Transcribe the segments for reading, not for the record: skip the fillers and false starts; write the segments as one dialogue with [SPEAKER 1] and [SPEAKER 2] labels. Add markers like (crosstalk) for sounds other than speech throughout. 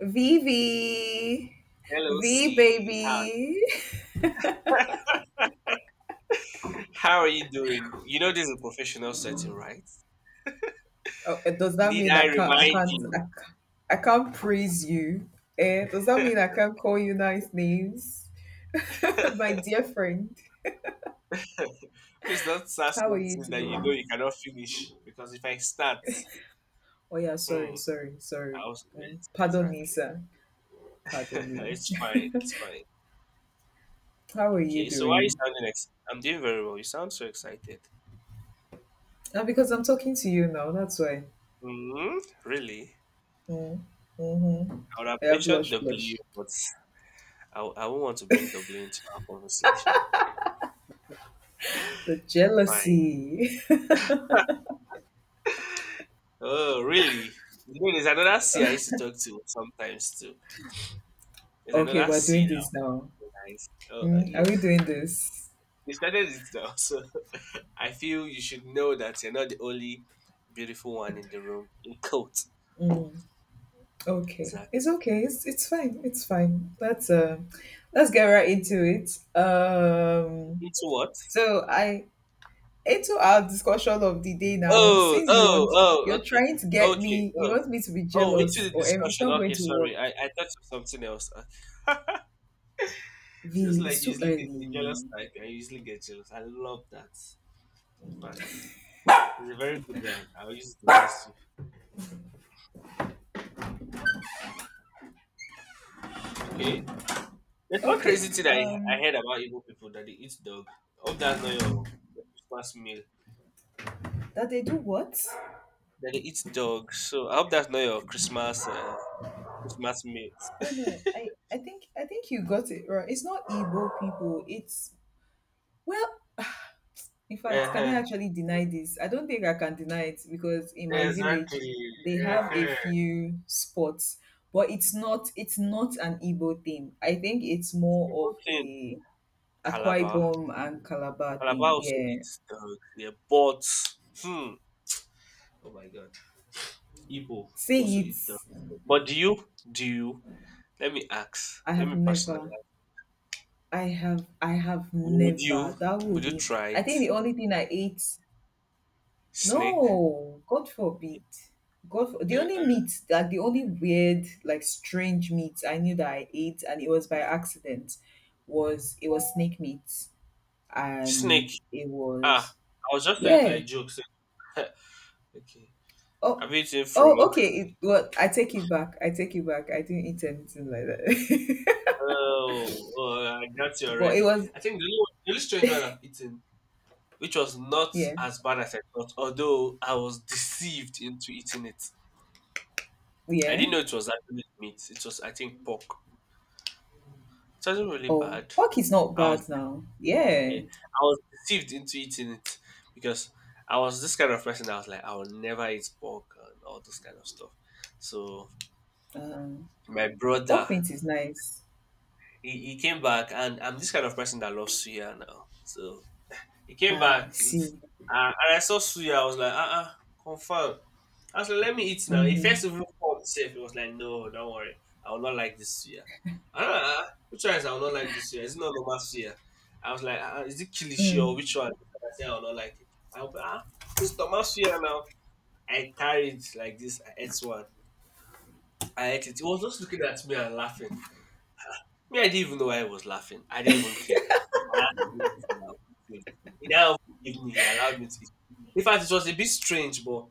[SPEAKER 1] Vivi,
[SPEAKER 2] Hello,
[SPEAKER 1] V
[SPEAKER 2] C. How,
[SPEAKER 1] baby.
[SPEAKER 2] (laughs) how are you doing? You know this is a professional setting, right?
[SPEAKER 1] Oh, does that
[SPEAKER 2] Need
[SPEAKER 1] mean
[SPEAKER 2] I
[SPEAKER 1] I can't? I
[SPEAKER 2] remind
[SPEAKER 1] can't.
[SPEAKER 2] you?
[SPEAKER 1] I can't praise you. Eh? Does that mean I can't call you nice names, (laughs) my dear friend?
[SPEAKER 2] (laughs) Please don't start
[SPEAKER 1] How are you
[SPEAKER 2] something that you
[SPEAKER 1] today?
[SPEAKER 2] know you cannot finish because if I start,
[SPEAKER 1] Oh yeah,
[SPEAKER 2] hmm,
[SPEAKER 1] sorry.
[SPEAKER 2] I'll
[SPEAKER 1] Mm.
[SPEAKER 2] yes,
[SPEAKER 1] Pardon me,
[SPEAKER 2] exactly.
[SPEAKER 1] sir. Pardon
[SPEAKER 2] (laughs)
[SPEAKER 1] me.
[SPEAKER 2] It's fine. It's fine.
[SPEAKER 1] (laughs) How are you
[SPEAKER 2] Okay, so why are you
[SPEAKER 1] doing?
[SPEAKER 2] sounding ex- I'm doing very well. You sound so excited.
[SPEAKER 1] Ah, because I'm talking to you now. That's why.
[SPEAKER 2] Hmm. Really?
[SPEAKER 1] Mm-hmm.
[SPEAKER 2] I would have
[SPEAKER 1] Yeah,
[SPEAKER 2] mentioned
[SPEAKER 1] blush, blush.
[SPEAKER 2] W, but I won't want to bring W into our conversation.
[SPEAKER 1] The
[SPEAKER 2] Fine.
[SPEAKER 1] jealousy.
[SPEAKER 2] Oh, really? There's another C I used to talk to sometimes too.
[SPEAKER 1] (laughs)
[SPEAKER 2] There's
[SPEAKER 1] Okay,
[SPEAKER 2] another
[SPEAKER 1] we're
[SPEAKER 2] C
[SPEAKER 1] doing
[SPEAKER 2] that
[SPEAKER 1] this now.
[SPEAKER 2] was, oh,
[SPEAKER 1] Mm, are
[SPEAKER 2] yeah.
[SPEAKER 1] we doing this?
[SPEAKER 2] You started it now, (laughs) so I feel you should know that you're not the only beautiful one in the room. In coat,
[SPEAKER 1] Okay,
[SPEAKER 2] exactly.
[SPEAKER 1] it's okay. It's fine. It's fine. Let's get right into it.
[SPEAKER 2] Into what?
[SPEAKER 1] So I into our discussion of the day now.
[SPEAKER 2] Oh,
[SPEAKER 1] Since you
[SPEAKER 2] oh,
[SPEAKER 1] want,
[SPEAKER 2] oh.
[SPEAKER 1] you're
[SPEAKER 2] Okay,
[SPEAKER 1] trying to get
[SPEAKER 2] okay.
[SPEAKER 1] me. You
[SPEAKER 2] Oh,
[SPEAKER 1] want me to be
[SPEAKER 2] oh. Into
[SPEAKER 1] jealous,
[SPEAKER 2] the
[SPEAKER 1] or em- it's
[SPEAKER 2] discussion.
[SPEAKER 1] not going
[SPEAKER 2] Okay,
[SPEAKER 1] to
[SPEAKER 2] sorry. I,
[SPEAKER 1] work.
[SPEAKER 2] I thought of something else. Seems
[SPEAKER 1] V,
[SPEAKER 2] like
[SPEAKER 1] it's
[SPEAKER 2] you
[SPEAKER 1] too
[SPEAKER 2] usually get you jealous.
[SPEAKER 1] early.
[SPEAKER 2] Like I usually get jealous. I love that. But it's a very good one. I'll use it against you. Okay. There's one
[SPEAKER 1] Okay.
[SPEAKER 2] crazy thing I
[SPEAKER 1] Um,
[SPEAKER 2] heard about Igbo people that they eat dog. I hope that's not your Christmas meal.
[SPEAKER 1] that they do what?
[SPEAKER 2] That they eat dog. So I hope that's not your Christmas Christmas meat.
[SPEAKER 1] Oh
[SPEAKER 2] (laughs)
[SPEAKER 1] no, I think I think you got it right. It's not Igbo people. It's well. In fact, can I
[SPEAKER 2] Uh,
[SPEAKER 1] actually deny this? I don't think I can deny it because in my
[SPEAKER 2] exactly.
[SPEAKER 1] village they
[SPEAKER 2] Uh,
[SPEAKER 1] have a
[SPEAKER 2] people
[SPEAKER 1] few spots, but it's not an Igbo thing. I think it's more of
[SPEAKER 2] in
[SPEAKER 1] a Akwa
[SPEAKER 2] Calabar.
[SPEAKER 1] Ibom and Calabar
[SPEAKER 2] Calabar
[SPEAKER 1] thing.
[SPEAKER 2] also
[SPEAKER 1] Yeah.
[SPEAKER 2] eats dog. Yeah, but hmm. Oh my god. Igbo also
[SPEAKER 1] Say it.
[SPEAKER 2] eat dog. But do you? Do you? Let me ask.
[SPEAKER 1] I
[SPEAKER 2] Let
[SPEAKER 1] have
[SPEAKER 2] me
[SPEAKER 1] never.
[SPEAKER 2] personalize.
[SPEAKER 1] I have
[SPEAKER 2] Would
[SPEAKER 1] never.
[SPEAKER 2] you?
[SPEAKER 1] That will
[SPEAKER 2] Would you
[SPEAKER 1] be
[SPEAKER 2] try
[SPEAKER 1] I
[SPEAKER 2] it?
[SPEAKER 1] think the only thing I ate.
[SPEAKER 2] Snake.
[SPEAKER 1] No, God
[SPEAKER 2] Okay.
[SPEAKER 1] forbid. God for the only
[SPEAKER 2] Uh-uh.
[SPEAKER 1] meat like the only weird, like strange meat I knew that I ate and it was by accident was it was snake meat
[SPEAKER 2] Snake.
[SPEAKER 1] and it
[SPEAKER 2] Ah,
[SPEAKER 1] was
[SPEAKER 2] I was just saying it
[SPEAKER 1] yeah.
[SPEAKER 2] like jokes. (laughs) Okay.
[SPEAKER 1] Oh,
[SPEAKER 2] Have you eaten
[SPEAKER 1] oh
[SPEAKER 2] frog?
[SPEAKER 1] okay, it, well I take it back. I take it back. I didn't eat anything like that.
[SPEAKER 2] Oh, oh, I got you
[SPEAKER 1] (laughs) But it
[SPEAKER 2] already.
[SPEAKER 1] was
[SPEAKER 2] I think the only, one- the only strange one I've eaten, which was not
[SPEAKER 1] yeah.
[SPEAKER 2] as bad as I thought, although I was (laughs) deceived into eating it. I
[SPEAKER 1] Yeah.
[SPEAKER 2] didn't know it was actually meat. It was, I think, pork. It wasn't really
[SPEAKER 1] Oh,
[SPEAKER 2] bad.
[SPEAKER 1] pork is not
[SPEAKER 2] I was,
[SPEAKER 1] bad now.
[SPEAKER 2] yeah,
[SPEAKER 1] Yeah.
[SPEAKER 2] I was deceived into eating it because I was this kind of person. I was like, I will never eat pork and all this kind of stuff. So
[SPEAKER 1] Um,
[SPEAKER 2] my brother
[SPEAKER 1] pork meat is nice.
[SPEAKER 2] he came back and I'm this kind of person that loves suya now. So he came
[SPEAKER 1] Uh,
[SPEAKER 2] back with
[SPEAKER 1] see.
[SPEAKER 2] and I saw suya, I was like, confirm. I was like, let me eat now. He first
[SPEAKER 1] Mm-hmm.
[SPEAKER 2] even called himself, he was like, no, don't worry, I will not like this suya. Uh, which one is I will not like this suya? Is it not normal suya? I was like, is it kilishi or
[SPEAKER 1] Mm.
[SPEAKER 2] which one? I said I will not like it. I was like, ah, this normal suya now. I carried like this, I ate one. I ate it. He was just looking at me and laughing. Me, I didn't even know why I was laughing. I didn't even care. I had to eat it now. Eat it. He now gave me, he allowed me to eat. In fact, it was a bit strange, but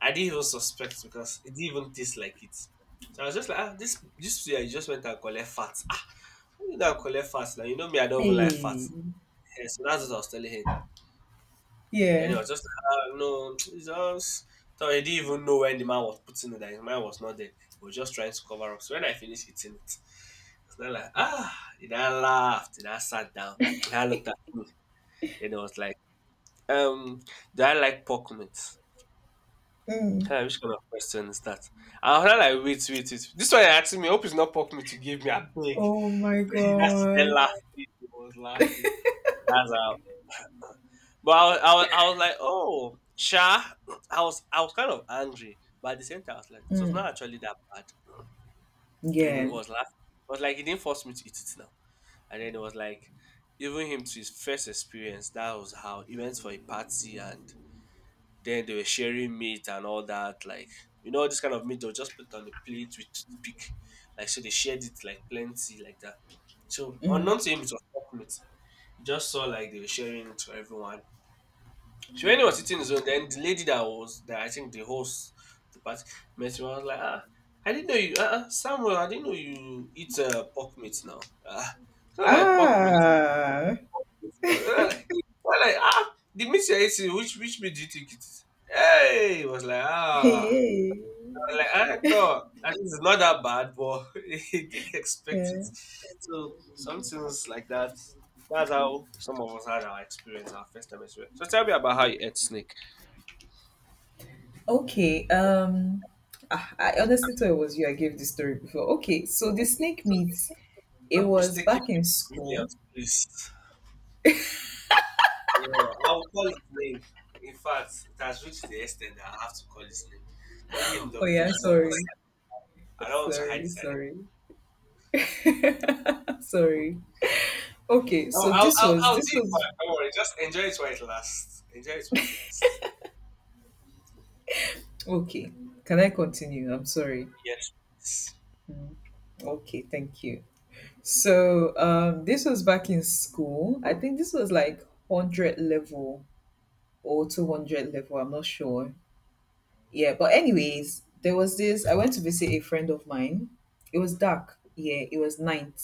[SPEAKER 2] I didn't even suspect because it didn't even taste like it. So I was just like, ah, this year you just went and collect fat. (laughs) Ah, how collect fat now. You know me, I don't even like fat.
[SPEAKER 1] Hey,
[SPEAKER 2] Yeah, so that's what I was telling him. Then
[SPEAKER 1] yeah.
[SPEAKER 2] it was just like, ah, no, (tsk) it's just. So he didn't even know when the man was putting it there. His mind was not there. He was just trying to cover up. So when I finished eating it, it's not like, ah, and I laughed and I sat down. And I looked at me. Then it was like, um, do I like pork meat?
[SPEAKER 1] Mm.
[SPEAKER 2] Huh, which kind of question is that? I was not like, wait, wait, wait. This one asking me, hope it's not pork meat you gave me. I beg.
[SPEAKER 1] Oh my
[SPEAKER 2] (laughs) That's the
[SPEAKER 1] God.
[SPEAKER 2] laugh. He was laughing. That's how but I, wa- I was like, oh, Sha. I was kind of angry, but at the same time, I was like, it was not
[SPEAKER 1] Mm.
[SPEAKER 2] actually that bad. And it
[SPEAKER 1] Yeah.
[SPEAKER 2] was last. But like, he didn't force me to eat it now. And then it was like, even him to his first experience, that was how he went for a party, and then they were sharing meat and all that. Like, you know, this kind of meat they'll just put it on the plate with toothpick. Like, so they shared it like plenty, like that. So
[SPEAKER 1] Mm.
[SPEAKER 2] unknown to him, it was pork meat. He just saw like they were sharing it to everyone. She went was sitting in the zone. Then the lady that was that I think the host the party met me. I was like, ah, I didn't know you, Samuel. I didn't know you eat pork meat now. Ah, it's not like pork meat.
[SPEAKER 1] Ah.
[SPEAKER 2] (laughs) I'm like, ah, the meat you're eating, which meat do you think it is? Hey, it was like, ah,
[SPEAKER 1] Hey.
[SPEAKER 2] I was like I thought, and it's not that bad, but (laughs) he didn't expect it.
[SPEAKER 1] Yeah.
[SPEAKER 2] So some things like that. That's how some of us had our experience, our first time experience. So tell me about how you ate snake.
[SPEAKER 1] Okay. Um, ah, I honestly thought it was you. I gave this story before. Okay. So the snake meat. It
[SPEAKER 2] Not
[SPEAKER 1] was
[SPEAKER 2] mistaking
[SPEAKER 1] back
[SPEAKER 2] me
[SPEAKER 1] in
[SPEAKER 2] with
[SPEAKER 1] school.
[SPEAKER 2] Williams, please. Yeah, I'll call his name. In fact, it has reached the extent that I have to call his name. Calling him
[SPEAKER 1] Oh
[SPEAKER 2] W
[SPEAKER 1] yeah.
[SPEAKER 2] is not once.
[SPEAKER 1] Sorry.
[SPEAKER 2] I don't want to hide
[SPEAKER 1] Sorry.
[SPEAKER 2] his identity.
[SPEAKER 1] Sorry. (laughs) Sorry. Okay.
[SPEAKER 2] No,
[SPEAKER 1] So
[SPEAKER 2] I'll, I'll, I'll do
[SPEAKER 1] this
[SPEAKER 2] it. But
[SPEAKER 1] was
[SPEAKER 2] don't worry. Just enjoy it while it lasts. Enjoy it while it lasts.
[SPEAKER 1] okay. Can I continue? I'm sorry.
[SPEAKER 2] Yes. Please.
[SPEAKER 1] Okay. Thank you. So this was back in school. I think this was like 100 level or 200 level. I'm not sure. Yeah, but anyways, there was this. I went to visit a friend of mine. It was dark. Yeah, it was night,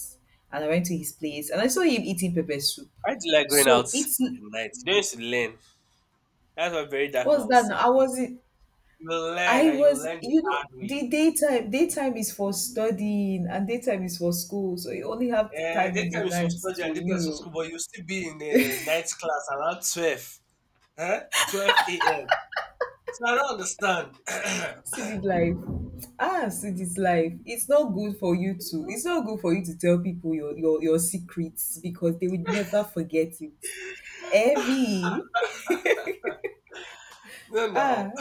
[SPEAKER 1] and I went to his place and I saw him eating pepper soup.
[SPEAKER 2] Why do you like going out
[SPEAKER 1] So it's
[SPEAKER 2] in the night? You don't used to learn. That's what very dark man
[SPEAKER 1] what's
[SPEAKER 2] will
[SPEAKER 1] that?
[SPEAKER 2] say.
[SPEAKER 1] Now? I wasn't.
[SPEAKER 2] You will learn
[SPEAKER 1] I
[SPEAKER 2] and you will
[SPEAKER 1] was,
[SPEAKER 2] learn the
[SPEAKER 1] you know,
[SPEAKER 2] hard way.
[SPEAKER 1] the daytime. Daytime is for studying, and daytime is for school. So you only have time in the
[SPEAKER 2] Daytime is for
[SPEAKER 1] night
[SPEAKER 2] study
[SPEAKER 1] to,
[SPEAKER 2] and daytime
[SPEAKER 1] you
[SPEAKER 2] is for
[SPEAKER 1] know,
[SPEAKER 2] school, but you'll still be in the night class around 12. Huh? 12 a.m. So I don't understand. (clears throat)
[SPEAKER 1] see this life, ah, see this life, it's not good for you to it's not good for you to tell people your your secrets because they would never forget it. Heavy,
[SPEAKER 2] No,
[SPEAKER 1] ah.
[SPEAKER 2] no.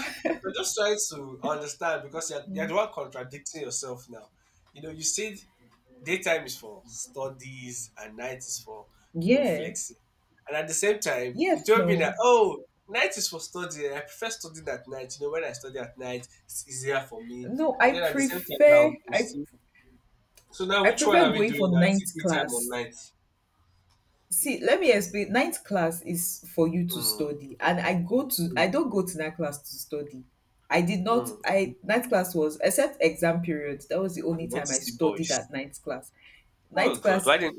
[SPEAKER 2] I'm just trying to understand because you're the one contradicting yourself now. You know, you said daytime is for studies and night is for,
[SPEAKER 1] (laughs)
[SPEAKER 2] you know,
[SPEAKER 1] Yeah,
[SPEAKER 2] flexing. And at the same time, you
[SPEAKER 1] yes,
[SPEAKER 2] told me that,
[SPEAKER 1] no,
[SPEAKER 2] oh, night is for studying. I prefer studying at night. You know, when I study at night, it's easier for me.
[SPEAKER 1] no, i
[SPEAKER 2] And then at the same time,
[SPEAKER 1] prefer
[SPEAKER 2] now, you
[SPEAKER 1] i
[SPEAKER 2] see. So now,
[SPEAKER 1] I
[SPEAKER 2] which one
[SPEAKER 1] prefer
[SPEAKER 2] are we
[SPEAKER 1] going for
[SPEAKER 2] doing now? Is it
[SPEAKER 1] ninth
[SPEAKER 2] daytime or
[SPEAKER 1] class.
[SPEAKER 2] night?
[SPEAKER 1] See, let me explain. Ninth class is for you to
[SPEAKER 2] Mm,
[SPEAKER 1] study, and I go to I
[SPEAKER 2] mm,
[SPEAKER 1] don't go to ninth class to study. I did not.
[SPEAKER 2] mm.
[SPEAKER 1] I ninth class was except exam period. That was the
[SPEAKER 2] We
[SPEAKER 1] only
[SPEAKER 2] went
[SPEAKER 1] time
[SPEAKER 2] to
[SPEAKER 1] I
[SPEAKER 2] see
[SPEAKER 1] studied at
[SPEAKER 2] boys.
[SPEAKER 1] ninth class.
[SPEAKER 2] Oh,
[SPEAKER 1] Ninth
[SPEAKER 2] God.
[SPEAKER 1] class,
[SPEAKER 2] Why didn't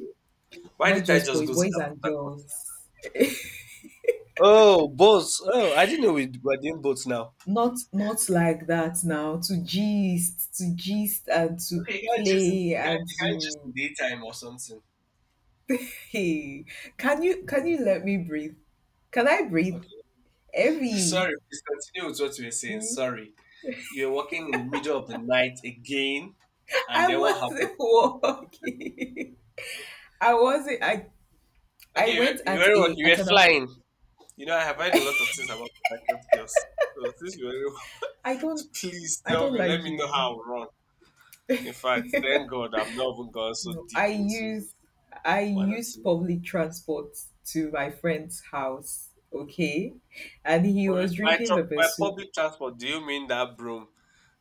[SPEAKER 2] why
[SPEAKER 1] not
[SPEAKER 2] did I
[SPEAKER 1] just
[SPEAKER 2] just
[SPEAKER 1] boys,
[SPEAKER 2] go to
[SPEAKER 1] boys
[SPEAKER 2] that
[SPEAKER 1] and
[SPEAKER 2] Port Harcourt?
[SPEAKER 1] girls.
[SPEAKER 2] Oh, boats. Oh, I didn't know we were doing boats now.
[SPEAKER 1] Not like that now. To gist, and to
[SPEAKER 2] Okay, you can't just
[SPEAKER 1] play
[SPEAKER 2] you can't
[SPEAKER 1] and
[SPEAKER 2] you can't just in
[SPEAKER 1] to
[SPEAKER 2] daytime or something.
[SPEAKER 1] hey. Can you let me breathe? Can I breathe?
[SPEAKER 2] Okay.
[SPEAKER 1] Every.
[SPEAKER 2] Sorry, please continue with what you were saying. Sorry. You were walking in the middle of the night again
[SPEAKER 1] (laughs)
[SPEAKER 2] and
[SPEAKER 1] I
[SPEAKER 2] then what happened?
[SPEAKER 1] wasn't walking. I wasn't. I
[SPEAKER 2] Okay,
[SPEAKER 1] went
[SPEAKER 2] you
[SPEAKER 1] at
[SPEAKER 2] were walk-
[SPEAKER 1] a
[SPEAKER 2] you were
[SPEAKER 1] at an.
[SPEAKER 2] flying. You know, I have heard a lot of things about Port Harcourt girls. So since you were
[SPEAKER 1] I don't.
[SPEAKER 2] (laughs) please
[SPEAKER 1] I
[SPEAKER 2] tell
[SPEAKER 1] don't
[SPEAKER 2] me, let
[SPEAKER 1] like
[SPEAKER 2] me know
[SPEAKER 1] you.
[SPEAKER 2] how wrong. In fact, thank God I've not even gone so
[SPEAKER 1] No, I
[SPEAKER 2] deep into
[SPEAKER 1] use. I
[SPEAKER 2] one or
[SPEAKER 1] used
[SPEAKER 2] two.
[SPEAKER 1] public transport to my friend's house. Okay, and he
[SPEAKER 2] Public
[SPEAKER 1] was
[SPEAKER 2] by
[SPEAKER 1] drinking
[SPEAKER 2] tru-
[SPEAKER 1] pepper
[SPEAKER 2] by
[SPEAKER 1] soup.
[SPEAKER 2] public transport, do you mean that broom?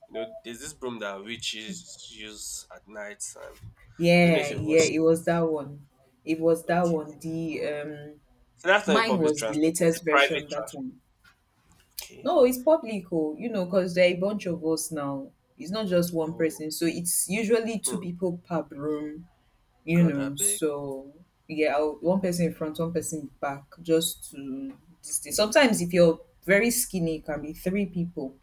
[SPEAKER 2] You know, there's this broom that witches use at night, and I don't know if you've
[SPEAKER 1] Yeah,
[SPEAKER 2] watched.
[SPEAKER 1] it was
[SPEAKER 2] This
[SPEAKER 1] that one. It was
[SPEAKER 2] kind-
[SPEAKER 1] that
[SPEAKER 2] okay,
[SPEAKER 1] one. The
[SPEAKER 2] so that's not a
[SPEAKER 1] mine
[SPEAKER 2] public
[SPEAKER 1] was the
[SPEAKER 2] transport. That's a
[SPEAKER 1] latest
[SPEAKER 2] private
[SPEAKER 1] version that
[SPEAKER 2] transport.
[SPEAKER 1] time.
[SPEAKER 2] Okay.
[SPEAKER 1] No, it's public, oh, you know, because there are a bunch of us now. It's not just one
[SPEAKER 2] Oh,
[SPEAKER 1] person, so it's usually two
[SPEAKER 2] hmm.
[SPEAKER 1] people per room, you
[SPEAKER 2] God,
[SPEAKER 1] know,
[SPEAKER 2] that big.
[SPEAKER 1] so yeah, I'll, one person in front, one person back, just to this thing. Sometimes if you're very skinny, it can be three people,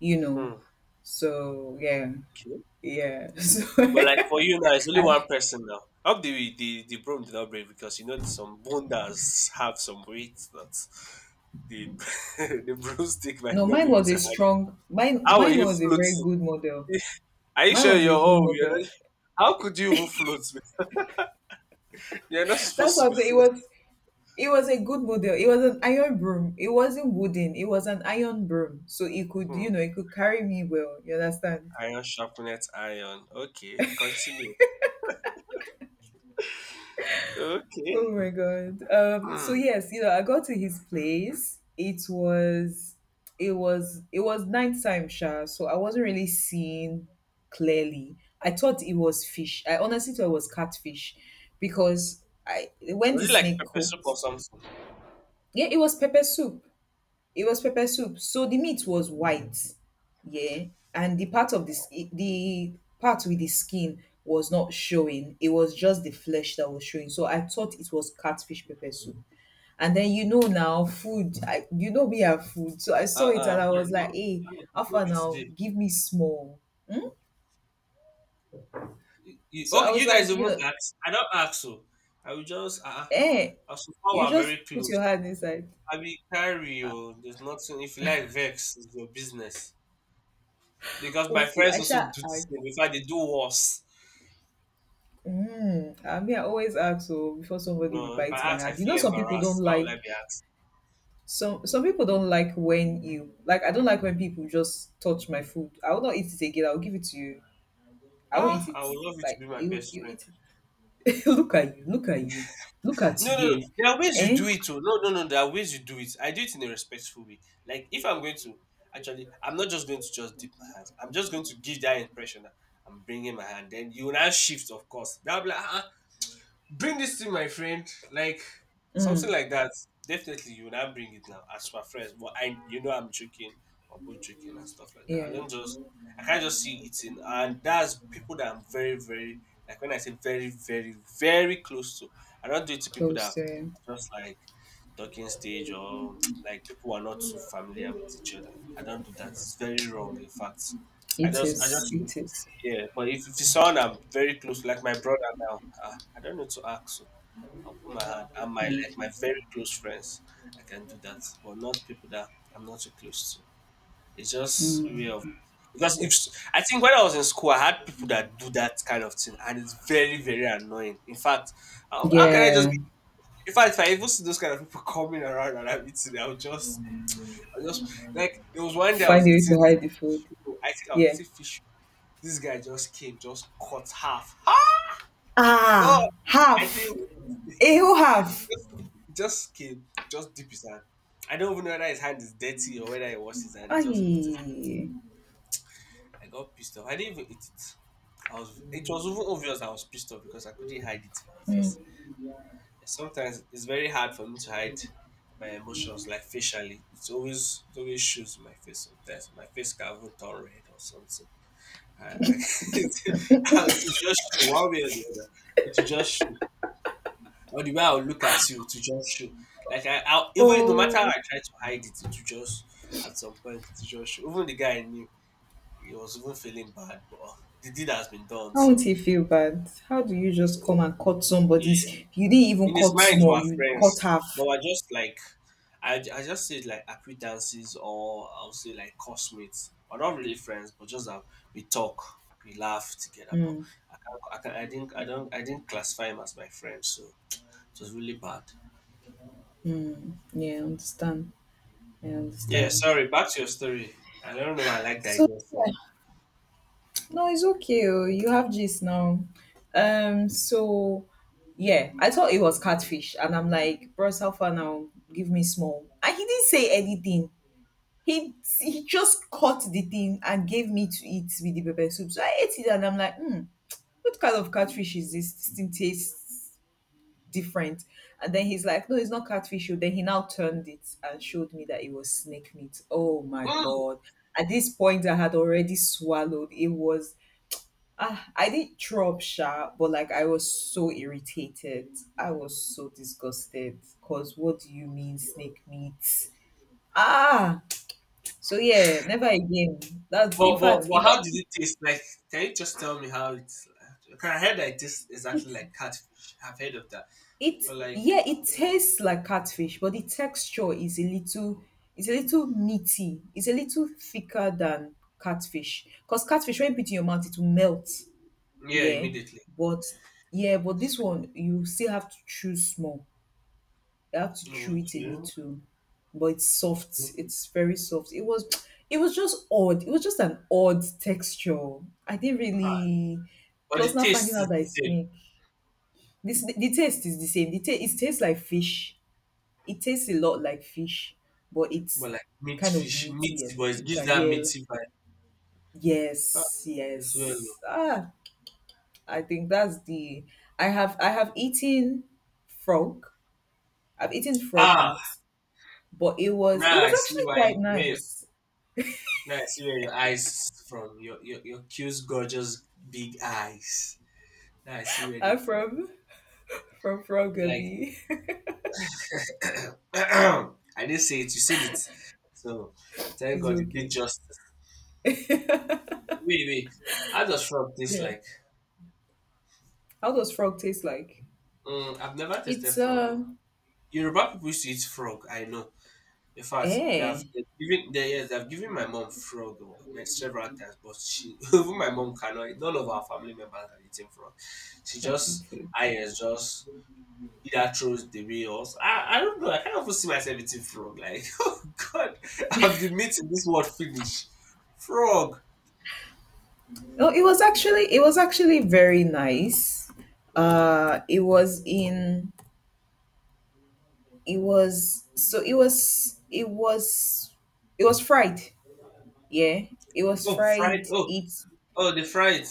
[SPEAKER 1] you know,
[SPEAKER 2] Hmm.
[SPEAKER 1] so yeah,
[SPEAKER 2] Okay.
[SPEAKER 1] yeah. (laughs) So
[SPEAKER 2] But like for you now, it's only
[SPEAKER 1] I,
[SPEAKER 2] one person now. I hope the broom did not break because you know some bondas have some weight that the (laughs) the broomstick might
[SPEAKER 1] no,
[SPEAKER 2] not
[SPEAKER 1] mine
[SPEAKER 2] be able
[SPEAKER 1] was
[SPEAKER 2] to
[SPEAKER 1] a
[SPEAKER 2] handle.
[SPEAKER 1] strong mine
[SPEAKER 2] How are
[SPEAKER 1] mine
[SPEAKER 2] you
[SPEAKER 1] was a very
[SPEAKER 2] floating?
[SPEAKER 1] good model.
[SPEAKER 2] (laughs) Are you
[SPEAKER 1] Mine
[SPEAKER 2] sure
[SPEAKER 1] was
[SPEAKER 2] you're
[SPEAKER 1] a good
[SPEAKER 2] oh
[SPEAKER 1] model.
[SPEAKER 2] you're not how could you even float, man? (laughs) You're not
[SPEAKER 1] That's
[SPEAKER 2] supposed to
[SPEAKER 1] what
[SPEAKER 2] be
[SPEAKER 1] I'm saying. it
[SPEAKER 2] floating.
[SPEAKER 1] was It was a good model. It was an iron broom. It wasn't wooden. It was an iron broom, so it could,
[SPEAKER 2] Hmm.
[SPEAKER 1] you know, it could carry me well, you understand.
[SPEAKER 2] Iron sharpeneth iron. Okay, continue.
[SPEAKER 1] Oh
[SPEAKER 2] Okay.
[SPEAKER 1] my god. So
[SPEAKER 2] Hmm.
[SPEAKER 1] yes, you know, I got to his place. It was it was nighttime, Sha, so I wasn't really seeing clearly. I thought it was fish. I honestly thought it was catfish because I when
[SPEAKER 2] Was
[SPEAKER 1] the
[SPEAKER 2] it like
[SPEAKER 1] snake
[SPEAKER 2] pepper soup or
[SPEAKER 1] cooked,
[SPEAKER 2] something?
[SPEAKER 1] yeah, it was pepper soup. It was pepper soup. So the meat was white. Yeah. And the part of this the part with the skin was not showing. It was just the flesh that was showing. So I thought it was catfish pepper soup, and then you know now, food. I, you know we have food, so I saw it and I
[SPEAKER 2] No,
[SPEAKER 1] was
[SPEAKER 2] no,
[SPEAKER 1] like, "Hey,
[SPEAKER 2] no, it's not
[SPEAKER 1] Alpha,
[SPEAKER 2] be
[SPEAKER 1] now
[SPEAKER 2] today.
[SPEAKER 1] give me small."
[SPEAKER 2] You-
[SPEAKER 1] So I
[SPEAKER 2] okay,
[SPEAKER 1] was
[SPEAKER 2] you guys
[SPEAKER 1] like, you
[SPEAKER 2] even
[SPEAKER 1] know,
[SPEAKER 2] ask. I don't ask so. I will just
[SPEAKER 1] eh,
[SPEAKER 2] so far
[SPEAKER 1] you
[SPEAKER 2] we're
[SPEAKER 1] just
[SPEAKER 2] very
[SPEAKER 1] put
[SPEAKER 2] close.
[SPEAKER 1] your hand inside.
[SPEAKER 2] I will carry you. There's nothing. If you like vex, it's your business. Because my
[SPEAKER 1] Okay,
[SPEAKER 2] friends
[SPEAKER 1] I
[SPEAKER 2] also
[SPEAKER 1] shall
[SPEAKER 2] do the
[SPEAKER 1] ask.
[SPEAKER 2] same. In fact, they do worse.
[SPEAKER 1] Hmm, I mean, I always ask so before somebody will
[SPEAKER 2] No, if
[SPEAKER 1] bite
[SPEAKER 2] I
[SPEAKER 1] my
[SPEAKER 2] ask, I
[SPEAKER 1] hand. You know,
[SPEAKER 2] feel
[SPEAKER 1] some people
[SPEAKER 2] embarrassed.
[SPEAKER 1] don't
[SPEAKER 2] Why would I
[SPEAKER 1] like
[SPEAKER 2] be asked?
[SPEAKER 1] some people don't like when you like. I don't like when people just touch my food. I will not eat it again. I will give it to you. I won't eat
[SPEAKER 2] Ah,
[SPEAKER 1] it.
[SPEAKER 2] I would love you to
[SPEAKER 1] Like
[SPEAKER 2] be my
[SPEAKER 1] you,
[SPEAKER 2] best
[SPEAKER 1] you
[SPEAKER 2] friend.
[SPEAKER 1] eat it. (laughs) Look at you. Look at you. Look at
[SPEAKER 2] No, no, no.
[SPEAKER 1] you.
[SPEAKER 2] There are ways you
[SPEAKER 1] Eh?
[SPEAKER 2] do it too. No, no, no. There are ways you do it. I do it in a respectful way. Like if I'm going to, actually, I'm not just going to just dip my hands. I'm just going to give that impression that I'm bringing my hand. Then you will now shift, of course. That will be like, bring this to my friend, like something
[SPEAKER 1] Mm,
[SPEAKER 2] like that. Definitely, you will not bring it now as for friends. But I, you know, I'm joking. We're both joking and stuff like that. I
[SPEAKER 1] yeah,
[SPEAKER 2] don't just, I can't just see it in, and that's people that I'm very, very, like, when I say very, very, very close to. I don't do it to people that
[SPEAKER 1] coaster.
[SPEAKER 2] are just like talking stage, or like people who are not too familiar with each other. I don't do that. It's very wrong, in fact. I
[SPEAKER 1] It
[SPEAKER 2] just, I
[SPEAKER 1] is.
[SPEAKER 2] just
[SPEAKER 1] It is.
[SPEAKER 2] yeah, but if it's someone I'm very close, like my brother now, I don't need to ask. So I'll put my hand and my, like my very close friends, I can do that. But not people that I'm not so close to. It's just a
[SPEAKER 1] Mm,
[SPEAKER 2] way of, because if I think when I was in school, I had people that do that kind of thing, and it's very, very annoying. In fact, how can I just?
[SPEAKER 1] yeah.
[SPEAKER 2] In fact, if I even see those kind of people coming around and I'm eating, I will just like, there was one day I
[SPEAKER 1] Find
[SPEAKER 2] was
[SPEAKER 1] a way to
[SPEAKER 2] eating.
[SPEAKER 1] hide the food.
[SPEAKER 2] I think I
[SPEAKER 1] Yeah.
[SPEAKER 2] was eating fish. This guy just came, just cut half. God,
[SPEAKER 1] Ah,
[SPEAKER 2] I
[SPEAKER 1] half.
[SPEAKER 2] didn't want it to
[SPEAKER 1] A
[SPEAKER 2] take it.
[SPEAKER 1] whole
[SPEAKER 2] (laughs)
[SPEAKER 1] half.
[SPEAKER 2] Just, it just came, just dip his hand. I don't even know whether his hand is dirty or whether he washed his hand. He just put his.
[SPEAKER 1] Aye.
[SPEAKER 2] I got pissed off. I didn't even eat it. I was. It was even obvious I was pissed off because I couldn't hide it in my face. Sometimes it's very hard for me to hide my emotions, like facially. It always shows in my face sometimes. My face can even turn red or something. I, I, (laughs) it will just show one way or the other. It will just show. Or the way I'll look at you to just show. Like I'll even, no matter how
[SPEAKER 1] Oh.
[SPEAKER 2] I try to hide it, it will just at some point to just show. Even the guy I knew, he was even feeling bad, but the deed has been done.
[SPEAKER 1] How would
[SPEAKER 2] So,
[SPEAKER 1] you feel bad? How do you
[SPEAKER 2] so
[SPEAKER 1] just come and cut somebody's?
[SPEAKER 2] yeah,
[SPEAKER 1] You didn't even
[SPEAKER 2] in his
[SPEAKER 1] cut
[SPEAKER 2] mind
[SPEAKER 1] small.
[SPEAKER 2] we're
[SPEAKER 1] You cut
[SPEAKER 2] friends, but
[SPEAKER 1] half.
[SPEAKER 2] we're just like, I just said, like acquaintances, or I'll say like cosmates. We're not really friends, but just that we talk, we laugh together. But
[SPEAKER 1] Mm,
[SPEAKER 2] I can't, I, can't, I didn't, I don't, I didn't classify him as my friend, so it was really bad.
[SPEAKER 1] yeah, I understand. I
[SPEAKER 2] Yeah,
[SPEAKER 1] understand.
[SPEAKER 2] sorry, back to your story. I don't know why I like
[SPEAKER 1] So
[SPEAKER 2] digressing.
[SPEAKER 1] no, it's okay. Oh, you have this now. So yeah, I thought it was catfish, and I'm like, bros, how far now? Give me small. And he didn't say anything. He he just cut the thing and gave me to eat with the pepper soup. So I ate it, and I'm like, hmm, what kind of catfish is this? This thing tastes different. And then he's like, "No, it's not catfish." oh." Then he now turned it and showed me that it was snake meat. Oh my
[SPEAKER 2] Hmm.
[SPEAKER 1] god! At this point, I had already swallowed. It was ah, I did throw up, sha, but like I was so irritated. I was so disgusted. Cause what do you mean snake meat? Ah, so yeah, never again. That's in
[SPEAKER 2] But, but
[SPEAKER 1] fact,
[SPEAKER 2] but
[SPEAKER 1] if
[SPEAKER 2] how did
[SPEAKER 1] I
[SPEAKER 2] it taste? Like, can you just tell me how it's? Can I, heard that it tastes
[SPEAKER 1] it
[SPEAKER 2] exactly like catfish? I've heard of that,
[SPEAKER 1] it
[SPEAKER 2] but like,
[SPEAKER 1] yeah, it tastes like catfish, but the texture is a little it's a little meaty. It's a little thicker than catfish. Cause catfish when you put it in your mouth, it will melt.
[SPEAKER 2] yeah,
[SPEAKER 1] Yeah,
[SPEAKER 2] immediately.
[SPEAKER 1] but yeah, but this one you still have to choose small I have to chew it a
[SPEAKER 2] Okay,
[SPEAKER 1] little, but it's soft.
[SPEAKER 2] okay.
[SPEAKER 1] It's very soft. It was, (tsk) it was just odd. It was just an odd texture. I didn't
[SPEAKER 2] Ah,
[SPEAKER 1] really.
[SPEAKER 2] but
[SPEAKER 1] Plus,
[SPEAKER 2] the
[SPEAKER 1] now finding
[SPEAKER 2] taste
[SPEAKER 1] out
[SPEAKER 2] is
[SPEAKER 1] that
[SPEAKER 2] the
[SPEAKER 1] it's
[SPEAKER 2] same.
[SPEAKER 1] snake. This the taste is the same. The ta- it tastes like fish. It tastes a lot like fish, but it's
[SPEAKER 2] But like meat
[SPEAKER 1] kind of
[SPEAKER 2] fish,
[SPEAKER 1] meaty
[SPEAKER 2] meaty,
[SPEAKER 1] at the
[SPEAKER 2] but it
[SPEAKER 1] same
[SPEAKER 2] gives
[SPEAKER 1] time.
[SPEAKER 2] that
[SPEAKER 1] Yeah.
[SPEAKER 2] meaty vibe, ah,
[SPEAKER 1] Yes.
[SPEAKER 2] as well.
[SPEAKER 1] Yes.
[SPEAKER 2] Oh.
[SPEAKER 1] Ah, I think that's the. I have eaten frog. I've eaten frog
[SPEAKER 2] Ah,
[SPEAKER 1] meat. But it
[SPEAKER 2] now I
[SPEAKER 1] was
[SPEAKER 2] see
[SPEAKER 1] actually
[SPEAKER 2] why.
[SPEAKER 1] quite
[SPEAKER 2] Where your,
[SPEAKER 1] nice.
[SPEAKER 2] now I see where your eyes from. Your cute, gorgeous, big eyes. Now I see where they're
[SPEAKER 1] I'm
[SPEAKER 2] from.
[SPEAKER 1] from Frog
[SPEAKER 2] Like
[SPEAKER 1] Abbey. (laughs)
[SPEAKER 2] (clears throat) I didn't say it, you said it. So thank
[SPEAKER 1] It's
[SPEAKER 2] God it did
[SPEAKER 1] okay.
[SPEAKER 2] justice. Wait, wait. How does frog taste
[SPEAKER 1] Yeah.
[SPEAKER 2] like?
[SPEAKER 1] How does frog taste like?
[SPEAKER 2] Mm, I've never tasted
[SPEAKER 1] It's
[SPEAKER 2] frog.
[SPEAKER 1] um,
[SPEAKER 2] Yoruba people used to eat frog, I know. In fact, they've,
[SPEAKER 1] eh.
[SPEAKER 2] they've given they, yes, they've given my mom frog like several times, but she (laughs) even my mom cannot. None of our family members are eating frog. She
[SPEAKER 1] Can I
[SPEAKER 2] just,
[SPEAKER 1] eat
[SPEAKER 2] I
[SPEAKER 1] it?
[SPEAKER 2] is just, either throws the way or s- I don't know. I can't even see myself eating frog. Like, (laughs) oh God, I've been meeting this word finish. Frog.
[SPEAKER 1] No, it was actually very nice.
[SPEAKER 2] Mm.
[SPEAKER 1] Uh, it was in it was it was fried. Yeah. It was
[SPEAKER 2] Oh,
[SPEAKER 1] fried.
[SPEAKER 2] fried. Oh,
[SPEAKER 1] It's
[SPEAKER 2] oh, the fried.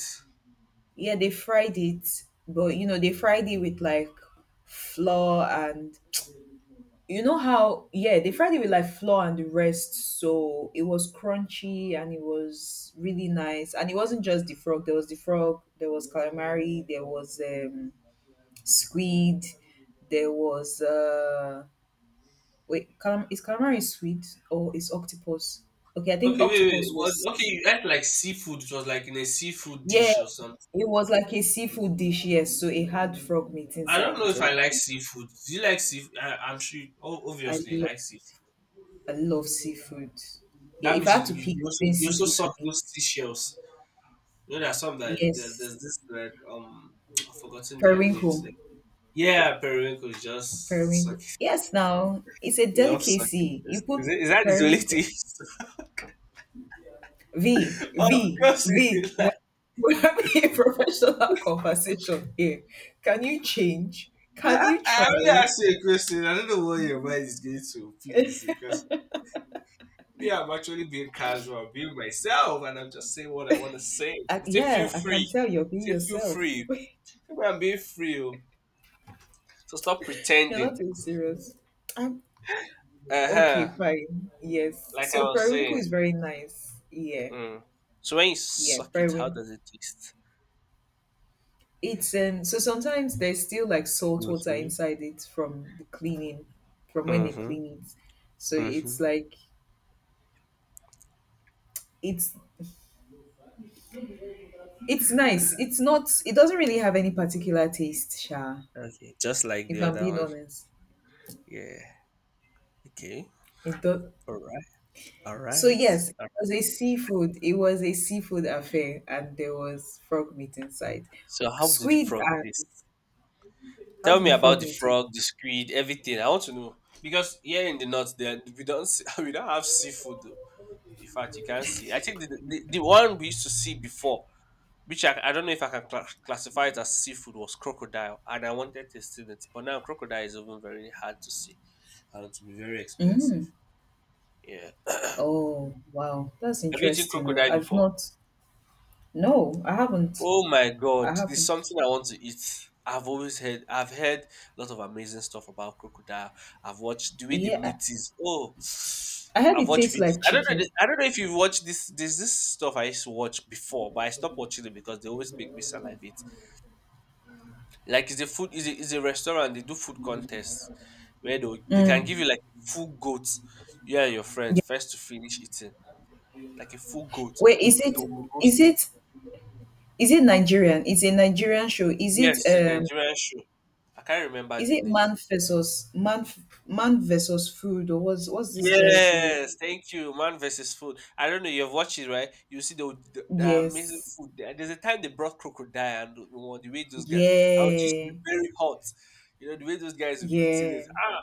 [SPEAKER 1] yeah, they fried it, but you know, they fried it with like flour and you know how, yeah, they fried it with like flour and the rest, so it was crunchy and it was really nice, and it wasn't just the frog, there was the frog, there was calamari, there was squid, there was wait, calam- is calamari sweet or is octopus, okay, I think
[SPEAKER 2] Okay, wait, wait.
[SPEAKER 1] octopus
[SPEAKER 2] What?
[SPEAKER 1] was
[SPEAKER 2] Okay, you ate like seafood. It was like in a seafood
[SPEAKER 1] yeah,
[SPEAKER 2] dish or something.
[SPEAKER 1] it was like a seafood dish. Yes, so it had frog meat
[SPEAKER 2] I
[SPEAKER 1] inside
[SPEAKER 2] don't know
[SPEAKER 1] it
[SPEAKER 2] if
[SPEAKER 1] also.
[SPEAKER 2] I like seafood. Do you like seafood? I'm sure. You, oh,
[SPEAKER 1] i
[SPEAKER 2] obviously, you
[SPEAKER 1] love
[SPEAKER 2] like seafood.
[SPEAKER 1] I love seafood. Yeah,
[SPEAKER 2] That
[SPEAKER 1] if I
[SPEAKER 2] means you,
[SPEAKER 1] had to
[SPEAKER 2] you you
[SPEAKER 1] pick
[SPEAKER 2] also
[SPEAKER 1] between
[SPEAKER 2] you also
[SPEAKER 1] seafood
[SPEAKER 2] suck
[SPEAKER 1] and meat.
[SPEAKER 2] those seashells. You know, there are some that there's
[SPEAKER 1] Yes,
[SPEAKER 2] this, like I've forgotten their names.
[SPEAKER 1] periwinkle.
[SPEAKER 2] Yeah, periwinkle is just suck.
[SPEAKER 1] Periwinkle. Yes, now it's a
[SPEAKER 2] Love sucking
[SPEAKER 1] delicacy. You
[SPEAKER 2] test. Is,
[SPEAKER 1] put
[SPEAKER 2] it, is that his
[SPEAKER 1] periwinkle.
[SPEAKER 2] relative?
[SPEAKER 1] V,
[SPEAKER 2] (laughs) Of
[SPEAKER 1] V,
[SPEAKER 2] course it
[SPEAKER 1] V.
[SPEAKER 2] is. Like,
[SPEAKER 1] We're having a (laughs) professional conversation here. Can you change?
[SPEAKER 2] (laughs)
[SPEAKER 1] Can
[SPEAKER 2] I
[SPEAKER 1] you
[SPEAKER 2] I only
[SPEAKER 1] try?
[SPEAKER 2] asked you a question. I don't know what your mind is going to, please. Because me, I'm actually being casual, I'm being myself, and I'm just saying what I want to say.
[SPEAKER 1] I,
[SPEAKER 2] They say, feel
[SPEAKER 1] yeah, I can
[SPEAKER 2] free.
[SPEAKER 1] tell you're being
[SPEAKER 2] They say, feel
[SPEAKER 1] yourself.
[SPEAKER 2] free.
[SPEAKER 1] (laughs)
[SPEAKER 2] People, I'm being free. Oh. So stop
[SPEAKER 1] You're
[SPEAKER 2] pretending.
[SPEAKER 1] not being serious. I'm
[SPEAKER 2] Uh
[SPEAKER 1] okay,
[SPEAKER 2] huh.
[SPEAKER 1] fine. Yes.
[SPEAKER 2] Like I
[SPEAKER 1] So
[SPEAKER 2] was
[SPEAKER 1] periwinkle
[SPEAKER 2] saying.
[SPEAKER 1] is very nice. Yeah,
[SPEAKER 2] Mm. So when you
[SPEAKER 1] yeah,
[SPEAKER 2] suck it, how
[SPEAKER 1] periwinkle.
[SPEAKER 2] does it taste?
[SPEAKER 1] It's so sometimes there's still like salt water
[SPEAKER 2] Mm
[SPEAKER 1] inside it from the cleaning, from
[SPEAKER 2] hmm.
[SPEAKER 1] when
[SPEAKER 2] Mm
[SPEAKER 1] they
[SPEAKER 2] hmm.
[SPEAKER 1] clean it. So
[SPEAKER 2] Mm
[SPEAKER 1] it's
[SPEAKER 2] hmm.
[SPEAKER 1] like it's it's nice. It's not it doesn't really have any particular taste, Sha,
[SPEAKER 2] Okay, just like the
[SPEAKER 1] if I'm
[SPEAKER 2] other
[SPEAKER 1] being
[SPEAKER 2] one.
[SPEAKER 1] honest.
[SPEAKER 2] Yeah. Okay.
[SPEAKER 1] It does
[SPEAKER 2] All right. All
[SPEAKER 1] so
[SPEAKER 2] right.
[SPEAKER 1] yes, it
[SPEAKER 2] All right.
[SPEAKER 1] was a seafood. It was a seafood affair and there was frog meat inside.
[SPEAKER 2] So how did the
[SPEAKER 1] Squid
[SPEAKER 2] frog
[SPEAKER 1] and
[SPEAKER 2] taste?
[SPEAKER 1] how
[SPEAKER 2] Tell
[SPEAKER 1] did
[SPEAKER 2] me
[SPEAKER 1] the
[SPEAKER 2] about
[SPEAKER 1] frog
[SPEAKER 2] the
[SPEAKER 1] meat taste?
[SPEAKER 2] frog, the squid, everything. I want to know because here in the north, there we don't see, (laughs) we don't have seafood. Though. In fact, you can't see. I think the one we used to see before, which I don't know if I can cla classify it as seafood, was crocodile, and I wanted to see it, but now crocodile is even very hard to see and to be very
[SPEAKER 1] Mm.
[SPEAKER 2] expensive. Yeah.
[SPEAKER 1] Oh wow, that's
[SPEAKER 2] Have you eaten
[SPEAKER 1] interesting. Oh.
[SPEAKER 2] crocodile
[SPEAKER 1] I've
[SPEAKER 2] before?
[SPEAKER 1] not No, I haven't.
[SPEAKER 2] Oh my
[SPEAKER 1] I
[SPEAKER 2] God, there's
[SPEAKER 1] haven't.
[SPEAKER 2] something I want to eat. I've always heard, I've heard a lot of amazing stuff about crocodile. I've watched the way the
[SPEAKER 1] Yeah,
[SPEAKER 2] meat is. Oh,
[SPEAKER 1] I
[SPEAKER 2] (sighs)
[SPEAKER 1] heard
[SPEAKER 2] I've
[SPEAKER 1] it
[SPEAKER 2] watched
[SPEAKER 1] tastes
[SPEAKER 2] videos.
[SPEAKER 1] like
[SPEAKER 2] I don't know.
[SPEAKER 1] chicken.
[SPEAKER 2] The- I don't know if you've watched this. There's this stuff I used to watch before, but I stopped watching it because they always make me salivate. Like it's a food, is a, it's a restaurant. They do food contests where they will- they can give you
[SPEAKER 1] Mm.
[SPEAKER 2] like a full goat. You and your friends
[SPEAKER 1] Yeah.
[SPEAKER 2] first to finish eating like a full goat.
[SPEAKER 1] Wait,
[SPEAKER 2] They will
[SPEAKER 1] is
[SPEAKER 2] they
[SPEAKER 1] it
[SPEAKER 2] will roast
[SPEAKER 1] is
[SPEAKER 2] it.
[SPEAKER 1] it Is it Nigerian? It's a Nigerian show.
[SPEAKER 2] Yes, it's a Nigerian show. I can't remember
[SPEAKER 1] Is
[SPEAKER 2] the
[SPEAKER 1] it
[SPEAKER 2] name.
[SPEAKER 1] man versus food, or what's this guy's name?
[SPEAKER 2] Yes, thank you. Man versus Food. I don't know. You've watched it, right? You see the amazing
[SPEAKER 1] Yes.
[SPEAKER 2] food there. There's a time they brought crocodile, and you know, the way those guys. I was, used to be
[SPEAKER 1] Yeah.
[SPEAKER 2] very hot. You know the way those guys will be eating it.
[SPEAKER 1] Yeah.
[SPEAKER 2] Ah,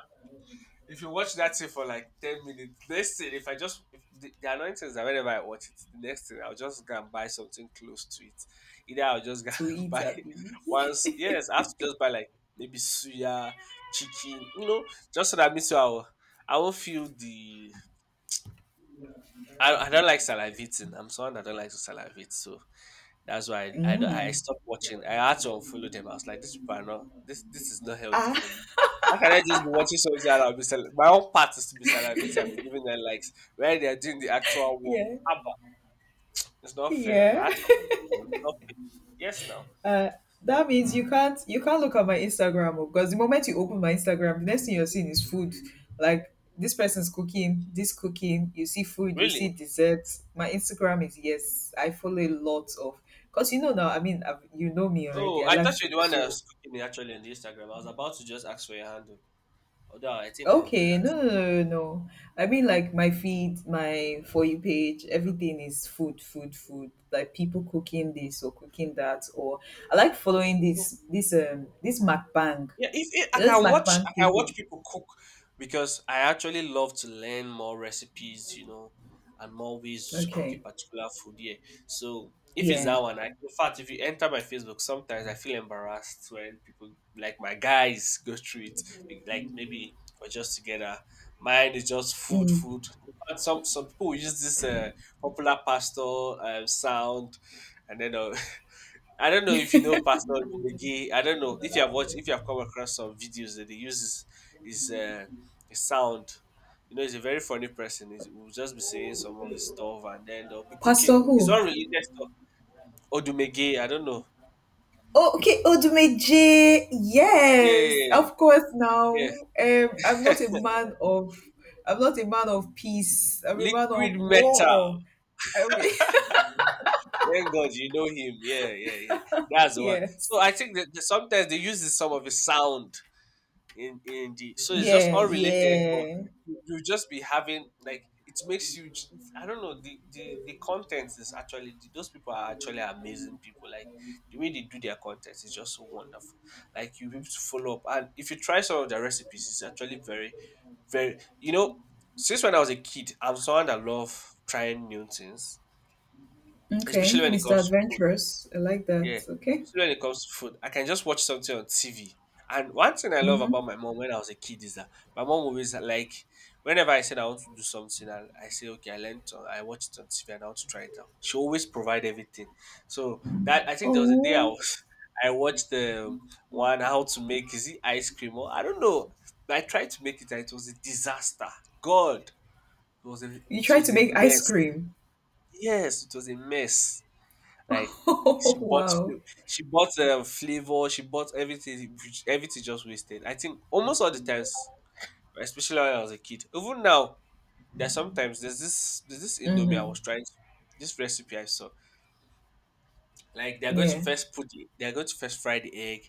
[SPEAKER 2] if you watch that thing for like 10 minutes, next thing, if I just if the, the annoying thing is that whenever I watch it, the next thing I'll just go and buy something close to it. Either I'll just go
[SPEAKER 1] To
[SPEAKER 2] (laughs) and
[SPEAKER 1] eat
[SPEAKER 2] buy
[SPEAKER 1] a bee.
[SPEAKER 2] once.
[SPEAKER 1] (laughs)
[SPEAKER 2] Yes, I have to just buy like maybe suya, chicken. You know, just so that me too, I'll, I won't feel the, I don't like salivating. I'm someone that don't like to salivate, so that's why don't- I
[SPEAKER 1] Mm.
[SPEAKER 2] stopped watching. I had to unfollow them. I was like, these people are not, this this is not healthy
[SPEAKER 1] Ah,
[SPEAKER 2] for me. How can I just be watching something that I'll be sal- my own part is to be salivating and be giving them likes where they are doing the actual work.
[SPEAKER 1] yeah.
[SPEAKER 2] Abba, it's not fair. I mean, I had
[SPEAKER 1] Yeah.
[SPEAKER 2] to unfollow them. It's not fair. Yes, now
[SPEAKER 1] Uh, that means you can't look at my Instagram, oh, because the moment you open my Instagram, the next thing you're seeing is food. Like this person's cooking, this cooking, you see food, you see
[SPEAKER 2] really.
[SPEAKER 1] desserts. My Instagram is, yes, I follow a lot of, because you know now, I've, you know me already.
[SPEAKER 2] Oh,
[SPEAKER 1] I
[SPEAKER 2] I
[SPEAKER 1] like
[SPEAKER 2] thought you were
[SPEAKER 1] food,
[SPEAKER 2] the one that
[SPEAKER 1] so
[SPEAKER 2] was cooking me actually on the Instagram. I was about to just ask for your handle. Although I think I'll do
[SPEAKER 1] okay,
[SPEAKER 2] that.
[SPEAKER 1] no, no, no, no, no. I mean, like my feed, my for you page, everything is food, food, food. Like people cooking this or cooking that, or I like following this MacBang.
[SPEAKER 2] Yeah, if it,
[SPEAKER 1] You know, this
[SPEAKER 2] I
[SPEAKER 1] MacBang
[SPEAKER 2] can watch
[SPEAKER 1] people.
[SPEAKER 2] people cook because I actually love to learn more recipes, you know, and more ways to cook a
[SPEAKER 1] Okay,
[SPEAKER 2] particular food. Yeah. So if it's
[SPEAKER 1] yeah.
[SPEAKER 2] that one, I, in fact, if you enter my Facebook, sometimes I feel embarrassed when people like my guys go through it. Like maybe we're just together. Mine is just food,
[SPEAKER 1] Mm.
[SPEAKER 2] food. In fact, some people will use this popular pastor, sound, and then (laughs) I don't know if you know Pastor Obege. I don't know if you have watched, if you have come across some videos that they use his, uh, his sound. You know, he's a very funny person. He's, he'll just be saying some of his stuff and then they'll be cooking.
[SPEAKER 1] Pastor
[SPEAKER 2] It's
[SPEAKER 1] who?
[SPEAKER 2] unrelated stuff. Odumege, I don't know.
[SPEAKER 1] Oh, okay, Odumeje. Yes,
[SPEAKER 2] Yeah,
[SPEAKER 1] of course.
[SPEAKER 2] yeah.
[SPEAKER 1] Now, I'm not a
[SPEAKER 2] (laughs)
[SPEAKER 1] man of, I'm not a man of peace. I'm a man of
[SPEAKER 2] Liquid metal.
[SPEAKER 1] war. I mean,
[SPEAKER 2] Thank God you know him. Yeah, yeah, yeah. That's
[SPEAKER 1] (laughs)
[SPEAKER 2] the one. So
[SPEAKER 1] yes.
[SPEAKER 2] I think that that sometimes they use this, some of his sound in the, so it's just
[SPEAKER 1] Yeah,
[SPEAKER 2] unrelated, but
[SPEAKER 1] yeah.
[SPEAKER 2] you just be having like, it makes you j- it's- I don't know, the content is actually the, those people are actually amazing people. Like the way they do their content is just so wonderful, like you have to follow up, and if you try some of their recipes, it's actually very, very, you know, since when I was a kid, I'm someone that love trying new things,
[SPEAKER 1] Okay,
[SPEAKER 2] especially when it
[SPEAKER 1] Mr.
[SPEAKER 2] comes to food.
[SPEAKER 1] Adventurous. I like
[SPEAKER 2] Yeah,
[SPEAKER 1] that. Okay.
[SPEAKER 2] especially when it comes to food. I can just watch something on TV. And one thing I love
[SPEAKER 1] Mm-hmm.
[SPEAKER 2] about my mom when I was a kid is that my mom always like whenever I said I want to do something and I say okay, I watched it on TV and I want to try it out. She always provide everything. So that I think there was a day I
[SPEAKER 1] Oh.
[SPEAKER 2] was (laughs) I watched the one how to make is it ice cream or I don't know. I tried to make it and it was a disaster. God, it was
[SPEAKER 1] You try to
[SPEAKER 2] a
[SPEAKER 1] make ice
[SPEAKER 2] mess.
[SPEAKER 1] cream. (laughs)
[SPEAKER 2] Yes, it was a mess. Like
[SPEAKER 1] Oh,
[SPEAKER 2] she bought
[SPEAKER 1] wow.
[SPEAKER 2] flu- she bought flavor, she bought everything, everything just wasted. I think almost all the times, especially when I was a kid, even now, there's sometimes there's this indomie I
[SPEAKER 1] Mm-hmm.
[SPEAKER 2] was trying to, this recipe I saw. Like they're going to
[SPEAKER 1] Yeah.
[SPEAKER 2] first put the, they're going to first fry the egg,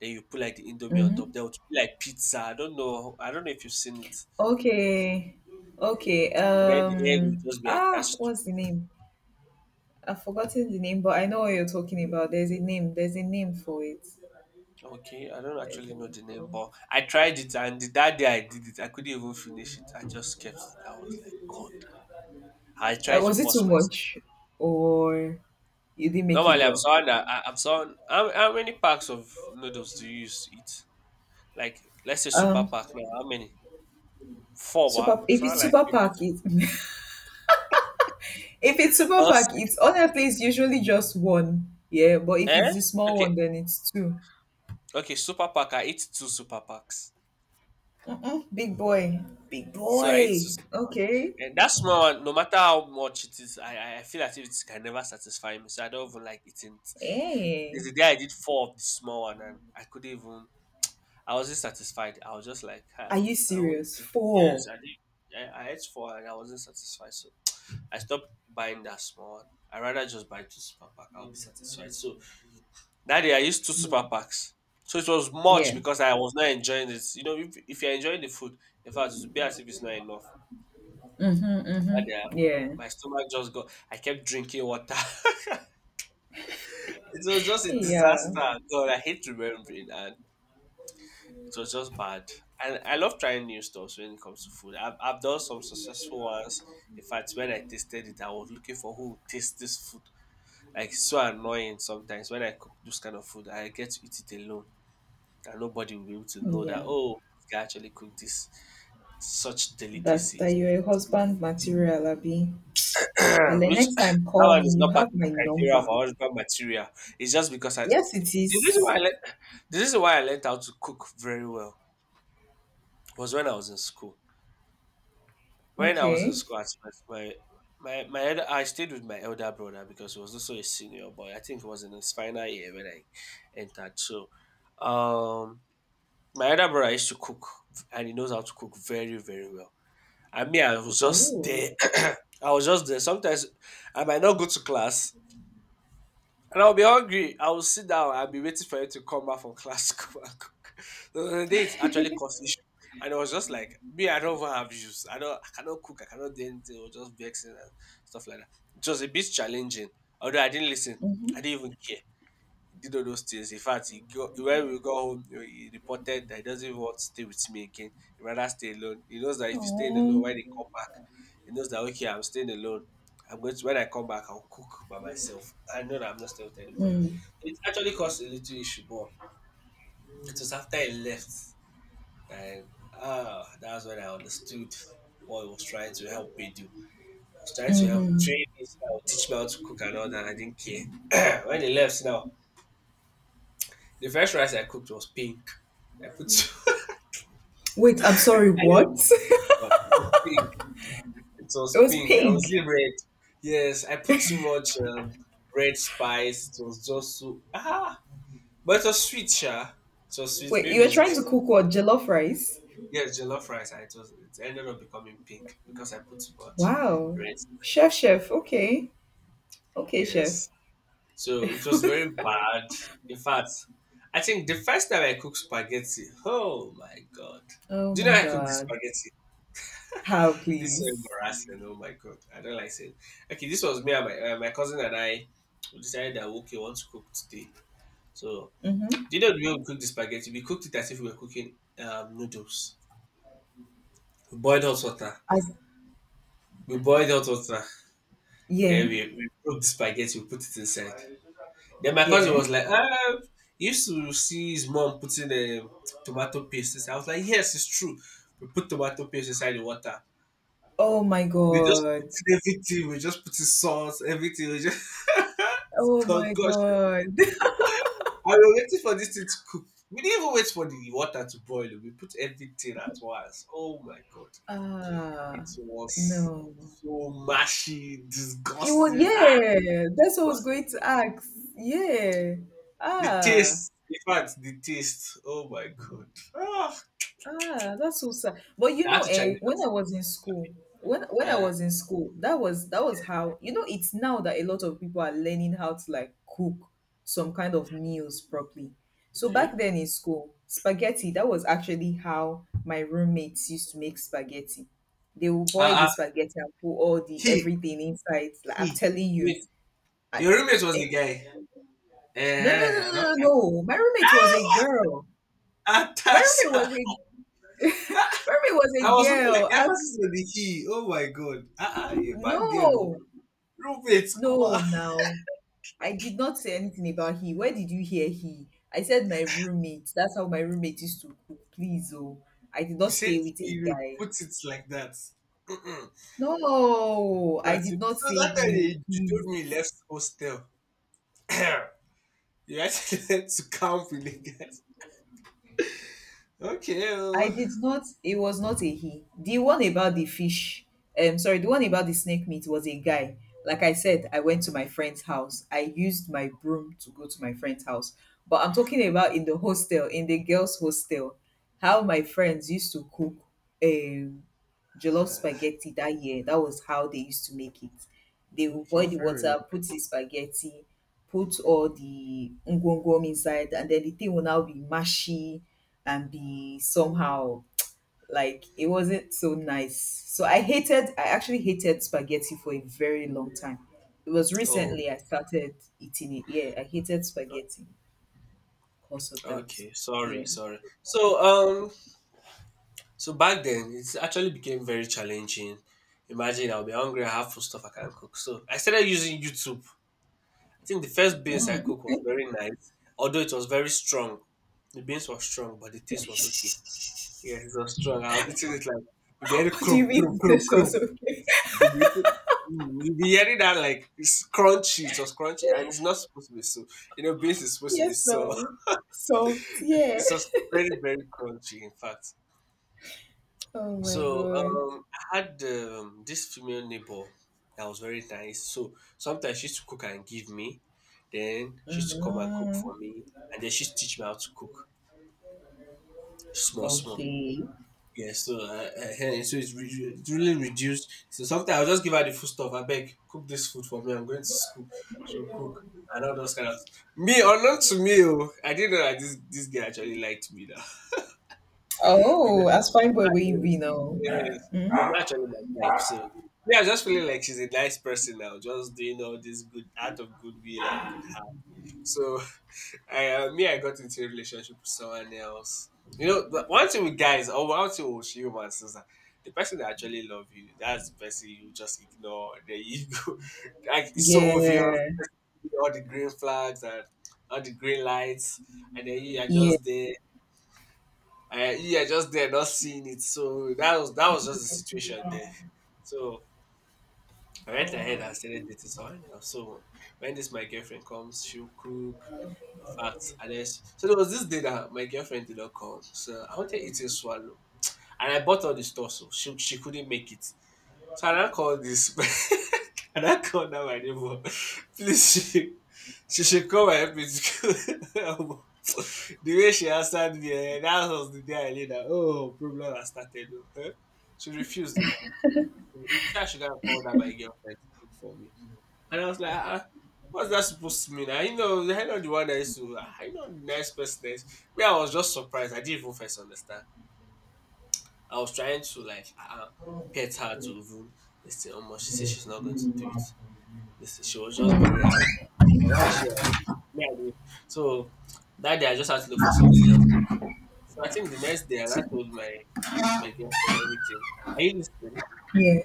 [SPEAKER 2] then you put like the indomie on top.
[SPEAKER 1] Mm-hmm.
[SPEAKER 2] There would be like pizza. I don't know. I don't know if you've seen it.
[SPEAKER 1] Okay. Okay.
[SPEAKER 2] But then the egg will just be attached to.
[SPEAKER 1] What's the name? I've forgotten the name, but I know what you're talking about. There's a name. There's a name for it.
[SPEAKER 2] Okay, I don't
[SPEAKER 1] There's
[SPEAKER 2] actually
[SPEAKER 1] a
[SPEAKER 2] know
[SPEAKER 1] name
[SPEAKER 2] the
[SPEAKER 1] for
[SPEAKER 2] name,
[SPEAKER 1] it.
[SPEAKER 2] but I tried it, and the that day I did it, I couldn't even finish it. I just kept it. I was like, God. I tried to
[SPEAKER 1] Was it too
[SPEAKER 2] force myself.
[SPEAKER 1] much, or you didn't make it
[SPEAKER 2] Normally,
[SPEAKER 1] well?
[SPEAKER 2] I'm someone. How many packs of noodles do you use to eat? Like, let's say super
[SPEAKER 1] Um.
[SPEAKER 2] pack now. How many? Four, wow.
[SPEAKER 1] Super. If
[SPEAKER 2] So I
[SPEAKER 1] it's
[SPEAKER 2] like
[SPEAKER 1] super pack, it. (laughs) If it's
[SPEAKER 2] (laughs)
[SPEAKER 1] super
[SPEAKER 2] or
[SPEAKER 1] pack,
[SPEAKER 2] six.
[SPEAKER 1] it's honestly, it's usually just one. Yeah, but if
[SPEAKER 2] Eh?
[SPEAKER 1] it's the small one,
[SPEAKER 2] Okay,
[SPEAKER 1] then it's two.
[SPEAKER 2] okay. Super pack. I eat two super packs.
[SPEAKER 1] Mm-mm, big boy, big
[SPEAKER 2] So I eat two.
[SPEAKER 1] boy. Okay.
[SPEAKER 2] And that small one, no matter how much it is, I feel as if it can never satisfy me. So I don't even like eating it. There's
[SPEAKER 1] Hey,
[SPEAKER 2] a day I did four of the small one and I couldn't even, I wasn't satisfied. I was just like,
[SPEAKER 1] are
[SPEAKER 2] hi,
[SPEAKER 1] you
[SPEAKER 2] I want
[SPEAKER 1] serious?
[SPEAKER 2] to. Yes,
[SPEAKER 1] Four.
[SPEAKER 2] I did. I ate four and I wasn't satisfied. So I stopped buying that small one. I rather just buy two super pack. I'll be satisfied. So that day I used two super
[SPEAKER 1] Mm.
[SPEAKER 2] packs. So it was much
[SPEAKER 1] Yeah.
[SPEAKER 2] because I was not enjoying it. You know, if you're enjoying the food, in fact, it would be as if it's not enough.
[SPEAKER 1] Mhm.
[SPEAKER 2] That
[SPEAKER 1] Mhm.
[SPEAKER 2] day,
[SPEAKER 1] Yeah.
[SPEAKER 2] my stomach just got. I kept drinking water. (laughs) It was just a
[SPEAKER 1] Yeah.
[SPEAKER 2] disaster. God, I hate remembering, and it was just bad. And I love trying new stuff when it comes to food. I've done some successful ones. In fact, when I tasted it, I was looking for who would taste this food. Like it's so annoying sometimes when I cook this kind of food. I get to eat it alone, and nobody will be able to know that.
[SPEAKER 1] Yeah.
[SPEAKER 2] Oh, this guy actually cooked this such
[SPEAKER 1] That's
[SPEAKER 2] delicacy.
[SPEAKER 1] that you're a husband material, Abby. But
[SPEAKER 2] (clears throat)
[SPEAKER 1] the
[SPEAKER 2] which
[SPEAKER 1] next time,
[SPEAKER 2] (clears throat) that
[SPEAKER 1] call
[SPEAKER 2] one
[SPEAKER 1] me.
[SPEAKER 2] is
[SPEAKER 1] You
[SPEAKER 2] not part
[SPEAKER 1] have
[SPEAKER 2] of the
[SPEAKER 1] my
[SPEAKER 2] criteria of
[SPEAKER 1] number.
[SPEAKER 2] our husband material. It's just because I
[SPEAKER 1] Yes, it
[SPEAKER 2] the reason
[SPEAKER 1] is.
[SPEAKER 2] why I learned, the reason why I learned how to cook very well was when I was in school. When I was in
[SPEAKER 1] Okay.
[SPEAKER 2] school, at first, my elder, I stayed with my elder brother because he was also a senior, but I think he was in his final year when I entered. So, um, my elder brother used to cook, and he knows how to cook very very well. I mean, I was just
[SPEAKER 1] Oh.
[SPEAKER 2] there. (clears throat) I was just there. Sometimes I might not go to class. And I'll be hungry. I will sit down. I'll be waiting for you to come back from class (laughs) to come and cook. (laughs) So the day it actually caused issue. And I was just like, me, I don't even have issues. I cannot cook, I cannot do anything, or just vexing and stuff like that. It was a bit challenging. Although I didn't listen. I
[SPEAKER 1] Mhm.
[SPEAKER 2] didn't even care. He did all those things. In fact, he go, when we got home, he reported that he doesn't even want to stay with me again. He rather stay alone. He knows that if he's staying alone, when
[SPEAKER 1] Oh.
[SPEAKER 2] he come back, he knows that okay, I'm staying alone. When I come back, I'll cook by myself. I know that I'm not staying with anybody.
[SPEAKER 1] Mm.
[SPEAKER 2] It actually caused a little issue, but it was after he left and ah, that's when I understood what he was trying to help me do. He was trying to help
[SPEAKER 1] Mhm.
[SPEAKER 2] train me, so that I would teach me how to cook and all that. I didn't care. (clears throat) when he left now, the first rice I cooked was pink. I put (laughs)
[SPEAKER 1] Wait, I'm sorry,
[SPEAKER 2] I know,
[SPEAKER 1] what? (laughs)
[SPEAKER 2] but it was pink. It
[SPEAKER 1] It
[SPEAKER 2] was
[SPEAKER 1] was
[SPEAKER 2] pink. I was
[SPEAKER 1] pink.
[SPEAKER 2] in red. Yes, I put too much red spice. It was just so ah, but it was sweet, sha. It was sweet.
[SPEAKER 1] Wait, you
[SPEAKER 2] Maybe
[SPEAKER 1] were
[SPEAKER 2] it's (laughs)
[SPEAKER 1] trying
[SPEAKER 2] good.
[SPEAKER 1] to cook what? Jollof rice?
[SPEAKER 2] Yeah, jollof rice. And it was. It ended up becoming pink because I put too much
[SPEAKER 1] Wow.
[SPEAKER 2] red.
[SPEAKER 1] Chef, chef. Okay. Okay, chef.
[SPEAKER 2] Yes, so it was very
[SPEAKER 1] (laughs)
[SPEAKER 2] bad. In fact, I think the first time I cooked spaghetti. Oh my god!
[SPEAKER 1] Oh
[SPEAKER 2] Do you know
[SPEAKER 1] my
[SPEAKER 2] I cooked the
[SPEAKER 1] God.
[SPEAKER 2] spaghetti?
[SPEAKER 1] How,
[SPEAKER 2] This is
[SPEAKER 1] please?
[SPEAKER 2] embarrassing. Oh my god, I don't like saying. Okay, this was me and my my cousin and I we decided that okay, we want to cook today. So,
[SPEAKER 1] Mm-hmm.
[SPEAKER 2] do you know the way we cook the spaghetti? We cooked it as if we were cooking noodles. We boiled hot water.
[SPEAKER 1] I,
[SPEAKER 2] We boiled hot water. Then
[SPEAKER 1] yeah,
[SPEAKER 2] we broke the spaghetti. We put it inside. Then my cousin
[SPEAKER 1] yeah.
[SPEAKER 2] was like, ah, he used to see his mom putting tomato paste inside. I was like, yes, it's true. We put tomato paste inside the water.
[SPEAKER 1] Oh my
[SPEAKER 2] We just put
[SPEAKER 1] God.
[SPEAKER 2] in everything. We just put in sauce, everything. We just (laughs)
[SPEAKER 1] Oh my
[SPEAKER 2] concussion.
[SPEAKER 1] God.
[SPEAKER 2] (laughs) I was waiting for this thing to cook. We didn't even wait for the water to boil. We put everything at once. Oh my god.
[SPEAKER 1] (laughs)
[SPEAKER 2] It
[SPEAKER 1] Ah,
[SPEAKER 2] was
[SPEAKER 1] no.
[SPEAKER 2] so mashy,
[SPEAKER 1] It would,
[SPEAKER 2] disgusting. Ah,
[SPEAKER 1] yeah. That's what I was going to ask. Yeah.
[SPEAKER 2] the
[SPEAKER 1] Ah.
[SPEAKER 2] taste. In fact, the taste. Oh my god. Ah,
[SPEAKER 1] Ah, that's so sad. But you
[SPEAKER 2] I had
[SPEAKER 1] know,
[SPEAKER 2] to challenge
[SPEAKER 1] eh, when I was in school,
[SPEAKER 2] that.
[SPEAKER 1] when I was in school, that was how, you know, it's now that a lot of people are learning how to like cook some kind of meals properly. So
[SPEAKER 2] Okay.
[SPEAKER 1] back then in school, spaghetti, that was actually how my roommates used to make spaghetti. They will
[SPEAKER 2] Uh,
[SPEAKER 1] boil the
[SPEAKER 2] uh,
[SPEAKER 1] spaghetti and put all the
[SPEAKER 2] he,
[SPEAKER 1] everything inside. Like I'm
[SPEAKER 2] he.
[SPEAKER 1] telling you,
[SPEAKER 2] Wait,
[SPEAKER 1] I,
[SPEAKER 2] your roommate was
[SPEAKER 1] eh,
[SPEAKER 2] a guy.
[SPEAKER 1] no, no, no,
[SPEAKER 2] I'm
[SPEAKER 1] no,
[SPEAKER 2] not
[SPEAKER 1] no,
[SPEAKER 2] catching.
[SPEAKER 1] no. My roommate was a girl. My roommate
[SPEAKER 2] Atasa.
[SPEAKER 1] was a my roommate was
[SPEAKER 2] (laughs)
[SPEAKER 1] a
[SPEAKER 2] I was looking
[SPEAKER 1] girl.
[SPEAKER 2] like emphasis on the he. Oh my god. Ah, ah, you a bad girl. Oh.
[SPEAKER 1] No,
[SPEAKER 2] Roommate, come
[SPEAKER 1] no,
[SPEAKER 2] on. (laughs)
[SPEAKER 1] now. I did not say anything about he. Where did you hear he? I said my roommate. That's how my roommate used to cook. Please, oh. I did not
[SPEAKER 2] He said
[SPEAKER 1] stay with a
[SPEAKER 2] he will
[SPEAKER 1] guy.
[SPEAKER 2] put it like that. Mm-mm.
[SPEAKER 1] No, I
[SPEAKER 2] But-
[SPEAKER 1] did not
[SPEAKER 2] so
[SPEAKER 1] say
[SPEAKER 2] that time
[SPEAKER 1] he.
[SPEAKER 2] you
[SPEAKER 1] Please.
[SPEAKER 2] told me you left hostel. (coughs) (clears throat) you actually had (laughs) to camp with the guys. Okay.
[SPEAKER 1] I
[SPEAKER 2] Oh. (sighs)
[SPEAKER 1] did not. It was not a he. The one about the fish, sorry, the one about the snake meat was a guy. Like I said, I went to my friend's house. I used my broom to go to my friend's house. But I'm talking about in the hostel, in the girls' hostel, how my friends used to cook. Um, jollof spaghetti that year. That was how they used to make it. They will
[SPEAKER 2] Okay,
[SPEAKER 1] boil the
[SPEAKER 2] fair enough.
[SPEAKER 1] water, put the spaghetti, put all the ngwongwom inside, and then the thing will now be mashy and be somehow, like, it wasn't so nice. So I hated, I actually hated spaghetti for a very long time. It was
[SPEAKER 2] Oh,
[SPEAKER 1] recently I started eating it. Yeah, I hated spaghetti because of that.
[SPEAKER 2] okay. Sorry,
[SPEAKER 1] Yeah.
[SPEAKER 2] sorry.
[SPEAKER 1] (laughs)
[SPEAKER 2] So so back then it actually became very challenging. Imagine I'll be hungry, I have food stuff I can't cook. So I started using YouTube. I think the first beans I cooked was very nice, although it was very strong. The beans were strong, but the taste was okay. Yes, it was strong. I was eating it like you be hearing
[SPEAKER 1] What do you
[SPEAKER 2] crum crum
[SPEAKER 1] mean (laughs)
[SPEAKER 2] crum
[SPEAKER 1] this was
[SPEAKER 2] crum.
[SPEAKER 1] okay?
[SPEAKER 2] You be eating, mm, you be hearing that like it's crunchy. It was crunchy, and it's not supposed to be so. You know, beans is supposed to be
[SPEAKER 1] Yes,
[SPEAKER 2] so. (laughs)
[SPEAKER 1] no. Soft,
[SPEAKER 2] It
[SPEAKER 1] yeah.
[SPEAKER 2] was very very crunchy. In fact.
[SPEAKER 1] Oh my
[SPEAKER 2] So
[SPEAKER 1] god.
[SPEAKER 2] I had this female neighbor that was very nice. So sometimes she used to cook and give me. Then she used to come and cook
[SPEAKER 1] Mhm.
[SPEAKER 2] for me, and then she used to teach me how to cook small, small.
[SPEAKER 1] Okay.
[SPEAKER 2] Yeah, so so it's, it's really reduced. So sometimes I'll just give her the food stuff. I beg, cook this food for me. I'm going to school. She'll cook and all those kind of me. Unknown to me, oh, I didn't know that this girl actually liked me now.
[SPEAKER 1] Oh, as fine boy where you
[SPEAKER 2] (laughs)
[SPEAKER 1] be now.
[SPEAKER 2] Yes, it was actually my type. So yeah, I just feeling like she's a nice person now, just doing all this good out of goodwill and good heart. So (laughs) me, I got into a relationship with someone else. You know, the- one thing with guys, or one thing with humans is that the person that actually love you, that's the person you just ignore. Then you (laughs) go, like it's so obvious
[SPEAKER 1] Yeah.
[SPEAKER 2] all the green flags and all the green lights, and then you are
[SPEAKER 1] Yeah.
[SPEAKER 2] just there yeah, just there, not seeing it. So that was just the situation there. So I went ahead and started dating someone else. So when this my girlfriend comes, she'll cook. In fact, and then so there was this day that my girlfriend did not come. So I wanted eating swallow, and I bought all the stuff. So she couldn't make it. So I now called this. (laughs) I now called now my neighbor. Please, she should come and help me. To go." (laughs) the way she answered me, eh, that was the day I knew that, oh, problem has started. Oh, huh? She refused, though. She said I should have called her my girlfriend to cook for me. And I was like, ah, ah, what's that supposed to mean? I know the one that used to, I know the nice person. That is- me, I was just surprised. I didn't even first understand. I was trying to like pet her to even listen. She said she's not going to do it. Listen, she was just very angry. Why is she angry? Me, I did. So that day I just had to look for something else. So I think the next day and I
[SPEAKER 1] See.
[SPEAKER 2] told my my girlfriend everything. Are you listening?
[SPEAKER 1] Yeah.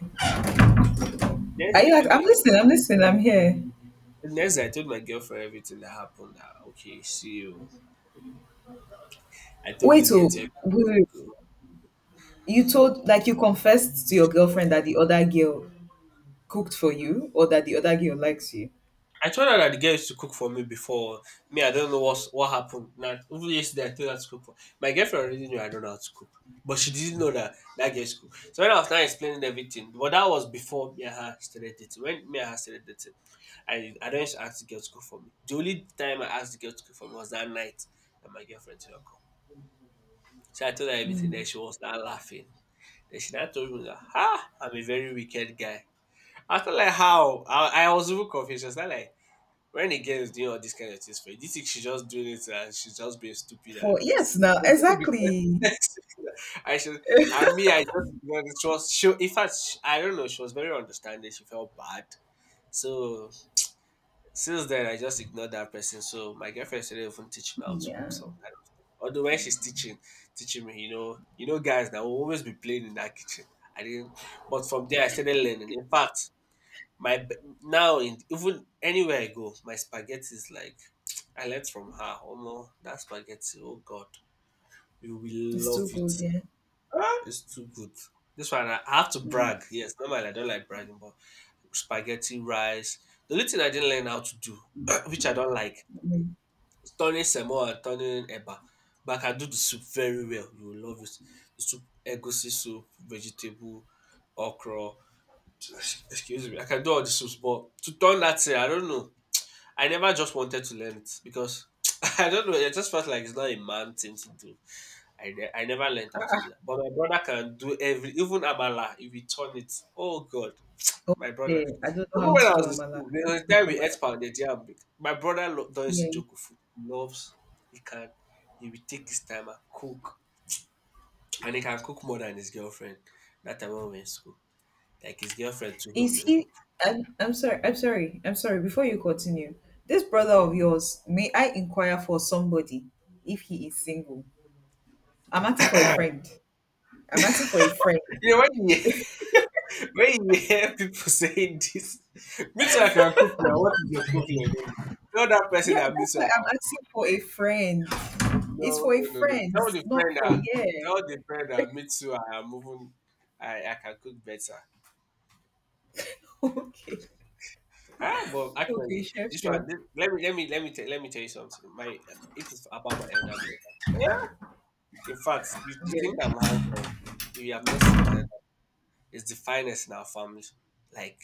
[SPEAKER 2] The next day
[SPEAKER 1] Are you
[SPEAKER 2] I
[SPEAKER 1] like,
[SPEAKER 2] told
[SPEAKER 1] I'm
[SPEAKER 2] my girl.
[SPEAKER 1] listening, I'm listening, I'm here.
[SPEAKER 2] The next day I told my girlfriend everything that happened. That okay, see you. I told
[SPEAKER 1] Wait,
[SPEAKER 2] this girl
[SPEAKER 1] oh
[SPEAKER 2] to
[SPEAKER 1] wait, wait. You told, like, you confessed to your girlfriend that the other girl cooked for you, or that the other girl likes you.
[SPEAKER 2] I told her that the girl used to cook for me before. Me, I don't know what happened. Now, even yesterday, I told her to cook for. My girlfriend already knew I don't know how to cook. But she didn't know that that girl used to cook. So when I was now explaining everything, but that was before me and her started dating. When me and her started dating, I don't used to ask the girl to cook for me. The only time I asked the girl to cook for me was that night that my girlfriend did not come. So I told her everything. Then
[SPEAKER 1] Mm.
[SPEAKER 2] she was now laughing. Then she now told me that, ha, I'm a very wicked guy. I was like, how? I was even confused. I was like, when a girl is doing all these kind of things for you, do you think she's just doing it and she's just being stupid and
[SPEAKER 1] For
[SPEAKER 2] just
[SPEAKER 1] yes, now
[SPEAKER 2] she was doing it because
[SPEAKER 1] exactly.
[SPEAKER 2] (laughs) I should and me I just ignored it. She was she in fact sh I don't know, she was very understanding, she felt bad. So since then I just ignored that person. So my girlfriend started even teaching me how to cook
[SPEAKER 1] Yeah.
[SPEAKER 2] some kind of stuff. Although when she's teaching, teaching me, you know guys that will always be playing in that kitchen. I didn't but from there I started learning. In fact, my b- now in even anywhere I go, my spaghetti is like (tsk) I learned from her. Omo, that spaghetti, oh God, you will
[SPEAKER 1] It's
[SPEAKER 2] love
[SPEAKER 1] too
[SPEAKER 2] it.
[SPEAKER 1] good, yeah.
[SPEAKER 2] Ah, it's too good. This one I have to
[SPEAKER 1] Mm.
[SPEAKER 2] brag. Yes, normally I don't like bragging, but spaghetti, rice. The only thing I didn't learn how to do, (clears throat) which I don't like,
[SPEAKER 1] Mm.
[SPEAKER 2] is turning semo and turning eba. But I can do the soup very well. You will love it. The soup, egusi soup, vegetable, okra. (tsk) Excuse me. I can do all the soups, but to turn that thing, I don't know. I never just wanted to learn it because (laughs) (tsk) I don't know. It just felt like it's not a man thing to do. I, ne- I never learned how to do that. But my brother can do every, even Amala, if he turn it. Oh, God. My brother.
[SPEAKER 1] Okay. I don't know
[SPEAKER 2] Even
[SPEAKER 1] how
[SPEAKER 2] when
[SPEAKER 1] to
[SPEAKER 2] I
[SPEAKER 1] do
[SPEAKER 2] was in
[SPEAKER 1] Amala.
[SPEAKER 2] school,
[SPEAKER 1] I
[SPEAKER 2] there was a
[SPEAKER 1] don't like
[SPEAKER 2] time we ate
[SPEAKER 1] Amala.
[SPEAKER 2] pounded yam. My brother lo- does
[SPEAKER 1] Yeah.
[SPEAKER 2] joke with food. He loves, he can, he will take his time and cook. And he can cook more than his girlfriend. That time when we were in school. Like his girlfriend to him
[SPEAKER 1] Is
[SPEAKER 2] does.
[SPEAKER 1] he? I'm sorry. I'm sorry. I'm sorry. Before you continue, this brother
[SPEAKER 2] Okay.
[SPEAKER 1] of yours, may I inquire for somebody if he is single? I'm asking for a
[SPEAKER 2] (coughs) (laughs)
[SPEAKER 1] friend. I'm asking for a friend.
[SPEAKER 2] You know, when you hear people (laughs) saying this, me too, I can cook now. What is your problem? Tell that person
[SPEAKER 1] Yeah,
[SPEAKER 2] that me
[SPEAKER 1] that's
[SPEAKER 2] too,
[SPEAKER 1] why
[SPEAKER 2] I
[SPEAKER 1] I'm
[SPEAKER 2] can.
[SPEAKER 1] asking for a friend. It's
[SPEAKER 2] No,
[SPEAKER 1] for a
[SPEAKER 2] no, no, no.
[SPEAKER 1] friend.
[SPEAKER 2] Tell
[SPEAKER 1] It's
[SPEAKER 2] the
[SPEAKER 1] not
[SPEAKER 2] friend
[SPEAKER 1] for,
[SPEAKER 2] that.
[SPEAKER 1] yeah.
[SPEAKER 2] Tell the friend that me too. I am moving. I can cook better.
[SPEAKER 1] (laughs) Okay.
[SPEAKER 2] Ah, but
[SPEAKER 1] Okay,
[SPEAKER 2] actually,
[SPEAKER 1] chef,
[SPEAKER 2] this
[SPEAKER 1] chef.
[SPEAKER 2] one. This, let me let me let me tell you something. My if it's about my elder brother. Yeah. In fact, you think I'm
[SPEAKER 1] Yeah.
[SPEAKER 2] handsome? If you have not seen my elder, it's the finest in our family. Like,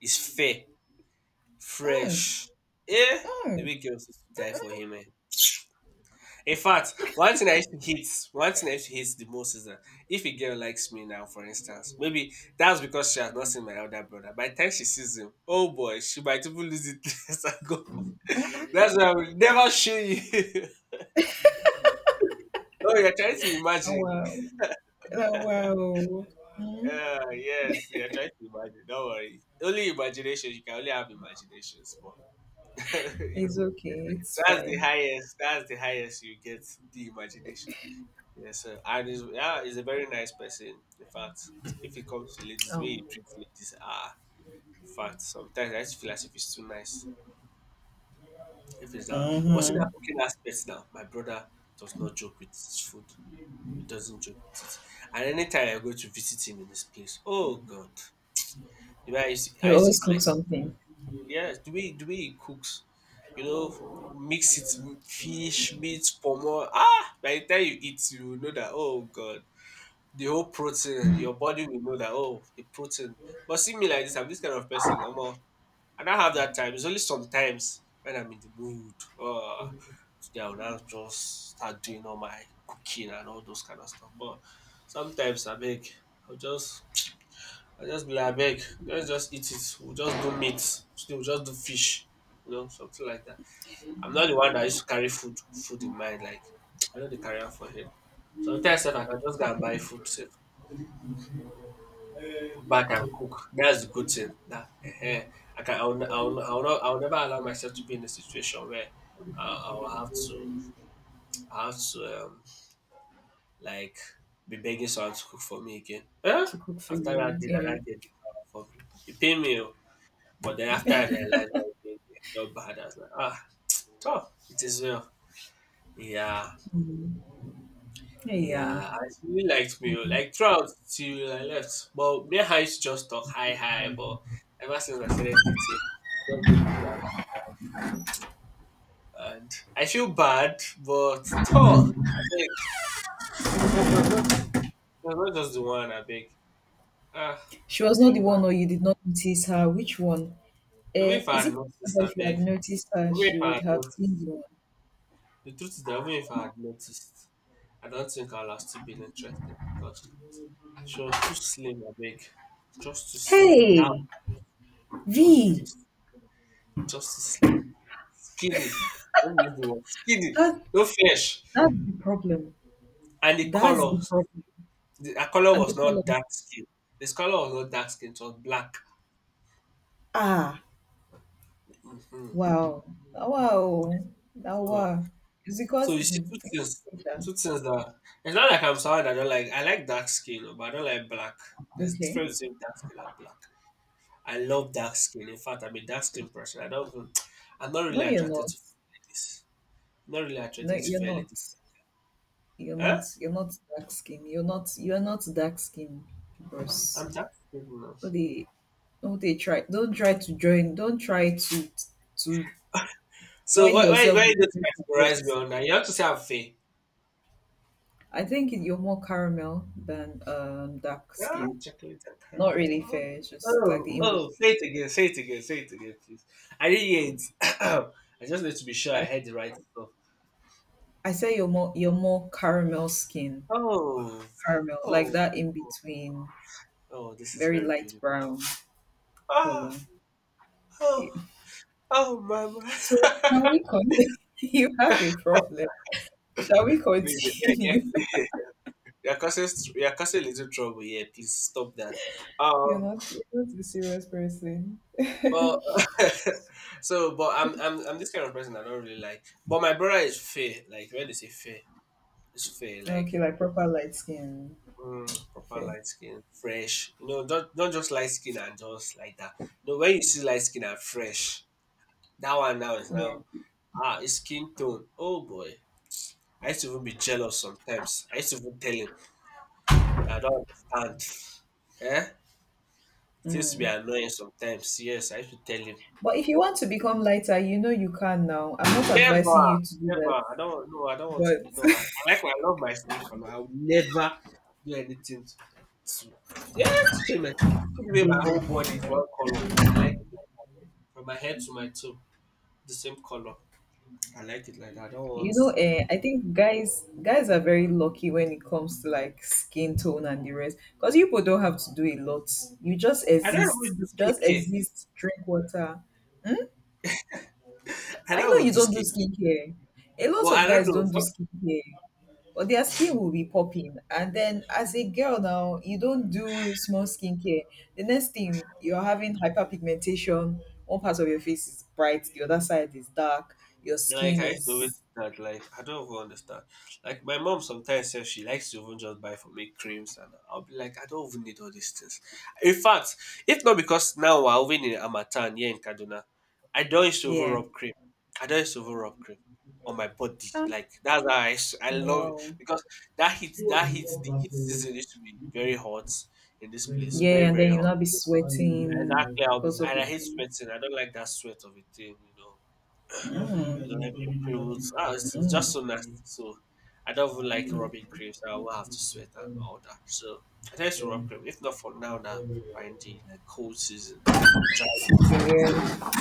[SPEAKER 2] it's fair.
[SPEAKER 1] Mm,
[SPEAKER 2] Fresh. Eh! The
[SPEAKER 1] mm.
[SPEAKER 2] way girls used to die for him, eh. In fact, one thing I used to hate, one thing I used to hate the most is that if a girl likes me now, for instance, maybe that's because she has not seen my elder brother. By the time she sees him, oh boy, she might even lose it. (laughs) Let's not go.
[SPEAKER 1] Uh-uh.
[SPEAKER 2] That's why I will never show you. (laughs) Oh, you're trying to
[SPEAKER 1] Oh,
[SPEAKER 2] imagine.
[SPEAKER 1] wow. Oh, wow. Mm.
[SPEAKER 2] Yeah, yes, you're trying to imagine. Don't worry. Only imagination. You can only have imaginations, but (laughs)
[SPEAKER 1] It's
[SPEAKER 2] you
[SPEAKER 1] okay. It's
[SPEAKER 2] that's the
[SPEAKER 1] fine.
[SPEAKER 2] highest. That's the highest you get the imagination. Yes, sir. And he's, yeah, he's a very nice person. In fact, if it comes to ladies, the way he
[SPEAKER 1] Um.
[SPEAKER 2] treats ladies, ah, in fact, sometimes I just feel as if he's too nice. If it's down, but see that
[SPEAKER 1] Hmm.
[SPEAKER 2] cooking aspect now. My brother does not joke with his food. He doesn't joke with it. And anytime I go to visit him in his place, oh God, the way
[SPEAKER 1] He
[SPEAKER 2] I used to
[SPEAKER 1] always
[SPEAKER 2] eat like
[SPEAKER 1] cooks something.
[SPEAKER 2] yes, the way he cooks, you know, mix it with fish, meat, pomo. Ah, by the time you eat, you will know that oh god, the whole protein, your body will know that oh the protein. But see me like this, I'm this kind of person. Omo, I don't have that time. It's only sometimes when I'm in the mood. Oh, today I'll now just start doing all my cooking and all those kind of stuff. But sometimes I beg, I'll just I just be like, abeg, let's just eat it. We'll just do meat. Still, we'll just do fish. You know, something like that. I'm not the one that used to carry food food in mind. Like, I know they carry am for head. Sometimes sef, I can just go and buy food sef. Back and cook. That's the good thing. That eh I can I will not I will never allow myself to be in a situation where I will have to I have to like be begging someone to cook for me again. Eh?
[SPEAKER 1] To cook for
[SPEAKER 2] After that
[SPEAKER 1] you.
[SPEAKER 2] dinner,
[SPEAKER 1] Yeah.
[SPEAKER 2] that get it for me. You pay me. Oh. But then after I realized what I did, I felt bad. I was like, ah, tough. It is well. Yeah,
[SPEAKER 1] Yeah.
[SPEAKER 2] yeah. And she really liked me. Oh, like throughout till I left. But me and her used to just talk hi hi. But ever since I started dating, she just gave me that. And I feel bad, but tough. I beg. She was not, she was not just the one. I beg. Ah,
[SPEAKER 1] She
[SPEAKER 2] I
[SPEAKER 1] was not
[SPEAKER 2] feel
[SPEAKER 1] the
[SPEAKER 2] bad.
[SPEAKER 1] one, or you did not notice her. Which one?
[SPEAKER 2] Even if I
[SPEAKER 1] Is
[SPEAKER 2] had
[SPEAKER 1] it possible
[SPEAKER 2] noticed, I
[SPEAKER 1] that if you
[SPEAKER 2] beg.
[SPEAKER 1] had noticed her,
[SPEAKER 2] Even if
[SPEAKER 1] she
[SPEAKER 2] I
[SPEAKER 1] would
[SPEAKER 2] had
[SPEAKER 1] have been
[SPEAKER 2] noticed,
[SPEAKER 1] the one?
[SPEAKER 2] the truth is that even if I had noticed. I don't think I'll have still been interested because she was too slim, I beg. Just too slim. Now,
[SPEAKER 1] Hey,
[SPEAKER 2] just too,
[SPEAKER 1] V,
[SPEAKER 2] just too slim. Skinny. Let me use the word skinny.
[SPEAKER 1] that,
[SPEAKER 2] No flesh.
[SPEAKER 1] that's the problem.
[SPEAKER 2] And the
[SPEAKER 1] That's the
[SPEAKER 2] color,
[SPEAKER 1] problem.
[SPEAKER 2] the her color
[SPEAKER 1] And the
[SPEAKER 2] was not
[SPEAKER 1] column.
[SPEAKER 2] dark skin. The color was not dark skin. It was black.
[SPEAKER 1] Ah,
[SPEAKER 2] Hmm.
[SPEAKER 1] wow. Ah, wow. Ah,
[SPEAKER 2] So,
[SPEAKER 1] wow. It's
[SPEAKER 2] so
[SPEAKER 1] because.
[SPEAKER 2] you see
[SPEAKER 1] Mhm.
[SPEAKER 2] two things.
[SPEAKER 1] Okay.
[SPEAKER 2] Two things that it's not like I'm someone that I don't like. I like dark skin, no, but I don't like black. There's
[SPEAKER 1] Okay.
[SPEAKER 2] difference between dark skin and black. I love dark skin. In fact, I'm a dark skin person. I don't. Even- I'm not really
[SPEAKER 1] No, you're
[SPEAKER 2] attracted
[SPEAKER 1] not.
[SPEAKER 2] to like this. Not really
[SPEAKER 1] No,
[SPEAKER 2] attracted to
[SPEAKER 1] you're
[SPEAKER 2] fairly
[SPEAKER 1] not.
[SPEAKER 2] different.
[SPEAKER 1] You're
[SPEAKER 2] Huh?
[SPEAKER 1] not. You're not dark skin. You're not. You're not dark skin, bros.
[SPEAKER 2] I'm tired of people now.
[SPEAKER 1] Only Don't they try, don't try to join don't try to
[SPEAKER 2] So
[SPEAKER 1] join
[SPEAKER 2] why
[SPEAKER 1] yourself
[SPEAKER 2] why you
[SPEAKER 1] with
[SPEAKER 2] don't
[SPEAKER 1] the rest of
[SPEAKER 2] categorize me
[SPEAKER 1] us.
[SPEAKER 2] on that? You have to say I'm fair.
[SPEAKER 1] I think you're more caramel than dark
[SPEAKER 2] Ah,
[SPEAKER 1] skin.
[SPEAKER 2] chocolate and
[SPEAKER 1] Not
[SPEAKER 2] caramel.
[SPEAKER 1] really
[SPEAKER 2] Oh,
[SPEAKER 1] fair, it's just like
[SPEAKER 2] oh,
[SPEAKER 1] the in
[SPEAKER 2] oh,
[SPEAKER 1] between.
[SPEAKER 2] say it again, say it again, say it again, please. I didn't hear it. (coughs) (clears throat) I just need to be sure
[SPEAKER 1] I,
[SPEAKER 2] I heard the right stuff.
[SPEAKER 1] I say you're more caramel skin.
[SPEAKER 2] Oh,
[SPEAKER 1] Caramel, like
[SPEAKER 2] oh,
[SPEAKER 1] that in
[SPEAKER 2] oh,
[SPEAKER 1] between,
[SPEAKER 2] oh, this is
[SPEAKER 1] very
[SPEAKER 2] very
[SPEAKER 1] light
[SPEAKER 2] beautiful.
[SPEAKER 1] brown color.
[SPEAKER 2] Ah,
[SPEAKER 1] (laughs)
[SPEAKER 2] oh,
[SPEAKER 1] Yeah.
[SPEAKER 2] oh, mama. (laughs)
[SPEAKER 1] So can we continue? (laughs) You have a problem. Shall we
[SPEAKER 2] Please, yeah,
[SPEAKER 1] continue?
[SPEAKER 2] yeah. (laughs) You're causing, you're causing a little trouble here. Please stop that.
[SPEAKER 1] (laughs)
[SPEAKER 2] Um,
[SPEAKER 1] You're not a serious person.
[SPEAKER 2] But
[SPEAKER 1] (laughs)
[SPEAKER 2] (laughs) so, but I'm this kind of person I don't really like. But my brother is fair. Like when they say fair, it's fair. Like
[SPEAKER 1] Okay, like proper light skin.
[SPEAKER 2] mm, proper
[SPEAKER 1] Fair.
[SPEAKER 2] light skin, fresh. You know, don't not just light skin and just like that. You know, when you see light skin and fresh, that one now is
[SPEAKER 1] Yeah.
[SPEAKER 2] now ah, his skin tone. Oh boy, I used to even be jealous sometimes. I used to even tell him, I don't understand. Eh? It used to be annoying sometimes. Yes, I used to tell him.
[SPEAKER 1] But if you want to become lighter, you know you can now. I'm not advising
[SPEAKER 2] Never,
[SPEAKER 1] you to do
[SPEAKER 2] never.
[SPEAKER 1] that.
[SPEAKER 2] I don't. No, I don't want to
[SPEAKER 1] But
[SPEAKER 2] be. No, I like. My- I love my skin color. I would never do anything to. To yeah, it's true, man. Put away my whole body is one color. I like it like from my head to my toe, the same color. I like it like that. I don't
[SPEAKER 1] (laughs) you
[SPEAKER 2] want.
[SPEAKER 1] know, eh, I think guys are very lucky when it comes to like skin tone and the rest. Because people don't have to do a lot. You just
[SPEAKER 2] I don't
[SPEAKER 1] exist.
[SPEAKER 2] even do
[SPEAKER 1] Just
[SPEAKER 2] skincare.
[SPEAKER 1] exist, drink water.
[SPEAKER 2] (laughs) I
[SPEAKER 1] I
[SPEAKER 2] don't
[SPEAKER 1] know
[SPEAKER 2] even
[SPEAKER 1] you
[SPEAKER 2] do
[SPEAKER 1] don't do
[SPEAKER 2] skincare.
[SPEAKER 1] skincare. A
[SPEAKER 2] But
[SPEAKER 1] lot of
[SPEAKER 2] I don't
[SPEAKER 1] guys don't do
[SPEAKER 2] know.
[SPEAKER 1] skincare. But their skin will be popping. And then as a girl now, you don't do small skincare. The next thing you're having hyperpigmentation. One part of your face is bright, the other side is dark. Your
[SPEAKER 2] Like
[SPEAKER 1] skin
[SPEAKER 2] I used to
[SPEAKER 1] is,
[SPEAKER 2] always do that, like I don't even understand. Like my mom sometimes says she likes to even just buy for me creams, and I'll be like, I don't even need all these things. In fact, if not because now we're even in Amatan here in Kaduna, I don't used to even
[SPEAKER 1] yeah.
[SPEAKER 2] rub cream. I don't used to even rub cream on my body.
[SPEAKER 1] Ah,
[SPEAKER 2] Like that's how I love it
[SPEAKER 1] wow.
[SPEAKER 2] because that heat the heat season used to be very hot in this place.
[SPEAKER 1] Yeah,
[SPEAKER 2] Very,
[SPEAKER 1] and
[SPEAKER 2] very
[SPEAKER 1] then you'll
[SPEAKER 2] hot.
[SPEAKER 1] not be sweating
[SPEAKER 2] Exactly, I'll be,
[SPEAKER 1] because of
[SPEAKER 2] and
[SPEAKER 1] the
[SPEAKER 2] I hate
[SPEAKER 1] cream.
[SPEAKER 2] sweating. I don't like that sweat of a thing, you know.
[SPEAKER 1] Mm,
[SPEAKER 2] You don't have your clothes. Ah, it's
[SPEAKER 1] mm.
[SPEAKER 2] just so nasty. So I don't even like rubbing
[SPEAKER 1] Okay.
[SPEAKER 2] creams. I will have to sweat and all that. So I tend to rub cream. If not for now, now we're in the like cold season and dry
[SPEAKER 1] So
[SPEAKER 2] season. Let me
[SPEAKER 1] yeah,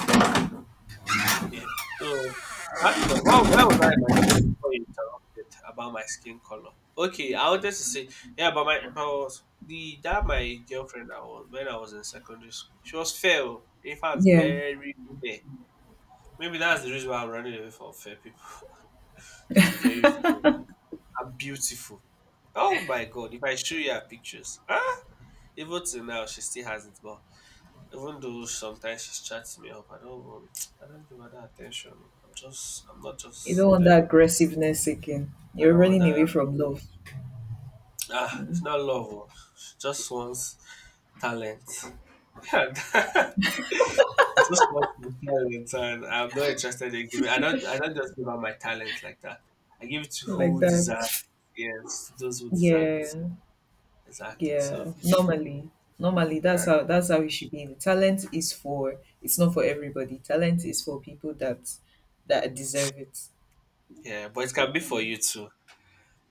[SPEAKER 2] say. Yeah. So that's my. Why was I in my story before you interrupted about my skin color? Okay, I wanted to say, yeah, but my but was the that my girlfriend, I was when I was in secondary school, she was fair. Oh. In fact,
[SPEAKER 1] yeah,
[SPEAKER 2] very fair. Maybe that's the reason why I'm running away from fair people. (laughs) She was very and beautiful. Oh my god, if I show you her pictures, ah, even till now she still has it, but even though sometimes she's chatting me up, I don't want, I don't give her that attention. I'm just, I'm not
[SPEAKER 1] you
[SPEAKER 2] just
[SPEAKER 1] don't want
[SPEAKER 2] there.
[SPEAKER 1] that
[SPEAKER 2] I'm not,
[SPEAKER 1] aggressiveness again.
[SPEAKER 2] I
[SPEAKER 1] You're
[SPEAKER 2] don't want
[SPEAKER 1] running
[SPEAKER 2] that.
[SPEAKER 1] away from love
[SPEAKER 2] Ah, it's not love. Oh. She just wants talent. (laughs) And she just wants my talent, and I'm not interested in giving. I don't just give her my talent like that. I give it to
[SPEAKER 1] like
[SPEAKER 2] who
[SPEAKER 1] that.
[SPEAKER 2] deserves. Yes, those who deserve it.
[SPEAKER 1] Yeah,
[SPEAKER 2] Exactly.
[SPEAKER 1] yeah.
[SPEAKER 2] So.
[SPEAKER 1] Normally, normally
[SPEAKER 2] Yeah.
[SPEAKER 1] that's how it should be. Talent is for, it's not for everybody. Talent is for people that deserve it.
[SPEAKER 2] Yeah, but it can be for
[SPEAKER 1] Mm.
[SPEAKER 2] you too.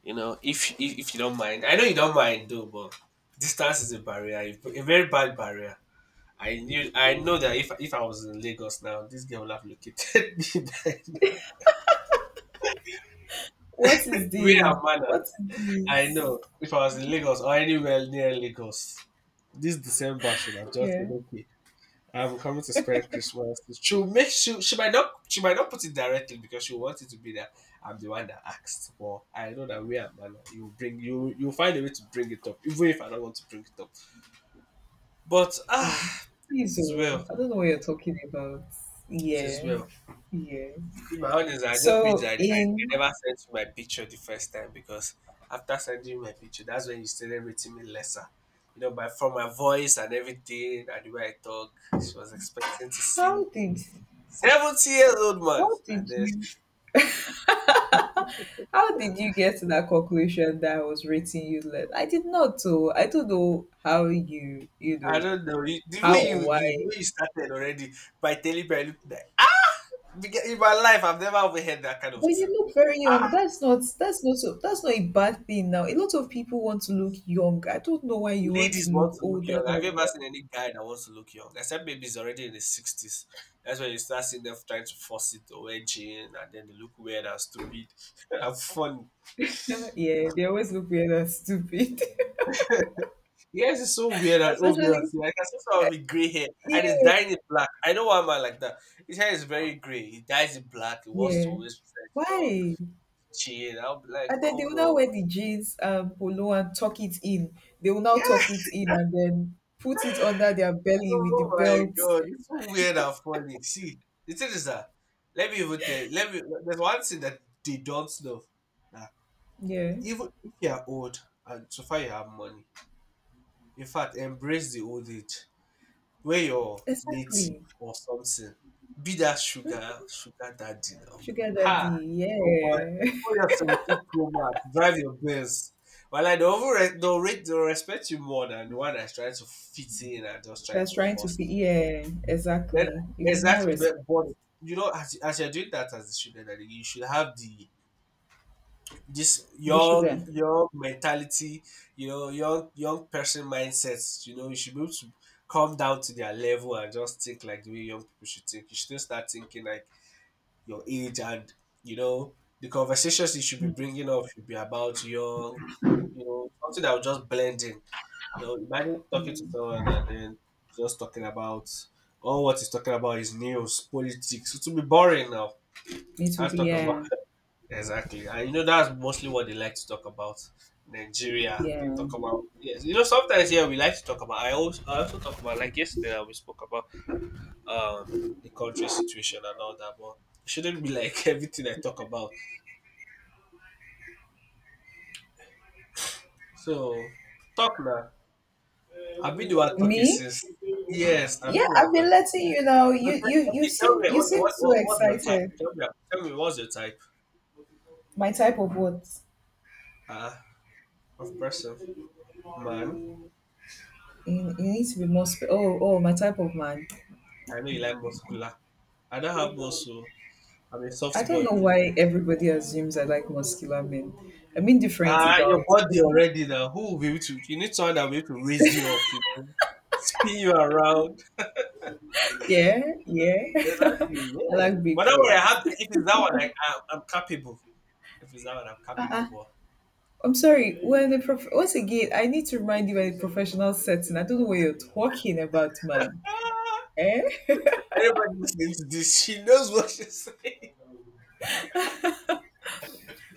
[SPEAKER 2] You know, if you don't mind, I know you don't mind though, but distance is a barrier, a very bad barrier. I know that if I was in Lagos now, this girl would have located (laughs) me by now.
[SPEAKER 1] What is
[SPEAKER 2] Where am
[SPEAKER 1] this?
[SPEAKER 2] I now?
[SPEAKER 1] What is
[SPEAKER 2] I
[SPEAKER 1] this?
[SPEAKER 2] know if I was in Lagos or anywhere near Lagos, this December should have just been
[SPEAKER 1] Yeah.
[SPEAKER 2] okay. I'm coming to spend Christmas. She'll make she might not put it directly because she wants it to be that I'm the one that asked. But I know that we are man. You bring you you find a way to bring it up, even if I don't want to bring it up. But
[SPEAKER 1] Ah,
[SPEAKER 2] ah, it
[SPEAKER 1] please.
[SPEAKER 2] is well.
[SPEAKER 1] Oh, I don't know what you're talking about.
[SPEAKER 2] It is
[SPEAKER 1] Yeah,
[SPEAKER 2] well.
[SPEAKER 1] yeah.
[SPEAKER 2] In my honest, I just wish
[SPEAKER 1] So,
[SPEAKER 2] I
[SPEAKER 1] in
[SPEAKER 2] never sent you my picture the first time, because after sending you my picture, that's when you started rating me lesser. You know, by from my voice and everything and the way I talk, she was expecting to see
[SPEAKER 1] how did
[SPEAKER 2] 70 years old man.
[SPEAKER 1] how
[SPEAKER 2] And
[SPEAKER 1] did
[SPEAKER 2] then
[SPEAKER 1] you how did you get to that conclusion that I was rating you less? I did not, so I don't know how you, you
[SPEAKER 2] I
[SPEAKER 1] know
[SPEAKER 2] don't know. You, the
[SPEAKER 1] how
[SPEAKER 2] way you,
[SPEAKER 1] or
[SPEAKER 2] you the
[SPEAKER 1] why.
[SPEAKER 2] way you started already by telling me I look like. Because in my life I've never overheard that kind of
[SPEAKER 1] But you
[SPEAKER 2] thing.
[SPEAKER 1] look very young. That's not, that's not a bad thing now. A lot of people want to look young. I don't know why you want to
[SPEAKER 2] Ladies want
[SPEAKER 1] look
[SPEAKER 2] to look
[SPEAKER 1] older
[SPEAKER 2] young. Have you
[SPEAKER 1] than
[SPEAKER 2] ever
[SPEAKER 1] you
[SPEAKER 2] seen any guy that wants to look young? Except maybe he's already in his sixties. That's when you start seeing them trying to force it or wear jean and then they look weird and stupid (laughs) and funny.
[SPEAKER 1] are. (laughs) Yeah, they always look weird and stupid.
[SPEAKER 2] Yes, it's so weird
[SPEAKER 1] (laughs)
[SPEAKER 2] and obvious.
[SPEAKER 1] Especially
[SPEAKER 2] Like I see someone with gray hair and
[SPEAKER 1] yeah.
[SPEAKER 2] he's dying it black. I know one man like that. His hair is very gray. He dyes it black. He wants to
[SPEAKER 1] Yeah.
[SPEAKER 2] always dress young,
[SPEAKER 1] Why?
[SPEAKER 2] chill. I'll be like,
[SPEAKER 1] And then they
[SPEAKER 2] come
[SPEAKER 1] will now wear
[SPEAKER 2] on.
[SPEAKER 1] the jeans and polo and tuck it in. They will now
[SPEAKER 2] Yeah.
[SPEAKER 1] tuck it in and then put it under their belly with the
[SPEAKER 2] Oh my
[SPEAKER 1] belt.
[SPEAKER 2] god. It's so weird and funny. See, the thing is that let me even tell let me there's one thing that they don't know. That
[SPEAKER 1] Yeah,
[SPEAKER 2] even if you are old, and so far you have money, in fact, embrace the old age. Where you're native
[SPEAKER 1] exactly.
[SPEAKER 2] or something. Be that sugar daddy now.
[SPEAKER 1] Sugar
[SPEAKER 2] Ha!
[SPEAKER 1] daddy,
[SPEAKER 2] Oh boy.
[SPEAKER 1] yeah.
[SPEAKER 2] Oh, your 17 Pro Max. Drive your Benz. Well, like, they'll respect you more than the one that's trying to fit in and just
[SPEAKER 1] (laughs)
[SPEAKER 2] try
[SPEAKER 1] That's
[SPEAKER 2] to
[SPEAKER 1] trying to
[SPEAKER 2] force.
[SPEAKER 1] fit. Yeah,
[SPEAKER 2] Then
[SPEAKER 1] exactly. It will be more
[SPEAKER 2] exactly, but
[SPEAKER 1] respected.
[SPEAKER 2] you know, as you're doing that as a student, I think you should have the this
[SPEAKER 1] The
[SPEAKER 2] young
[SPEAKER 1] sugar.
[SPEAKER 2] young mentality, you know, young person mindsets. You know, you should be able to come down to their level and just think like the way young people should think. You shouldn't start thinking like your age, and you know the conversations you should be bringing up should be about young, you know, something that will just blend in. You know, imagine talking to someone and then just talking about all what he's talking about is news, politics. It will be boring now.
[SPEAKER 1] It will
[SPEAKER 2] Let's
[SPEAKER 1] be,
[SPEAKER 2] talk about
[SPEAKER 1] yeah,
[SPEAKER 2] exactly. And you know that's mostly what they like to talk about. Nigeria.
[SPEAKER 1] yeah,
[SPEAKER 2] Talk about, yes. You know, sometimes, yeah, we like to talk about, I also talk about, like yesterday we spoke about the country situation and all that, but it shouldn't be like (laughs) everything I talk about. So talk now. I've been the one
[SPEAKER 1] yeah.
[SPEAKER 2] talking
[SPEAKER 1] Me?
[SPEAKER 2] since. Yes, I've
[SPEAKER 1] Yeah,
[SPEAKER 2] been the
[SPEAKER 1] I've
[SPEAKER 2] one
[SPEAKER 1] been
[SPEAKER 2] talking.
[SPEAKER 1] letting you know.
[SPEAKER 2] So
[SPEAKER 1] You
[SPEAKER 2] okay, tell
[SPEAKER 1] seem,
[SPEAKER 2] me,
[SPEAKER 1] you
[SPEAKER 2] okay,
[SPEAKER 1] seem
[SPEAKER 2] what,
[SPEAKER 1] so
[SPEAKER 2] what what's your type?
[SPEAKER 1] excited.
[SPEAKER 2] Tell me, what's your type
[SPEAKER 1] My type of what?
[SPEAKER 2] uh, of person? Man,
[SPEAKER 1] You need to be more. Spe- oh, oh, my type of man.
[SPEAKER 2] I know you like muscular. I don't have muscle. I'm a
[SPEAKER 1] I
[SPEAKER 2] soft
[SPEAKER 1] don't
[SPEAKER 2] boy,
[SPEAKER 1] know
[SPEAKER 2] please.
[SPEAKER 1] why everybody assumes I like muscular men. I'm indifferent
[SPEAKER 2] Ah,
[SPEAKER 1] about.
[SPEAKER 2] your body already now. Who will be able to? You need someone that will be able to raise you up. You know, spin you around.
[SPEAKER 1] Yeah, yeah. (laughs)
[SPEAKER 2] Exactly.
[SPEAKER 1] I
[SPEAKER 2] Yeah.
[SPEAKER 1] like
[SPEAKER 2] But
[SPEAKER 1] big
[SPEAKER 2] don't worry. I
[SPEAKER 1] boys.
[SPEAKER 2] have. If it's that one, I'm capable. If it's that one, I'm capable. But
[SPEAKER 1] I'm sorry. Once again, I need to remind you we're in a professional setting. I don't know what you're talking about, man.
[SPEAKER 2] ah,
[SPEAKER 1] Eh?
[SPEAKER 2] everybody listening to this, she knows what she's saying. (laughs)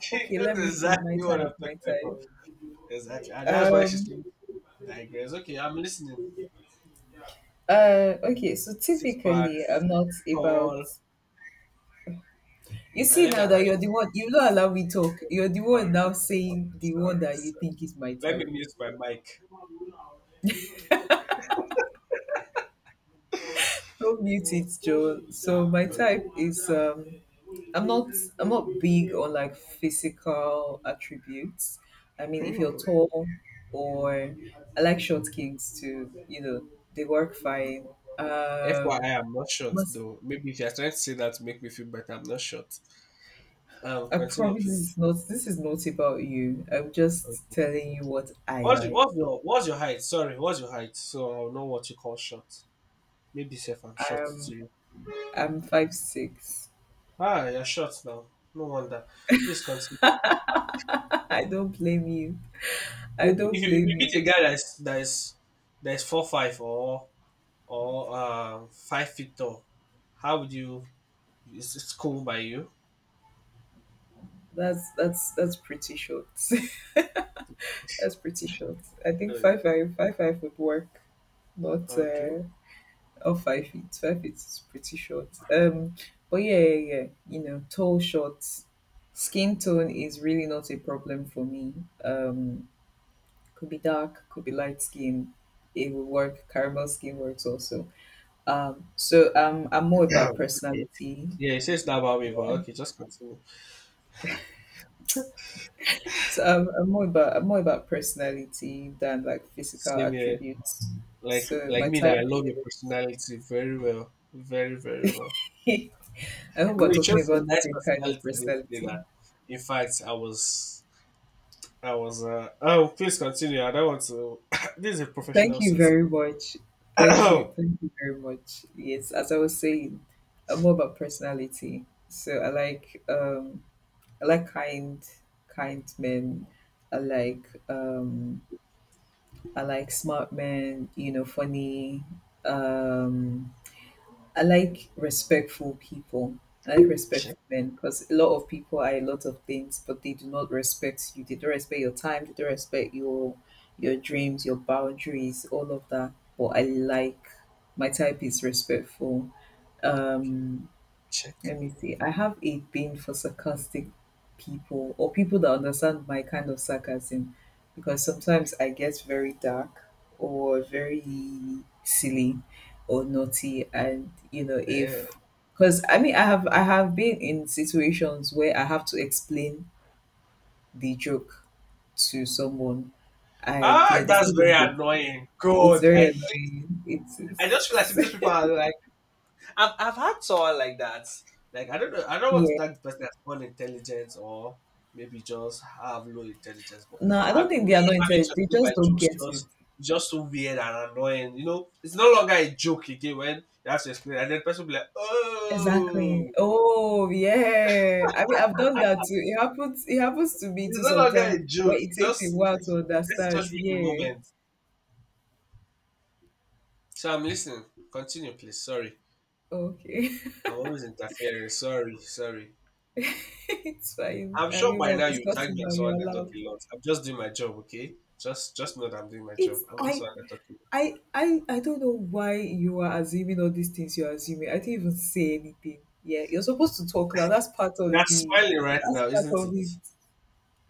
[SPEAKER 2] She
[SPEAKER 1] Okay,
[SPEAKER 2] knows
[SPEAKER 1] let me see. My
[SPEAKER 2] exactly what I'm
[SPEAKER 1] type, my
[SPEAKER 2] talking about.
[SPEAKER 1] type.
[SPEAKER 2] Exactly. And that's why she's
[SPEAKER 1] Um.
[SPEAKER 2] trying to digress. Okay, I'm listening.
[SPEAKER 1] Okay. So
[SPEAKER 2] Six
[SPEAKER 1] typically,
[SPEAKER 2] packs,
[SPEAKER 1] I'm not about.
[SPEAKER 2] tall.
[SPEAKER 1] You see
[SPEAKER 2] Let me
[SPEAKER 1] now
[SPEAKER 2] allow
[SPEAKER 1] that
[SPEAKER 2] you.
[SPEAKER 1] you're the one. You don't allow me talk.
[SPEAKER 2] Sorry,
[SPEAKER 1] You're the one
[SPEAKER 2] sorry,
[SPEAKER 1] now saying the one
[SPEAKER 2] sorry,
[SPEAKER 1] that you
[SPEAKER 2] sorry.
[SPEAKER 1] think is my
[SPEAKER 2] Let me
[SPEAKER 1] type.
[SPEAKER 2] mute my mic.
[SPEAKER 1] Don't mute it, Joe. So my
[SPEAKER 2] Sorry.
[SPEAKER 1] type is, um, I'm not I'm not big on like physical attributes. I mean, if you're
[SPEAKER 2] Hmm.
[SPEAKER 1] tall or I like short kings too, you know, they work fine. Um,
[SPEAKER 2] FYI, I'm not short
[SPEAKER 1] must,
[SPEAKER 2] though. Maybe if you're trying to say that to make me feel better, I'm not short.
[SPEAKER 1] I
[SPEAKER 2] Continue,
[SPEAKER 1] promise
[SPEAKER 2] please.
[SPEAKER 1] this is not about you. I'm just
[SPEAKER 2] Okay.
[SPEAKER 1] telling you what I
[SPEAKER 2] What's your,
[SPEAKER 1] like.
[SPEAKER 2] what's your what's your height? Sorry, what's your height? So I'll know what you call short. Maybe say if I'm short to
[SPEAKER 1] I'm
[SPEAKER 2] you.
[SPEAKER 1] I'm 5'6".
[SPEAKER 2] Ah, you're short now. No wonder. Please continue.
[SPEAKER 1] (laughs) I don't blame you. I
[SPEAKER 2] If you,
[SPEAKER 1] don't
[SPEAKER 2] if you if
[SPEAKER 1] blame you.
[SPEAKER 2] meet a guy that's 4'5", or 5 feet tall, how would you? Is it cool by you?
[SPEAKER 1] That's That's pretty short. (laughs) That's pretty short. I think
[SPEAKER 2] Uh,
[SPEAKER 1] five five would work, but
[SPEAKER 2] okay.
[SPEAKER 1] or 5 feet. 5 feet is pretty short. But yeah. You know, tall, short, skin tone is really not a problem for me. Um, could be dark, could be light skin. It will work. Caramel skin works also. So I'm more
[SPEAKER 2] Yeah.
[SPEAKER 1] about
[SPEAKER 2] Okay.
[SPEAKER 1] personality.
[SPEAKER 2] Yeah, it says that about me, but okay, just continue.
[SPEAKER 1] So I'm more about personality than like physical
[SPEAKER 2] Same here.
[SPEAKER 1] attributes.
[SPEAKER 2] Like
[SPEAKER 1] So
[SPEAKER 2] like
[SPEAKER 1] my
[SPEAKER 2] me now, I
[SPEAKER 1] type
[SPEAKER 2] love your
[SPEAKER 1] is.
[SPEAKER 2] personality very well, very very well.
[SPEAKER 1] (laughs) I hope
[SPEAKER 2] You
[SPEAKER 1] we're
[SPEAKER 2] know, you
[SPEAKER 1] talking
[SPEAKER 2] chose some
[SPEAKER 1] about
[SPEAKER 2] nice
[SPEAKER 1] the same kind of
[SPEAKER 2] personalities yesterday.
[SPEAKER 1] personality.
[SPEAKER 2] That, in fact, I was uh oh, please continue. I don't want to. (coughs) (clears throat) This is a
[SPEAKER 1] Thank
[SPEAKER 2] professional
[SPEAKER 1] you
[SPEAKER 2] setting.
[SPEAKER 1] very much. Thank you.
[SPEAKER 2] (coughs) (clears throat)
[SPEAKER 1] Thank you very much. Yes, as I was saying, I'm more about personality. So I like kind men. I like um I like smart men, you know, funny, um I like respectful people. I like
[SPEAKER 2] Check
[SPEAKER 1] respectful men because a lot of people are a lot of things, but they do not respect you. They don't respect your time. They don't respect your dreams, your boundaries, all of that. But I like my type is respectful. Um,
[SPEAKER 2] check.
[SPEAKER 1] let me see. I have a thing for sarcastic people or people that understand my kind of sarcasm because sometimes I get very dark or very silly or naughty and you know
[SPEAKER 2] Damn.
[SPEAKER 1] if because I mean I have been in situations where I have to explain the joke to someone and you
[SPEAKER 2] Ah,
[SPEAKER 1] know they
[SPEAKER 2] that's
[SPEAKER 1] still
[SPEAKER 2] very
[SPEAKER 1] don't get it.
[SPEAKER 2] annoying.
[SPEAKER 1] It's
[SPEAKER 2] God,
[SPEAKER 1] very annoying. It
[SPEAKER 2] I just feel like some-
[SPEAKER 1] is.
[SPEAKER 2] those people
[SPEAKER 1] (laughs)
[SPEAKER 2] are like. I've had someone like that. Like I don't know, I don't want to
[SPEAKER 1] Yeah.
[SPEAKER 2] tag the person as unintelligent, or maybe just have low intelligence, but
[SPEAKER 1] No, I don't think they
[SPEAKER 2] me
[SPEAKER 1] are not
[SPEAKER 2] having
[SPEAKER 1] intelligent.
[SPEAKER 2] to
[SPEAKER 1] They
[SPEAKER 2] do my
[SPEAKER 1] just don't
[SPEAKER 2] jokes
[SPEAKER 1] get it.
[SPEAKER 2] just, it's just so weird and annoying. You know, it's no longer a joke again when you have to explain, and then the person will be like,
[SPEAKER 1] Exactly.
[SPEAKER 2] "Oh,
[SPEAKER 1] Oh, yeah. I mean, I've done that too. It happens. It happens to me
[SPEAKER 2] it's
[SPEAKER 1] too
[SPEAKER 2] no longer
[SPEAKER 1] sometimes,
[SPEAKER 2] a joke."
[SPEAKER 1] where
[SPEAKER 2] It
[SPEAKER 1] it takes a
[SPEAKER 2] just
[SPEAKER 1] while to
[SPEAKER 2] the person just
[SPEAKER 1] understand.
[SPEAKER 2] read the
[SPEAKER 1] Yeah.
[SPEAKER 2] moment. So I'm listening. Continue, please. Sorry.
[SPEAKER 1] Okay. (laughs)
[SPEAKER 2] I'm always interfering. Sorry, sorry.
[SPEAKER 1] It's fine.
[SPEAKER 2] I'm
[SPEAKER 1] I
[SPEAKER 2] sure
[SPEAKER 1] mean,
[SPEAKER 2] by
[SPEAKER 1] we're
[SPEAKER 2] now you tag
[SPEAKER 1] discussing
[SPEAKER 2] me
[SPEAKER 1] now.
[SPEAKER 2] as
[SPEAKER 1] You're
[SPEAKER 2] someone that talk
[SPEAKER 1] allowed.
[SPEAKER 2] a lot. I'm just doing my job, okay? Just know that I'm doing my job.
[SPEAKER 1] It's
[SPEAKER 2] I'm not
[SPEAKER 1] I.
[SPEAKER 2] someone that talk a lot.
[SPEAKER 1] I don't know why you are assuming all these things you're assuming. I didn't even say anything. Yeah, you're supposed to talk now. That's part of
[SPEAKER 2] You're
[SPEAKER 1] the
[SPEAKER 2] smiling right
[SPEAKER 1] that's
[SPEAKER 2] now,
[SPEAKER 1] part
[SPEAKER 2] isn't
[SPEAKER 1] of
[SPEAKER 2] it?
[SPEAKER 1] it.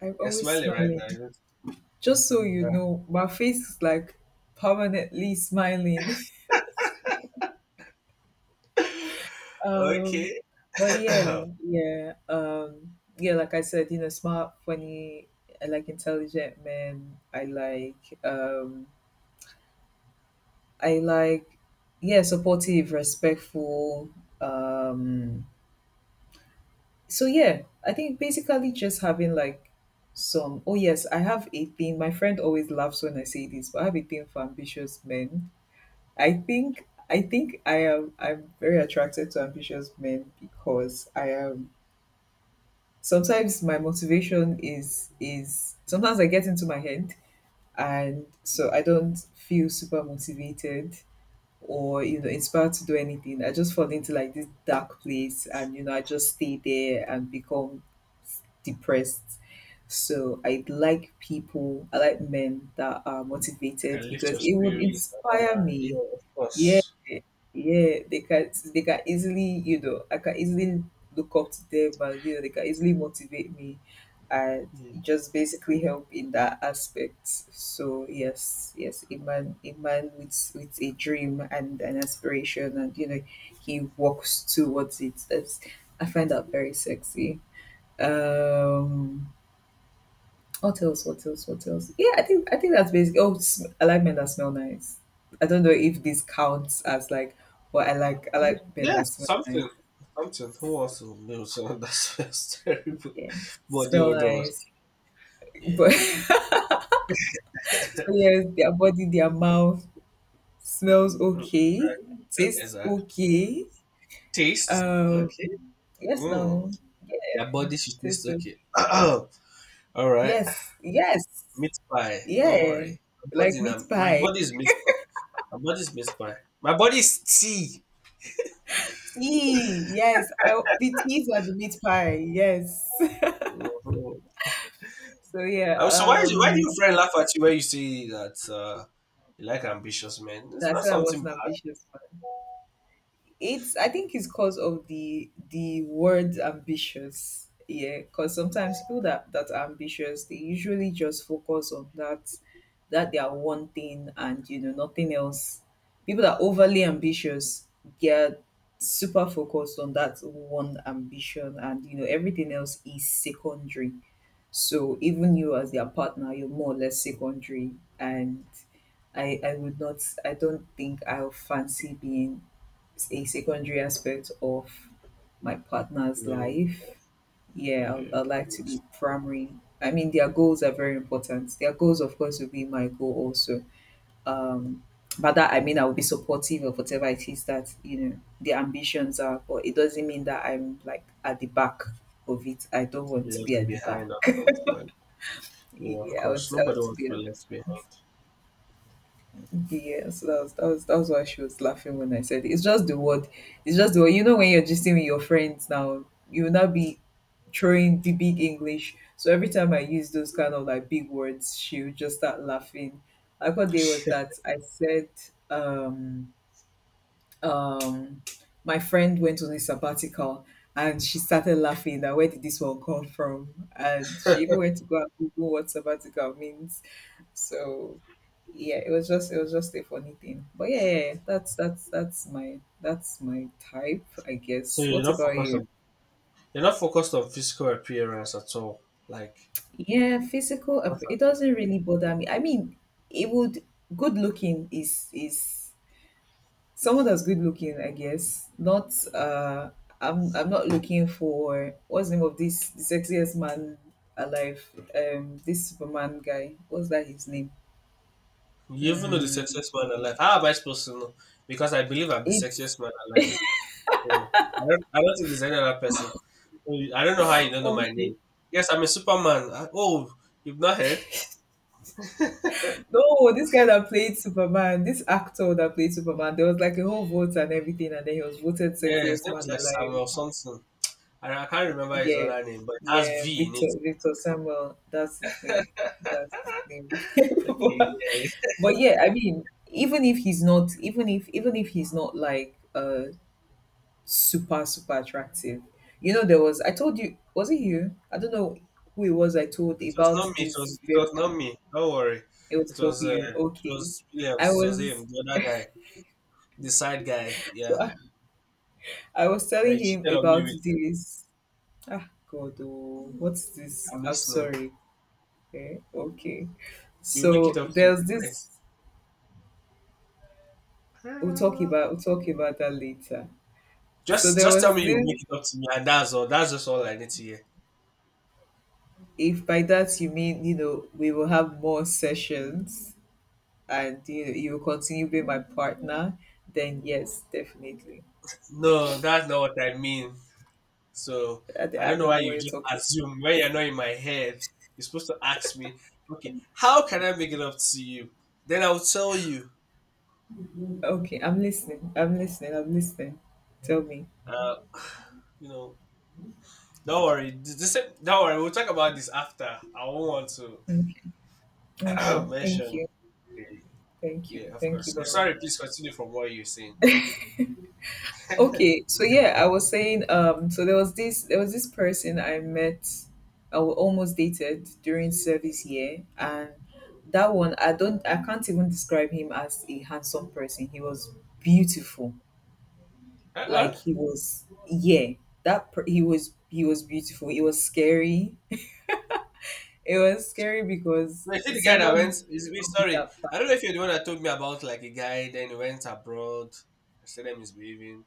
[SPEAKER 1] I'm
[SPEAKER 2] You're
[SPEAKER 1] always
[SPEAKER 2] smiling right
[SPEAKER 1] smiling.
[SPEAKER 2] now, isn't
[SPEAKER 1] Just so you know, my face is like permanently smiling. (laughs)
[SPEAKER 2] it? (laughs)
[SPEAKER 1] Um,
[SPEAKER 2] Okay. (coughs) (clears throat)
[SPEAKER 1] but yeah,
[SPEAKER 2] I
[SPEAKER 1] yeah, um, yeah. Like I said, you know, smart, funny, I like intelligent men. I like, yeah, supportive, respectful. Um, so yeah, I think basically just having like some. Oh yes, I have a thing. My friend always laughs when I say this, but I have a thing for ambitious men. I think. I think I am. I'm very attracted to ambitious men because I am sometimes my motivation is sometimes I get into my head and so I don't feel super motivated or you know inspired to do anything. I just fall into like this dark place and you know I just stay there and become depressed. So I like people, I like men that are motivated
[SPEAKER 2] can lift
[SPEAKER 1] because
[SPEAKER 2] your
[SPEAKER 1] it would
[SPEAKER 2] spirit and all
[SPEAKER 1] inspire
[SPEAKER 2] that. Yeah,
[SPEAKER 1] me
[SPEAKER 2] of
[SPEAKER 1] yeah,
[SPEAKER 2] course.
[SPEAKER 1] yeah, they can easily, you know, I can easily look up to them and you know they can easily motivate me and
[SPEAKER 2] Yeah.
[SPEAKER 1] just basically help in that aspect. So yes, yes, a man with a dream and an aspiration and you know he walks towards it. That's I find that very sexy. Um what else? What else? What else? Yeah, I think that's basic. Oh, I like men that smell nice. I don't know if this counts as like, but I like men that
[SPEAKER 2] Yes,
[SPEAKER 1] smell nice.
[SPEAKER 2] something. Something. Who wants to know someone that smells (laughs) terrible?
[SPEAKER 1] Yeah,
[SPEAKER 2] Body
[SPEAKER 1] smell
[SPEAKER 2] odor.
[SPEAKER 1] nice.
[SPEAKER 2] Yeah.
[SPEAKER 1] But (laughs) so yeah, their body, their mouth smells
[SPEAKER 2] Mm.
[SPEAKER 1] okay,
[SPEAKER 2] Exactly.
[SPEAKER 1] tastes
[SPEAKER 2] Exact.
[SPEAKER 1] okay.
[SPEAKER 2] Taste.
[SPEAKER 1] Um,
[SPEAKER 2] Okay.
[SPEAKER 1] yes,
[SPEAKER 2] Mm.
[SPEAKER 1] no,
[SPEAKER 2] Their body should taste
[SPEAKER 1] tastes okay.
[SPEAKER 2] okay. (clears throat) All right.
[SPEAKER 1] Yes, yes,
[SPEAKER 2] Meat pie. Don't
[SPEAKER 1] yeah.
[SPEAKER 2] worry. My body,
[SPEAKER 1] Like meat
[SPEAKER 2] my
[SPEAKER 1] pie.
[SPEAKER 2] body is meat pie. My body is meat pie. My body is tea.
[SPEAKER 1] See, yes, I, the teas are the meat pie. Yes. (laughs)
[SPEAKER 2] Mhm.
[SPEAKER 1] So yeah,
[SPEAKER 2] So why, why do your friend laugh at you when you say that you like ambitious men? It's
[SPEAKER 1] That I
[SPEAKER 2] not
[SPEAKER 1] said I
[SPEAKER 2] something
[SPEAKER 1] was an
[SPEAKER 2] bad.
[SPEAKER 1] ambitious man. It's I think it's cause of the word ambitious. Yeah, because sometimes people that are ambitious, they usually just focus on that that they are one thing and you know nothing else. People that are overly ambitious get super focused on that one ambition and you know everything else is secondary. So even you as their partner, you're more or less secondary and I would not, I don't think I'll fancy being a secondary aspect of my partner's
[SPEAKER 2] Yeah,
[SPEAKER 1] life. Yeah, I'd,
[SPEAKER 2] yeah.
[SPEAKER 1] I'd like to be primary. I mean, their goals are very important. Their goals, of course, will be my goal also. Um, but that I mean, I will be supportive of whatever it is that you know their ambitions are. But it doesn't mean that I'm like at the back of it. I don't want to be
[SPEAKER 2] Left
[SPEAKER 1] at the back.
[SPEAKER 2] behind or something, like that. Yeah, of
[SPEAKER 1] Yeah,
[SPEAKER 2] course.
[SPEAKER 1] I
[SPEAKER 2] Nobody
[SPEAKER 1] want to
[SPEAKER 2] wants
[SPEAKER 1] be
[SPEAKER 2] to
[SPEAKER 1] at.
[SPEAKER 2] be left behind.
[SPEAKER 1] Yeah, so that was why she was laughing when I said it. It's just the word. It's just the word. You know when you're gisting with your friends now, you will not be throwing big, big English. So every time I use those kind of like big words, she would just start laughing. Like what day was that? I said, um, um, my friend went on a sabbatical and she started laughing that where did this one come from? And she even went to go and Google what sabbatical means. So yeah, it was just a funny thing. But yeah, that's that's my type, I
[SPEAKER 2] So
[SPEAKER 1] guess.
[SPEAKER 2] you're
[SPEAKER 1] What
[SPEAKER 2] not
[SPEAKER 1] about
[SPEAKER 2] focused
[SPEAKER 1] you?
[SPEAKER 2] on, physical appearance at all. Like
[SPEAKER 1] Yeah,
[SPEAKER 2] what
[SPEAKER 1] It doesn't really bother me. I mean, it would. Good looking is someone that's good looking, I guess. Not. I'm not looking for what's the name of this the sexiest man alive. This Superman guy. What's that his name?
[SPEAKER 2] You even know the
[SPEAKER 1] Mm,
[SPEAKER 2] sexiest man alive. How am I supposed to know? Because I believe I'm the
[SPEAKER 1] it's
[SPEAKER 2] sexiest man alive. So I don't think there's any other person. So I don't know how you don't know my
[SPEAKER 1] okay.
[SPEAKER 2] name. Yes, I'm a Superman. You've not heard?
[SPEAKER 1] No, this guy that played Superman, this actor that played Superman, there was like a whole vote and everything, and then he was voted
[SPEAKER 2] Yeah, his
[SPEAKER 1] sexiest
[SPEAKER 2] name is
[SPEAKER 1] man
[SPEAKER 2] like
[SPEAKER 1] alive.
[SPEAKER 2] Samuel something. I can't remember his
[SPEAKER 1] Yeah,
[SPEAKER 2] other name, but it has
[SPEAKER 1] yeah,
[SPEAKER 2] V in
[SPEAKER 1] Victor
[SPEAKER 2] it.
[SPEAKER 1] Victor Samuel, that's his name. That's his name. (laughs)
[SPEAKER 2] Okay,
[SPEAKER 1] but,
[SPEAKER 2] yeah.
[SPEAKER 1] but yeah, I mean, even if he's not, even if he's not like super super attractive, you know, there was I told you, was it you? I don't know who it was. I told
[SPEAKER 2] It was
[SPEAKER 1] about
[SPEAKER 2] not me. It was it was not me. Don't worry.
[SPEAKER 1] It was W.
[SPEAKER 2] It
[SPEAKER 1] Okay,
[SPEAKER 2] was
[SPEAKER 1] I
[SPEAKER 2] Williams. It was him,
[SPEAKER 1] was.
[SPEAKER 2] the other guy, the side guy.
[SPEAKER 1] So
[SPEAKER 2] Yeah,
[SPEAKER 1] I was
[SPEAKER 2] that
[SPEAKER 1] telling
[SPEAKER 2] he
[SPEAKER 1] him
[SPEAKER 2] cheated on me
[SPEAKER 1] about
[SPEAKER 2] with.
[SPEAKER 1] this. Ah, God, oh, what's this?
[SPEAKER 2] I'm
[SPEAKER 1] I'm
[SPEAKER 2] listening.
[SPEAKER 1] sorry. Eh, okay.
[SPEAKER 2] You make it
[SPEAKER 1] So
[SPEAKER 2] up to me,
[SPEAKER 1] there's
[SPEAKER 2] right?
[SPEAKER 1] this.
[SPEAKER 2] Uh,
[SPEAKER 1] We'll talk about that later. So there
[SPEAKER 2] Just tell
[SPEAKER 1] was
[SPEAKER 2] me you
[SPEAKER 1] this.
[SPEAKER 2] make it up to me and that's all. That's just all I need to hear.
[SPEAKER 1] If by that you mean you know we will have more sessions and you know, you will continue being my partner, then yes, definitely.
[SPEAKER 2] No, that's not what I mean. So I
[SPEAKER 1] I
[SPEAKER 2] don't know
[SPEAKER 1] don't
[SPEAKER 2] why
[SPEAKER 1] know
[SPEAKER 2] you
[SPEAKER 1] what you're
[SPEAKER 2] just
[SPEAKER 1] talking.
[SPEAKER 2] assume when you're not in my head. You're supposed to ask me, okay, how can I make it up to you? Then I'll tell you.
[SPEAKER 1] Okay, I'm listening. Tell me.
[SPEAKER 2] Uh, (sighs) you know, don't worry. This, don't worry. We'll talk about this after. I won't want to
[SPEAKER 1] Okay. Okay.
[SPEAKER 2] (clears throat)
[SPEAKER 1] Thank
[SPEAKER 2] mention
[SPEAKER 1] you.
[SPEAKER 2] the-
[SPEAKER 1] Thank you.
[SPEAKER 2] Yeah, of
[SPEAKER 1] Thank
[SPEAKER 2] course.
[SPEAKER 1] you
[SPEAKER 2] So
[SPEAKER 1] very
[SPEAKER 2] sorry.
[SPEAKER 1] much.
[SPEAKER 2] Please continue from what you're saying.
[SPEAKER 1] Okay, so yeah, I was saying so there was this person I met almost dated during service year and that one I don't I can't even describe him as a handsome person. He was beautiful.
[SPEAKER 2] Uh-uh.
[SPEAKER 1] Like he was yeah, he was beautiful. It was scary. It was scary because
[SPEAKER 2] No, you see the guy that went.
[SPEAKER 1] someone should
[SPEAKER 2] Is me,
[SPEAKER 1] not be
[SPEAKER 2] sorry.
[SPEAKER 1] that fine.
[SPEAKER 2] I don't know if you're the one that told me about like a guy. Then he went abroad. I said him misbehaving.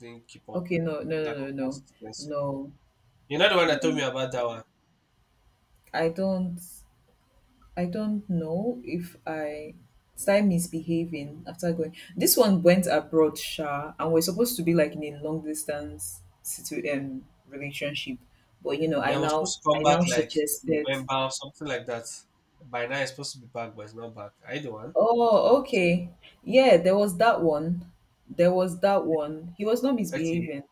[SPEAKER 2] Didn't keep up.
[SPEAKER 1] Okay,
[SPEAKER 2] Lack of
[SPEAKER 1] no.
[SPEAKER 2] consistency.
[SPEAKER 1] No.
[SPEAKER 2] You're not the one that told me
[SPEAKER 1] No.
[SPEAKER 2] about that one.
[SPEAKER 1] I don't. I don't know if I did I misbehaving after going. This one went abroad, Sha, and we're supposed to be like in a long distance relationship. But you know,
[SPEAKER 2] They were supposed to come
[SPEAKER 1] I
[SPEAKER 2] back
[SPEAKER 1] now
[SPEAKER 2] like
[SPEAKER 1] suggested.
[SPEAKER 2] November or something like that. By now it's supposed to be back, but it's not back. Are you the one that told
[SPEAKER 1] Oh,
[SPEAKER 2] me this?
[SPEAKER 1] okay. Yeah, there was that one. There was that one. He was not
[SPEAKER 2] Okay,
[SPEAKER 1] misbehaving.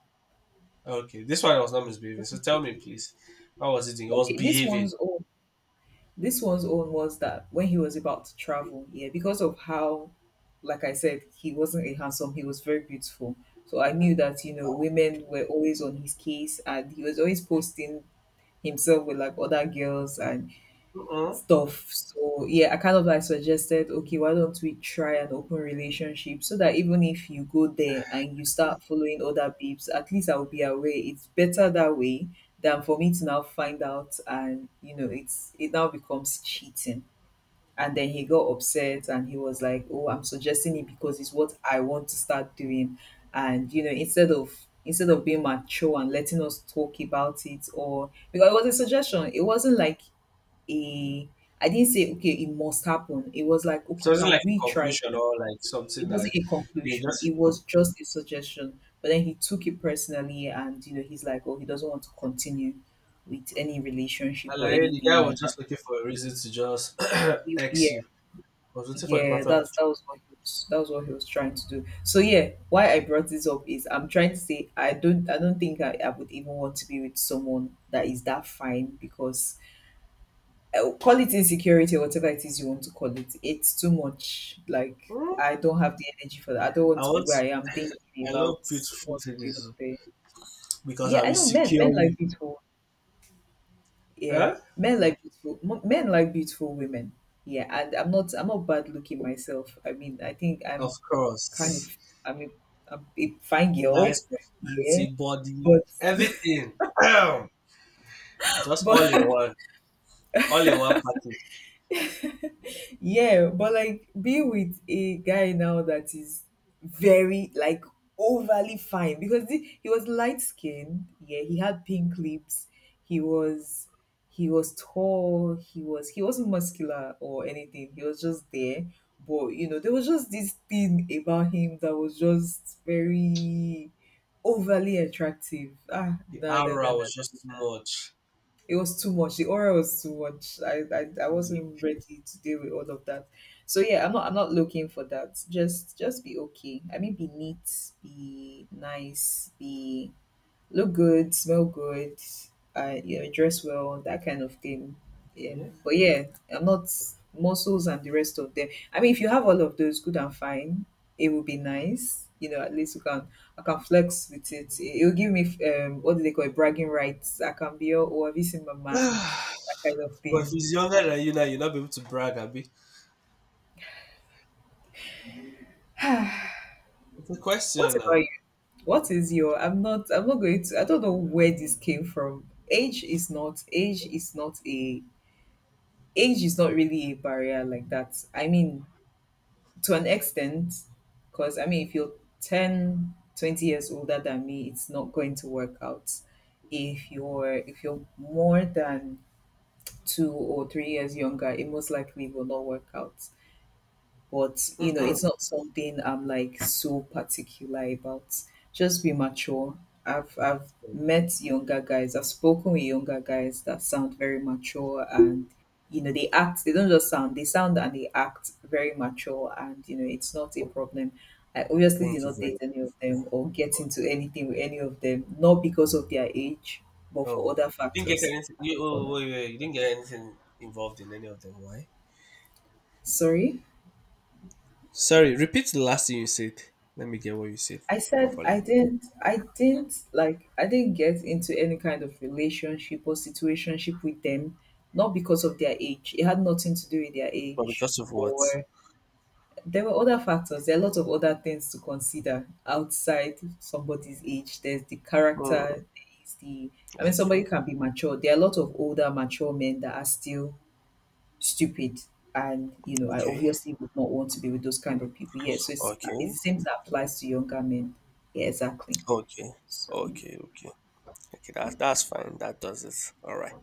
[SPEAKER 2] okay. This one was not misbehaving.
[SPEAKER 1] was-
[SPEAKER 2] So tell me, please, how was it doing? It was
[SPEAKER 1] Okay, this
[SPEAKER 2] behaving.
[SPEAKER 1] one's old. This one's own was that when he was about to travel, yeah, because of how, like I said, he wasn't a handsome, he was very beautiful. So I knew that, you know, women were always on his case and he was always posting himself with like other girls and
[SPEAKER 2] Mm-mm.
[SPEAKER 1] stuff. So yeah, I kind of like suggested, okay, why don't we try an open relationship so that even if you go there and you start following other babes, at least I'll be aware. It's better that way than for me to now find out and you know it's it now becomes cheating. And then he got upset and he was like, "Oh, I'm suggesting it because it's what I want to start doing." And you know, instead of being mature and letting us talk about it or because it was a suggestion. It wasn't like a I didn't say, "Okay, it must happen." It was like,
[SPEAKER 2] It
[SPEAKER 1] "Okay,
[SPEAKER 2] wasn't like
[SPEAKER 1] can
[SPEAKER 2] a
[SPEAKER 1] we try?"
[SPEAKER 2] conclusion or like
[SPEAKER 1] It
[SPEAKER 2] something
[SPEAKER 1] wasn't
[SPEAKER 2] that
[SPEAKER 1] a
[SPEAKER 2] you
[SPEAKER 1] conclusion.
[SPEAKER 2] just.
[SPEAKER 1] It was just a suggestion. But then he took it personally, and you know, he's like, "Oh, he doesn't want to continue with any relationship or
[SPEAKER 2] Alaye, the
[SPEAKER 1] anything
[SPEAKER 2] guy was
[SPEAKER 1] like that."
[SPEAKER 2] just looking for a reason to just (coughs) (clears throat) X
[SPEAKER 1] Yeah,
[SPEAKER 2] you. I was looking for the
[SPEAKER 1] yeah,
[SPEAKER 2] perfect
[SPEAKER 1] that's
[SPEAKER 2] opportunity.
[SPEAKER 1] that was what he was, that was what he was trying to do. So yeah, why I brought this up is I'm trying to say I don't think I would even want to be with someone that is that fine because call it insecurity or whatever it is you want to call it. It's too much. Like
[SPEAKER 2] Hmm?
[SPEAKER 1] I don't have the energy for that. I don't
[SPEAKER 2] I
[SPEAKER 1] want to be
[SPEAKER 2] want
[SPEAKER 1] where
[SPEAKER 2] to,
[SPEAKER 1] I am thinking
[SPEAKER 2] I love
[SPEAKER 1] about
[SPEAKER 2] beautiful
[SPEAKER 1] what's going
[SPEAKER 2] ladies
[SPEAKER 1] on
[SPEAKER 2] oh,
[SPEAKER 1] there.
[SPEAKER 2] because
[SPEAKER 1] Yeah,
[SPEAKER 2] I
[SPEAKER 1] I
[SPEAKER 2] will
[SPEAKER 1] know men.
[SPEAKER 2] secure
[SPEAKER 1] Men
[SPEAKER 2] you.
[SPEAKER 1] like beautiful. Yeah,
[SPEAKER 2] Huh?
[SPEAKER 1] men like beautiful. Men like beautiful women. Yeah, and I'm not. I'm not bad looking myself. I mean, I think
[SPEAKER 2] Of
[SPEAKER 1] I'm kind
[SPEAKER 2] course.
[SPEAKER 1] of. I mean, I'm a fine girl.
[SPEAKER 2] Nice
[SPEAKER 1] Yeah,
[SPEAKER 2] personality, body,
[SPEAKER 1] but
[SPEAKER 2] everything. Ahem.
[SPEAKER 1] (laughs)
[SPEAKER 2] Just all in
[SPEAKER 1] but,
[SPEAKER 2] one. All in one package.
[SPEAKER 1] yeah, but like be with a guy now that is very like overly fine because he was light skinned, yeah, he had pink lips, he was he was tall, he wasn't muscular or anything, he was just there, but you know there was just this thing about him that was just very overly attractive. Ah,
[SPEAKER 2] The
[SPEAKER 1] no, no, no,
[SPEAKER 2] aura
[SPEAKER 1] no,
[SPEAKER 2] was just too
[SPEAKER 1] no,
[SPEAKER 2] much.
[SPEAKER 1] it was too much. The aura was too much. I wasn't
[SPEAKER 2] Like,
[SPEAKER 1] ready to deal with all of that. So yeah, I'm not looking for that. Just be okay. I mean, be neat, be nice, be look good, smell good, dress well, that kind of thing. Yeah.
[SPEAKER 2] yeah.
[SPEAKER 1] But yeah, I'm not muscles and the rest of them. I mean, if you have all of those, good and fine, it will be nice. At least you can I can flex with it. It will give me, what do they call it, bragging rights. I can be all, oh, have you seen my
[SPEAKER 2] (sighs)
[SPEAKER 1] man?
[SPEAKER 2] but
[SPEAKER 1] That kind of
[SPEAKER 2] if
[SPEAKER 1] thing.
[SPEAKER 2] he's younger than you now, you'll not be able to brag, Abby. It's a
[SPEAKER 1] What
[SPEAKER 2] question
[SPEAKER 1] about
[SPEAKER 2] now.
[SPEAKER 1] you? What is your? I'm not. I'm not going to. I don't know where this came from. Age is not. Age is not a age is not really a barrier like that. I mean, to an extent, because I mean, if you're 10, 20 years older than me, it's not going to work out. If you're more than 2 or 3 years younger, it most likely will not work out, but you
[SPEAKER 2] (clears throat)
[SPEAKER 1] know it's not something I'm like so particular about. Just be mature. I've met younger guys. I've spoken with younger guys that sound very mature, and you know they act, they don't just sound, they sound and they act very mature, and you know it's not a problem. I obviously did
[SPEAKER 2] Thank you
[SPEAKER 1] not
[SPEAKER 2] very
[SPEAKER 1] date any of them or get
[SPEAKER 2] much.
[SPEAKER 1] into anything with any of them, not because of their age, but for
[SPEAKER 2] Oh,
[SPEAKER 1] other
[SPEAKER 2] you didn't get
[SPEAKER 1] factors.
[SPEAKER 2] anything. You,
[SPEAKER 1] Or
[SPEAKER 2] oh,
[SPEAKER 1] like,
[SPEAKER 2] wait, wait, you didn't get anything involved in any of them. Why?
[SPEAKER 1] sorry,
[SPEAKER 2] Sorry, repeat the last thing you said. Let me get what you said
[SPEAKER 1] I said I
[SPEAKER 2] properly.
[SPEAKER 1] didn't, I didn't get into any kind of relationship or situationship with them, not because of their age. It had nothing to do with their
[SPEAKER 2] But
[SPEAKER 1] age.
[SPEAKER 2] because of what?
[SPEAKER 1] Or there were other factors. There are a lot of other things to consider outside somebody's age. There's the character,
[SPEAKER 2] Hmm.
[SPEAKER 1] there is the I mean, somebody
[SPEAKER 2] Okay,
[SPEAKER 1] can be mature. There are a lot of older mature men that are still stupid. And, I
[SPEAKER 2] okay,
[SPEAKER 1] obviously would not want to be with those kind of people. Yeah, so it's
[SPEAKER 2] okay,
[SPEAKER 1] it's the same that applies to younger men. Yeah, exactly.
[SPEAKER 2] okay,
[SPEAKER 1] So,
[SPEAKER 2] okay, okay. Okay, that's fine. That does it. All right.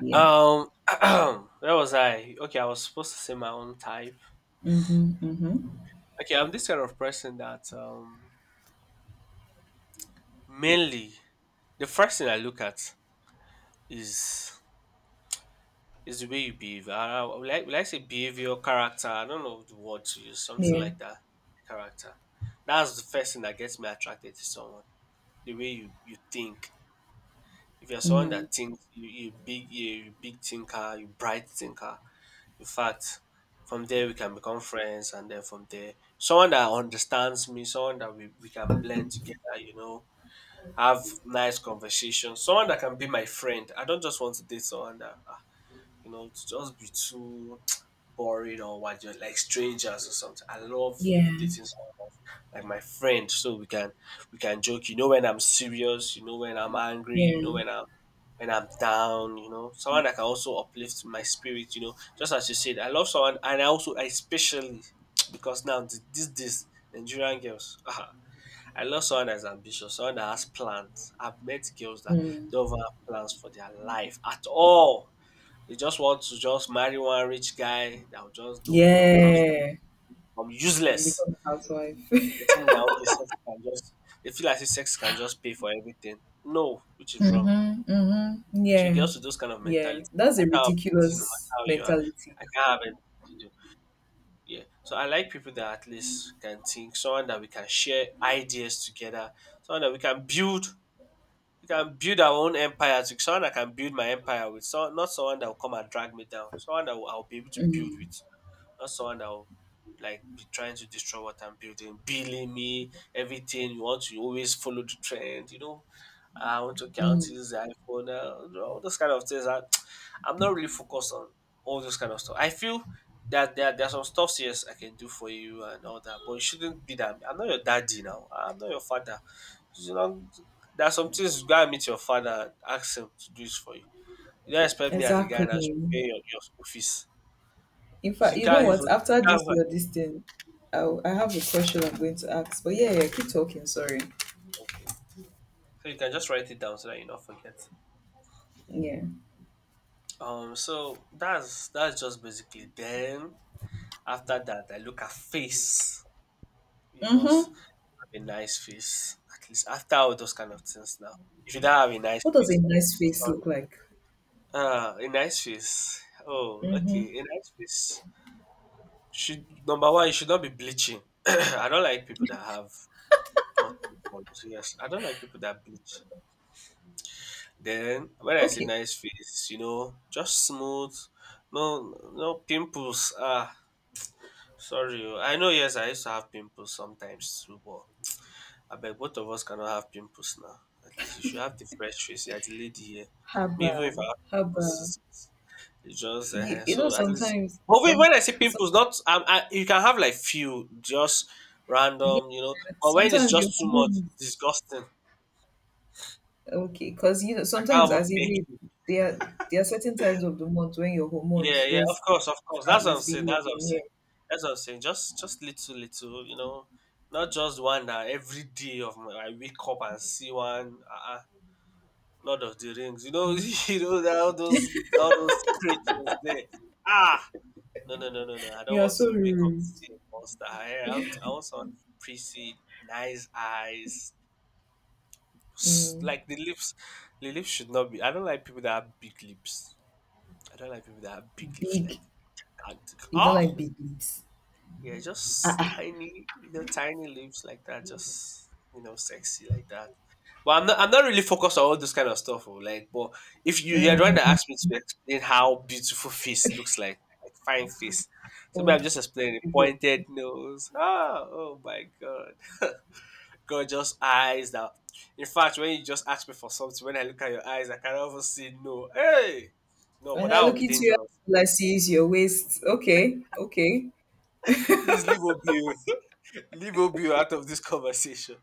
[SPEAKER 1] yeah.
[SPEAKER 2] (clears throat) Where was I? Okay, I was supposed to say my own type.
[SPEAKER 1] Mhm, mhm.
[SPEAKER 2] Okay, I'm this kind of person that mainly the first thing I look at is, it's the way you behave. Will I Would like, would like say behavior, character? I don't know the word to use. Something
[SPEAKER 1] Yeah.
[SPEAKER 2] like that. Character. That's the first thing that gets me attracted to someone. The way you think. If you're someone
[SPEAKER 1] Mm.
[SPEAKER 2] that thinks, you big, you big thinker, you bright thinker. In fact, from there we can become friends, and then from there, someone that understands me, someone that we can blend together. You know, have nice conversations. Someone that can be my friend. I don't just want to date someone that. You know, to just be too boring or what, just like strangers or something. I love
[SPEAKER 1] Yeah.
[SPEAKER 2] dating someone like my friend, so we can joke, you know when I'm serious, you know when I'm angry, you
[SPEAKER 1] Yeah.
[SPEAKER 2] know when I'm down, you know, someone that can also uplift my spirit, you know. Just as you said, I love someone, and I also especially (tsk) because now this this Nigerian girls, (laughs) I love someone that's ambitious, someone that has plans. I've met girls that
[SPEAKER 1] Mm.
[SPEAKER 2] don't even have plans for their life at all. They just want to just marry one rich guy that will just, they'll become house
[SPEAKER 1] Yeah.
[SPEAKER 2] become
[SPEAKER 1] And
[SPEAKER 2] useless.
[SPEAKER 1] become a housewife. (laughs)
[SPEAKER 2] They think that okay, sex can just, they feel like if sex can just pay for everything. No, which is wrong.
[SPEAKER 1] Mm-hmm. Mm-hmm.
[SPEAKER 2] So
[SPEAKER 1] Yeah.
[SPEAKER 2] girls with those kind of
[SPEAKER 1] Yeah.
[SPEAKER 2] mentality,
[SPEAKER 1] That's
[SPEAKER 2] no
[SPEAKER 1] a
[SPEAKER 2] matter how pretty, no matter
[SPEAKER 1] ridiculous
[SPEAKER 2] how you are,
[SPEAKER 1] mentality.
[SPEAKER 2] I can't have anything to do. Yeah. So I like people that at least can think, someone that we can share ideas together, someone that we can build our own empire to, someone that can build my empire with. So not someone that will come and drag me down. Someone that I'll be able to build
[SPEAKER 1] Mm,
[SPEAKER 2] with. Not someone that will like be trying to destroy what I'm building, billing me, everything. You want to always follow the trend, you know. "Ah, I want to count
[SPEAKER 1] mm,
[SPEAKER 2] this iPhone, all those kind of things." I, (tsk) I'm not really focused on all those kind of stuff. I feel that there are some stuff, yes, I can do for you and all that, but you shouldn't be that. I'm not your daddy now. I'm not your father. You know, there are some things you gotta meet your father and ask him to do this for you. You don't expect me as a guy now to
[SPEAKER 1] exactly.
[SPEAKER 2] pay your school fees.
[SPEAKER 1] In fact,
[SPEAKER 2] You
[SPEAKER 1] you know
[SPEAKER 2] can't
[SPEAKER 1] what?
[SPEAKER 2] even you
[SPEAKER 1] After
[SPEAKER 2] can't
[SPEAKER 1] this, your this thing, I have a question I'm going to ask. But yeah, yeah, keep talking. Sorry.
[SPEAKER 2] So you can just write it down so that you not forget.
[SPEAKER 1] Yeah.
[SPEAKER 2] So that's just basically. Then after that, I look at face. You must
[SPEAKER 1] Mm-hmm.
[SPEAKER 2] have a nice face, at least after all those kind of things. Now, if you don't have a nice
[SPEAKER 1] What does a
[SPEAKER 2] face, oh,
[SPEAKER 1] nice face
[SPEAKER 2] sorry.
[SPEAKER 1] look like?
[SPEAKER 2] Ah, a nice face. Oh, okay,
[SPEAKER 1] Mm-hmm.
[SPEAKER 2] a nice face. Should number one, you should not be bleaching. (clears throat) I don't like people that have multiple folds. Yes, I don't like people that bleach. Then when I say
[SPEAKER 1] Okay.
[SPEAKER 2] nice face, you know, just smooth, no pimples. Ah, sorry. Oh. I know yes, I used to have pimples sometimes too, but I bet both of us cannot have pimples now. At least you should have the fresh face. You're the lady here. Me, even if
[SPEAKER 1] Haba.
[SPEAKER 2] I have pimples,
[SPEAKER 1] Haba.
[SPEAKER 2] it's it's just
[SPEAKER 1] you, you know
[SPEAKER 2] so at least.
[SPEAKER 1] sometimes
[SPEAKER 2] But wait,
[SPEAKER 1] some.
[SPEAKER 2] when I say
[SPEAKER 1] some
[SPEAKER 2] pimples, not you can have like few, just random, you
[SPEAKER 1] yeah,
[SPEAKER 2] know. But when it's
[SPEAKER 1] sometimes your
[SPEAKER 2] just too much,
[SPEAKER 1] hormones.
[SPEAKER 2] disgusting.
[SPEAKER 1] Okay, because you know
[SPEAKER 2] I can't
[SPEAKER 1] sometimes
[SPEAKER 2] even
[SPEAKER 1] as a babe
[SPEAKER 2] pick.
[SPEAKER 1] there are there are certain times of the month when your
[SPEAKER 2] Yeah,
[SPEAKER 1] hormones
[SPEAKER 2] yeah, of
[SPEAKER 1] just
[SPEAKER 2] course, of course.
[SPEAKER 1] start
[SPEAKER 2] That's what I'm saying. That's what I'm
[SPEAKER 1] misbehaving. Yeah.
[SPEAKER 2] saying. That's what I'm saying. Just, little, little. You know, not just one that every day of my, I wake up and see one. Lord of the Rings. You know, (laughs) you know that all those creatures there. Ah, no, no, no, no, no. I don't
[SPEAKER 1] You are
[SPEAKER 2] want
[SPEAKER 1] so
[SPEAKER 2] to wake up to
[SPEAKER 1] rude.
[SPEAKER 2] see a monster. I want someone pretty, nice eyes.
[SPEAKER 1] Mm,
[SPEAKER 2] Like the lips should not be. I don't like people that have big lips. I don't like people that have big lips
[SPEAKER 1] big.
[SPEAKER 2] like gigantic.
[SPEAKER 1] You don't
[SPEAKER 2] Oh,
[SPEAKER 1] like big lips.
[SPEAKER 2] yeah,
[SPEAKER 1] Ah,
[SPEAKER 2] just
[SPEAKER 1] ah.
[SPEAKER 2] tiny, you know, tiny lips like that, just you know, sexy like that. But I'm not really focused on all this kind of stuff. Oh, like, but if you, you're trying to ask me to explain how beautiful face looks like fine face, so maybe I'm just explaining
[SPEAKER 1] Okay, so
[SPEAKER 2] pointed nose. Ah, oh my god, (laughs) gorgeous eyes. That, in fact, when you just ask me for something, when I look at your eyes, I can almost say no. Hey, no, but
[SPEAKER 1] when I
[SPEAKER 2] that would
[SPEAKER 1] look
[SPEAKER 2] be
[SPEAKER 1] into your
[SPEAKER 2] dangerous.
[SPEAKER 1] eyes, all I see is your waist. Okay, okay.
[SPEAKER 2] Please leave Obi, (laughs) leave Obi out of this conversation.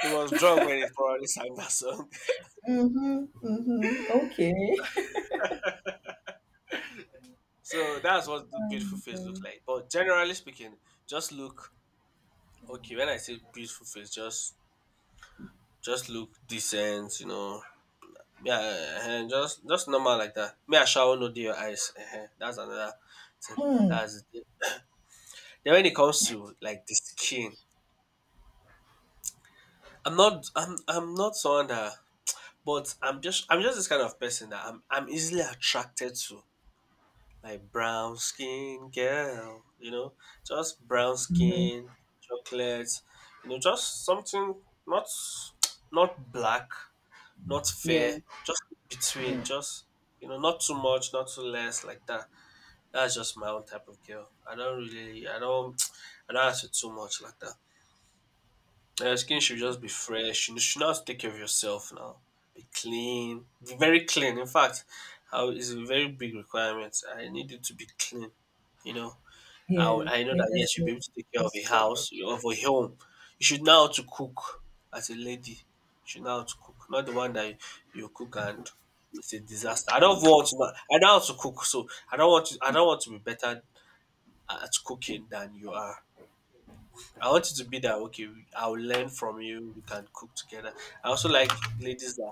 [SPEAKER 2] He was drunk when he probably sang that song. (laughs)
[SPEAKER 1] Mm-hmm, mm-hmm. Okay.
[SPEAKER 2] So that's what the beautiful face looks like. But generally speaking, just look okay. When I say beautiful face, just look decent, you know. Yeah, eh, eh, just normal like that. Me, I shall no your eyes. Eh, eh. That's another thing.
[SPEAKER 1] Hmm.
[SPEAKER 2] That's it. Then when it comes to like the skin, I'm not someone that, but I'm just this kind of person that I'm easily attracted to like brown skin girl, you know, just brown skin, chocolate, you know, just something not not black, not fair,
[SPEAKER 1] Yeah,
[SPEAKER 2] just between,
[SPEAKER 1] yeah,
[SPEAKER 2] just you know, not too much, not too less, like that. That's just my own type of girl. I don't really, I don't, (tsk) I don't ask for too much like that. Your skin should just be fresh. You should not take care of yourself now. Be clean, be very clean. In fact, how is a very big requirement. I need you to be clean, you know, I would-
[SPEAKER 1] yeah.
[SPEAKER 2] I know that
[SPEAKER 1] Cleanest,
[SPEAKER 2] yes, you'll be able
[SPEAKER 1] most
[SPEAKER 2] to take care of a house, of a home. You should know how to cook as a lady. You should know how to cook, not the one that you cook and it's a disaster. I don't want to. Know- I know how to cook, so I don't want to be better at cooking than you are. I want you to be that. Okay, I'll learn from you. We can cook together. I also like ladies that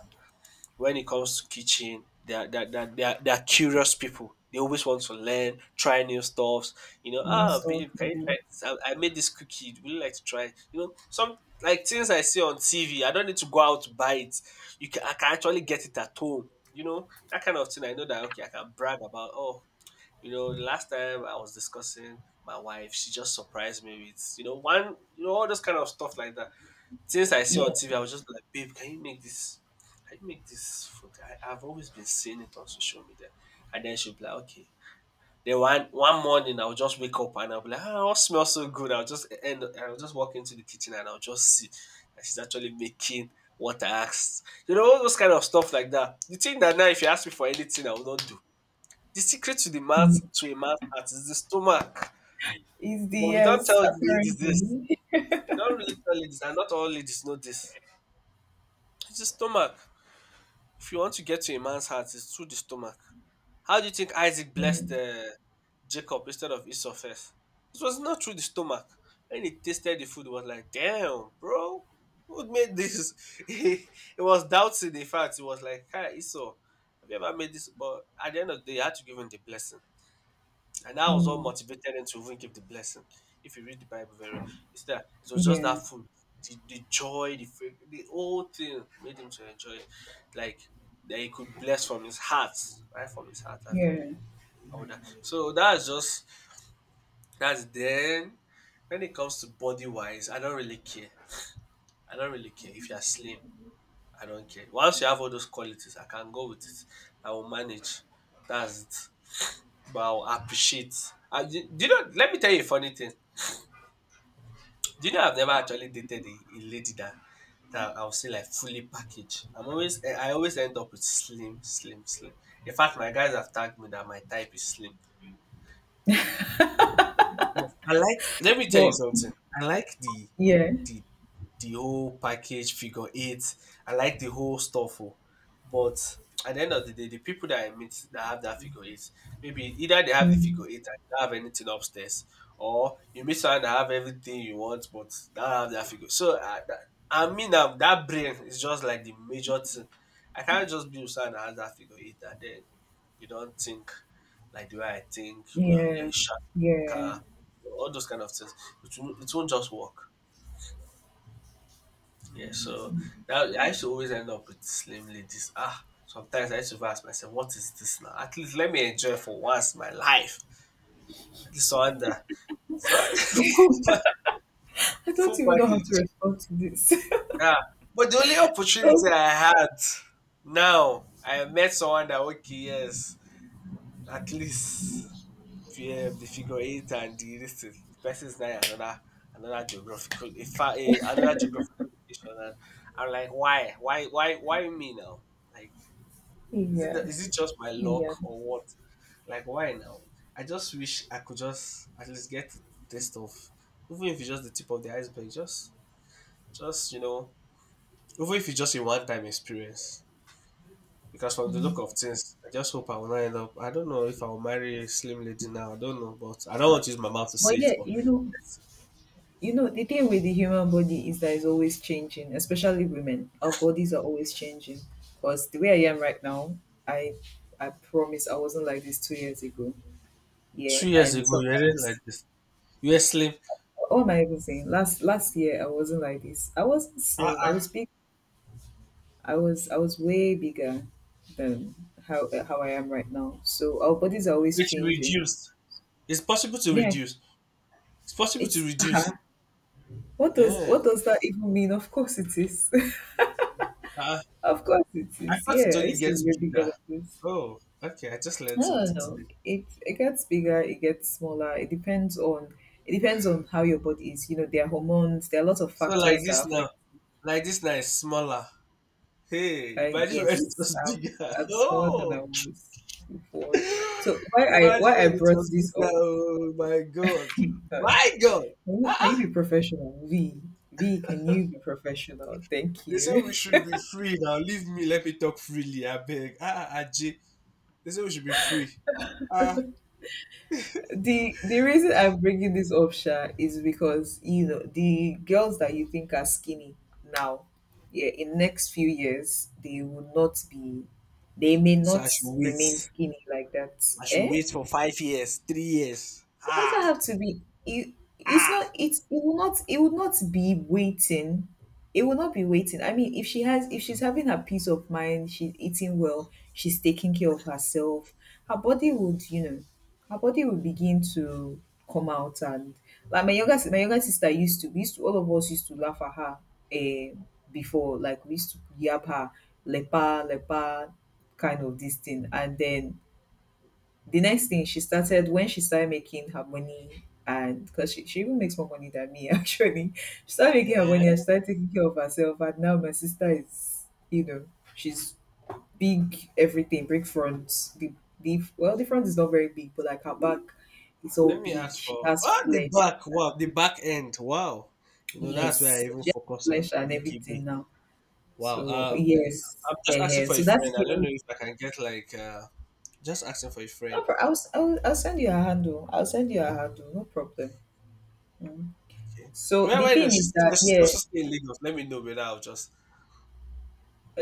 [SPEAKER 2] when it comes to kitchen, they are they are they are they are they are curious people. They always want to learn, try new stuffs. You know,
[SPEAKER 1] new
[SPEAKER 2] ah,
[SPEAKER 1] stuff.
[SPEAKER 2] babe, can you
[SPEAKER 1] Yeah.
[SPEAKER 2] try this? I made this cookie. Would you like to try it? Some like things I see on TV. I don't need to go out to buy it. You can I can actually get it at home. You know, that kind of thing. I know that, okay, I can brag about. Oh, the last time I was discussing my wife, she just surprised me with one all those kind of stuff like that. Since I see on
[SPEAKER 1] Yeah.
[SPEAKER 2] TV, I was just like, babe, can you make this? Can you make this food? I've always been seeing it on social media. And then she'll be like, okay. Then one morning I'll just wake up and I'll be like, ah, it smells so good. I'll just walk into the kitchen and I'll just see that she's actually making what I asked. You know, all those kind of stuff like that. The thing that now if you ask me for anything, I will not do. The secret to the man's
[SPEAKER 1] Mm.
[SPEAKER 2] to a man's heart is the stomach.
[SPEAKER 1] It's the,
[SPEAKER 2] But we don't
[SPEAKER 1] yes,
[SPEAKER 2] tell ladies this.
[SPEAKER 1] apparently. (laughs)
[SPEAKER 2] We don't really tell ladies, and not all ladies know this. It's the stomach. If you want to get to a man's heart, it's through the stomach. How do you think Isaac blessed
[SPEAKER 1] Mm.
[SPEAKER 2] Jacob instead of Esau first? It was not through the stomach. When he tasted the food, he was like, damn, bro, who made this? (laughs) he he was doubting the fact. He was like, hi, Esau, have you ever made this? But at the end of the day, he had to give him the blessing. And that was what
[SPEAKER 1] Mm.
[SPEAKER 2] motivated him to even give the blessing. If you read the Bible very well, it's that it was just
[SPEAKER 1] Yeah.
[SPEAKER 2] that food, the joy, the whole thing made him to enjoy it, like that he could bless from his heart, right from his heart and
[SPEAKER 1] Yeah.
[SPEAKER 2] all that. So that's then. When it comes to body wise, I don't really care. I don't really care if you are slim. I don't care. Once you have all those qualities, I can go with it. I will manage. That's it. But I'll appreciate. Do you know? Let me tell you a funny thing. Do you know I've never actually dated a lady that that I'll say like fully packaged. I'm always I always end up with slim, slim, slim. In fact, my guys have tagged me that my type is slim. Yes, I like. Let me tell you
[SPEAKER 1] But
[SPEAKER 2] something. I like
[SPEAKER 1] yeah.
[SPEAKER 2] the the whole package figure eight. I like the whole stuff. Oh. But at the end of the day, the people that I meet that have that figure eight, maybe either they have the figure
[SPEAKER 1] Mm.
[SPEAKER 2] eight and they don't have anything upstairs, or you meet someone that have everything you want but don't have that figure. I mean, that brain is just like the major thing. I can't just be with someone that has that figure eight and then you don't think like the way I think. You know, you're a
[SPEAKER 1] Yeah.
[SPEAKER 2] sharp
[SPEAKER 1] Yeah.
[SPEAKER 2] thinker, all those kind of things. It won't just work. Yeah, so that I used to always end up with slim ladies. Ah, sometimes I used to ask myself, what is this now? At least let me enjoy for once my life. At least so under so (laughs)
[SPEAKER 1] (laughs) I don't
[SPEAKER 2] full
[SPEAKER 1] even know how to
[SPEAKER 2] package.
[SPEAKER 1] respond to this. (laughs)
[SPEAKER 2] Yeah. But the only opportunity
[SPEAKER 1] Those—
[SPEAKER 2] I had now, I met someone that, okay, yes, at least yeah, the figure eight and the this thing. The nine, another geographical, in fact, another geographical location. And I'm like, why me now? Like,
[SPEAKER 1] yeah.
[SPEAKER 2] is it just my luck
[SPEAKER 1] Yeah.
[SPEAKER 2] or what? Like, why now? I just wish I could just at least get the taste of, even if it's just the tip of the iceberg, just even if it's just a one time experience. Because from the look of things, I just hope I will not end up. I don't know if I will marry a slim lady now. I don't know, but I don't want to use my mouth to say
[SPEAKER 1] But
[SPEAKER 2] it,
[SPEAKER 1] yeah,
[SPEAKER 2] but
[SPEAKER 1] you know, the thing with the human body is that it's always changing, especially women. Our bodies are always changing. Because the way I am right now, I I promise I wasn't like this 2 years ago. Yeah.
[SPEAKER 2] 2 years
[SPEAKER 1] And
[SPEAKER 2] ago, you weren't like
[SPEAKER 1] sometimes—
[SPEAKER 2] this. You were slim.
[SPEAKER 1] what am I even saying? Last year I wasn't like this. I wasn't
[SPEAKER 2] Ah,
[SPEAKER 1] slim. I was big. I was way bigger than how I am right now. So our bodies are always
[SPEAKER 2] which you
[SPEAKER 1] changing.
[SPEAKER 2] reduced. It's possible to
[SPEAKER 1] Yeah,
[SPEAKER 2] reduce. It's possible to
[SPEAKER 1] it's
[SPEAKER 2] reduce.
[SPEAKER 1] what does
[SPEAKER 2] Yeah.
[SPEAKER 1] what does that even mean? Of course it is.
[SPEAKER 2] Uh,
[SPEAKER 1] (laughs) Of course it
[SPEAKER 2] I
[SPEAKER 1] is.
[SPEAKER 2] thought it
[SPEAKER 1] Yeah, I
[SPEAKER 2] only
[SPEAKER 1] used to be
[SPEAKER 2] gets
[SPEAKER 1] way bigger
[SPEAKER 2] bigger.
[SPEAKER 1] than this.
[SPEAKER 2] Oh, okay. I just learned
[SPEAKER 1] No, no,
[SPEAKER 2] something
[SPEAKER 1] no.
[SPEAKER 2] today.
[SPEAKER 1] It gets bigger. It gets smaller. It depends on, it depends on how your body is. You know, there are hormones. There are lots of
[SPEAKER 2] So
[SPEAKER 1] factors that affect.
[SPEAKER 2] like this now is smaller. Hey,
[SPEAKER 1] I,
[SPEAKER 2] imagine when it
[SPEAKER 1] yes,
[SPEAKER 2] was
[SPEAKER 1] I've,
[SPEAKER 2] bigger. (laughs)
[SPEAKER 1] I've smaller than I
[SPEAKER 2] Oh,
[SPEAKER 1] was before. So why
[SPEAKER 2] (laughs)
[SPEAKER 1] I
[SPEAKER 2] imagine
[SPEAKER 1] why I
[SPEAKER 2] when it
[SPEAKER 1] brought
[SPEAKER 2] was
[SPEAKER 1] this
[SPEAKER 2] bigger.
[SPEAKER 1] up?
[SPEAKER 2] Oh my god,
[SPEAKER 1] (laughs) God,
[SPEAKER 2] my god.
[SPEAKER 1] can you,
[SPEAKER 2] Ah,
[SPEAKER 1] can you
[SPEAKER 2] ah.
[SPEAKER 1] be professional? V. V, can you be professional? Thank
[SPEAKER 2] They say we
[SPEAKER 1] you.
[SPEAKER 2] should be free now. Leave me. Let me talk freely. I beg. Ah, ah, ah, Jay. They say we should be free. Ah,
[SPEAKER 1] (laughs) The reason I'm bringing this up, Sha, is because you know the girls that you think are skinny now, yeah, in next few years they will not be. They may
[SPEAKER 2] so I
[SPEAKER 1] not
[SPEAKER 2] should
[SPEAKER 1] remain
[SPEAKER 2] wait.
[SPEAKER 1] skinny like that.
[SPEAKER 2] I should
[SPEAKER 1] Eh?
[SPEAKER 2] wait for 5 years, 3 years.
[SPEAKER 1] It doesn't
[SPEAKER 2] Ah,
[SPEAKER 1] have to be it. It's
[SPEAKER 2] ah.
[SPEAKER 1] not, it's, it will not, it would not be waiting. It will not be waiting. I mean, if she's having her peace of mind, she's eating well, she's taking care of herself, her body would, you know, her body would begin to come out. And like my younger sister used to— we used to, all of us used to laugh at her, eh, before, like we used to yab her lepa lepa kind of this thing. And then the next thing she started— when she started making her money, and because she even makes more money than me (laughs) actually, she started making her money and
[SPEAKER 2] Eh?
[SPEAKER 1] she started taking care of herself, and now my sister is, you know, she's big, everything big front— the, well, the front is not very big, but like her back is all
[SPEAKER 2] Let me
[SPEAKER 1] big,
[SPEAKER 2] ask
[SPEAKER 1] she
[SPEAKER 2] for
[SPEAKER 1] has
[SPEAKER 2] the
[SPEAKER 1] flesh.
[SPEAKER 2] back. Wow, the back end. Wow, you know that's where I
[SPEAKER 1] Yes, so
[SPEAKER 2] even
[SPEAKER 1] she has
[SPEAKER 2] focus on
[SPEAKER 1] flesh
[SPEAKER 2] the
[SPEAKER 1] and everything
[SPEAKER 2] EKB.
[SPEAKER 1] now,
[SPEAKER 2] Wow.
[SPEAKER 1] so
[SPEAKER 2] Um, I,
[SPEAKER 1] yes,
[SPEAKER 2] I'm just asking for
[SPEAKER 1] so
[SPEAKER 2] a
[SPEAKER 1] that's
[SPEAKER 2] friend. I don't
[SPEAKER 1] killing.
[SPEAKER 2] know if I can get like just asking for a
[SPEAKER 1] No,
[SPEAKER 2] friend.
[SPEAKER 1] I'll send you a handle. I'll send you a handle, no problem. Mm-hmm.
[SPEAKER 2] Okay.
[SPEAKER 1] So
[SPEAKER 2] Where
[SPEAKER 1] the
[SPEAKER 2] where does
[SPEAKER 1] thing
[SPEAKER 2] she
[SPEAKER 1] is that
[SPEAKER 2] also
[SPEAKER 1] yeah,
[SPEAKER 2] stay in Lagos? Let me know, but I'll just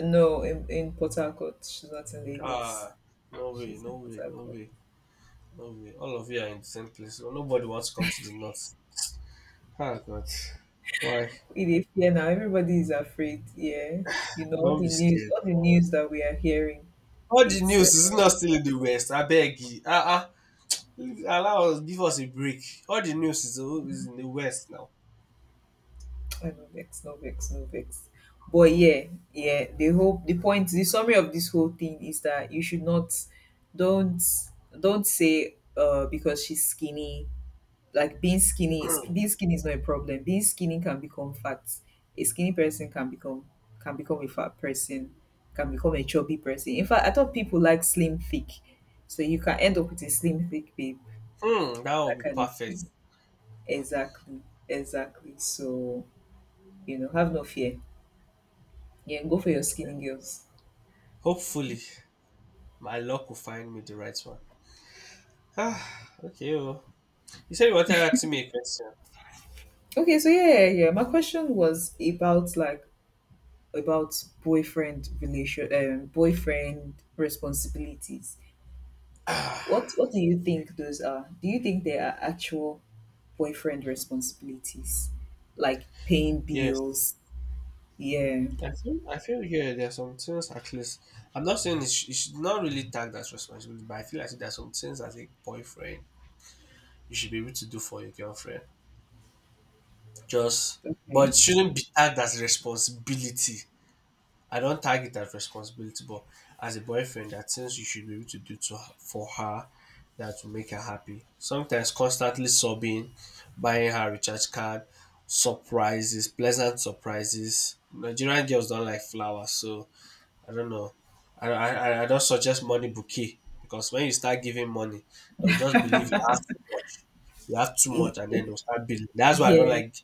[SPEAKER 1] no, in Port Harcourt, she's not in Lagos.
[SPEAKER 2] ah no way,
[SPEAKER 1] She's
[SPEAKER 2] no
[SPEAKER 1] in Port
[SPEAKER 2] way, no
[SPEAKER 1] Harcourt.
[SPEAKER 2] way. No way. All of you are in the same place. Well, nobody wants to come to the north. Ah, God. Why?
[SPEAKER 1] It is fear now. Everybody is afraid. Yeah, you know
[SPEAKER 2] Don't be scared.
[SPEAKER 1] all the news that we are hearing.
[SPEAKER 2] All the
[SPEAKER 1] It's
[SPEAKER 2] news is not still in the west. I beg you. Allow us, give us a break. All the news is in the west now.
[SPEAKER 1] I know vex, no vex, no vex. But
[SPEAKER 2] Hmm.
[SPEAKER 1] yeah, yeah. The point, the summary of this whole thing is that you should not, don't, don't say, because she's skinny. Like being skinny is not a problem. Being skinny can become fat. A skinny person can become, can become a fat person, can become a chubby person. In fact, I thought people like slim thick, so you can end up with a slim thick babe,
[SPEAKER 2] Hmm, that will
[SPEAKER 1] that
[SPEAKER 2] be
[SPEAKER 1] kind of
[SPEAKER 2] perfect.
[SPEAKER 1] thing. Exactly, exactly. So you know, have no fear. Yeah, go for your
[SPEAKER 2] Okay.
[SPEAKER 1] skinny girls.
[SPEAKER 2] Hopefully, my luck will find me the right one. Ah, okay. Well. You said you wanted to ask me a question.
[SPEAKER 1] Okay, so yeah, yeah, yeah. My question was about like, about boyfriend relation boyfriend responsibilities.
[SPEAKER 2] Ah.
[SPEAKER 1] What do you think those are? Do you think they are actual boyfriend responsibilities? Like paying
[SPEAKER 2] Yes.
[SPEAKER 1] bills? Yeah.
[SPEAKER 2] I feel yeah, there are some things at least. I'm not saying it, it should not really tag that responsibility, but I feel like there are some things as a boyfriend you should be able to do for your girlfriend. Just, but
[SPEAKER 1] Okay.
[SPEAKER 2] it shouldn't be tagged as responsibility. I don't tag it as responsibility, but as a boyfriend, there are things you should be able to do to her, for her that will make her happy. Sometimes constantly sobbing, buying her recharge card, surprises, pleasant surprises. Nigerian girls don't like flowers, so I don't know. I don't suggest money bouquet because when you start giving money, they'll just believe you have too much. You have too
[SPEAKER 1] Y-
[SPEAKER 2] much, and then they'll start billing. That's why I don't
[SPEAKER 1] Yeah.
[SPEAKER 2] like.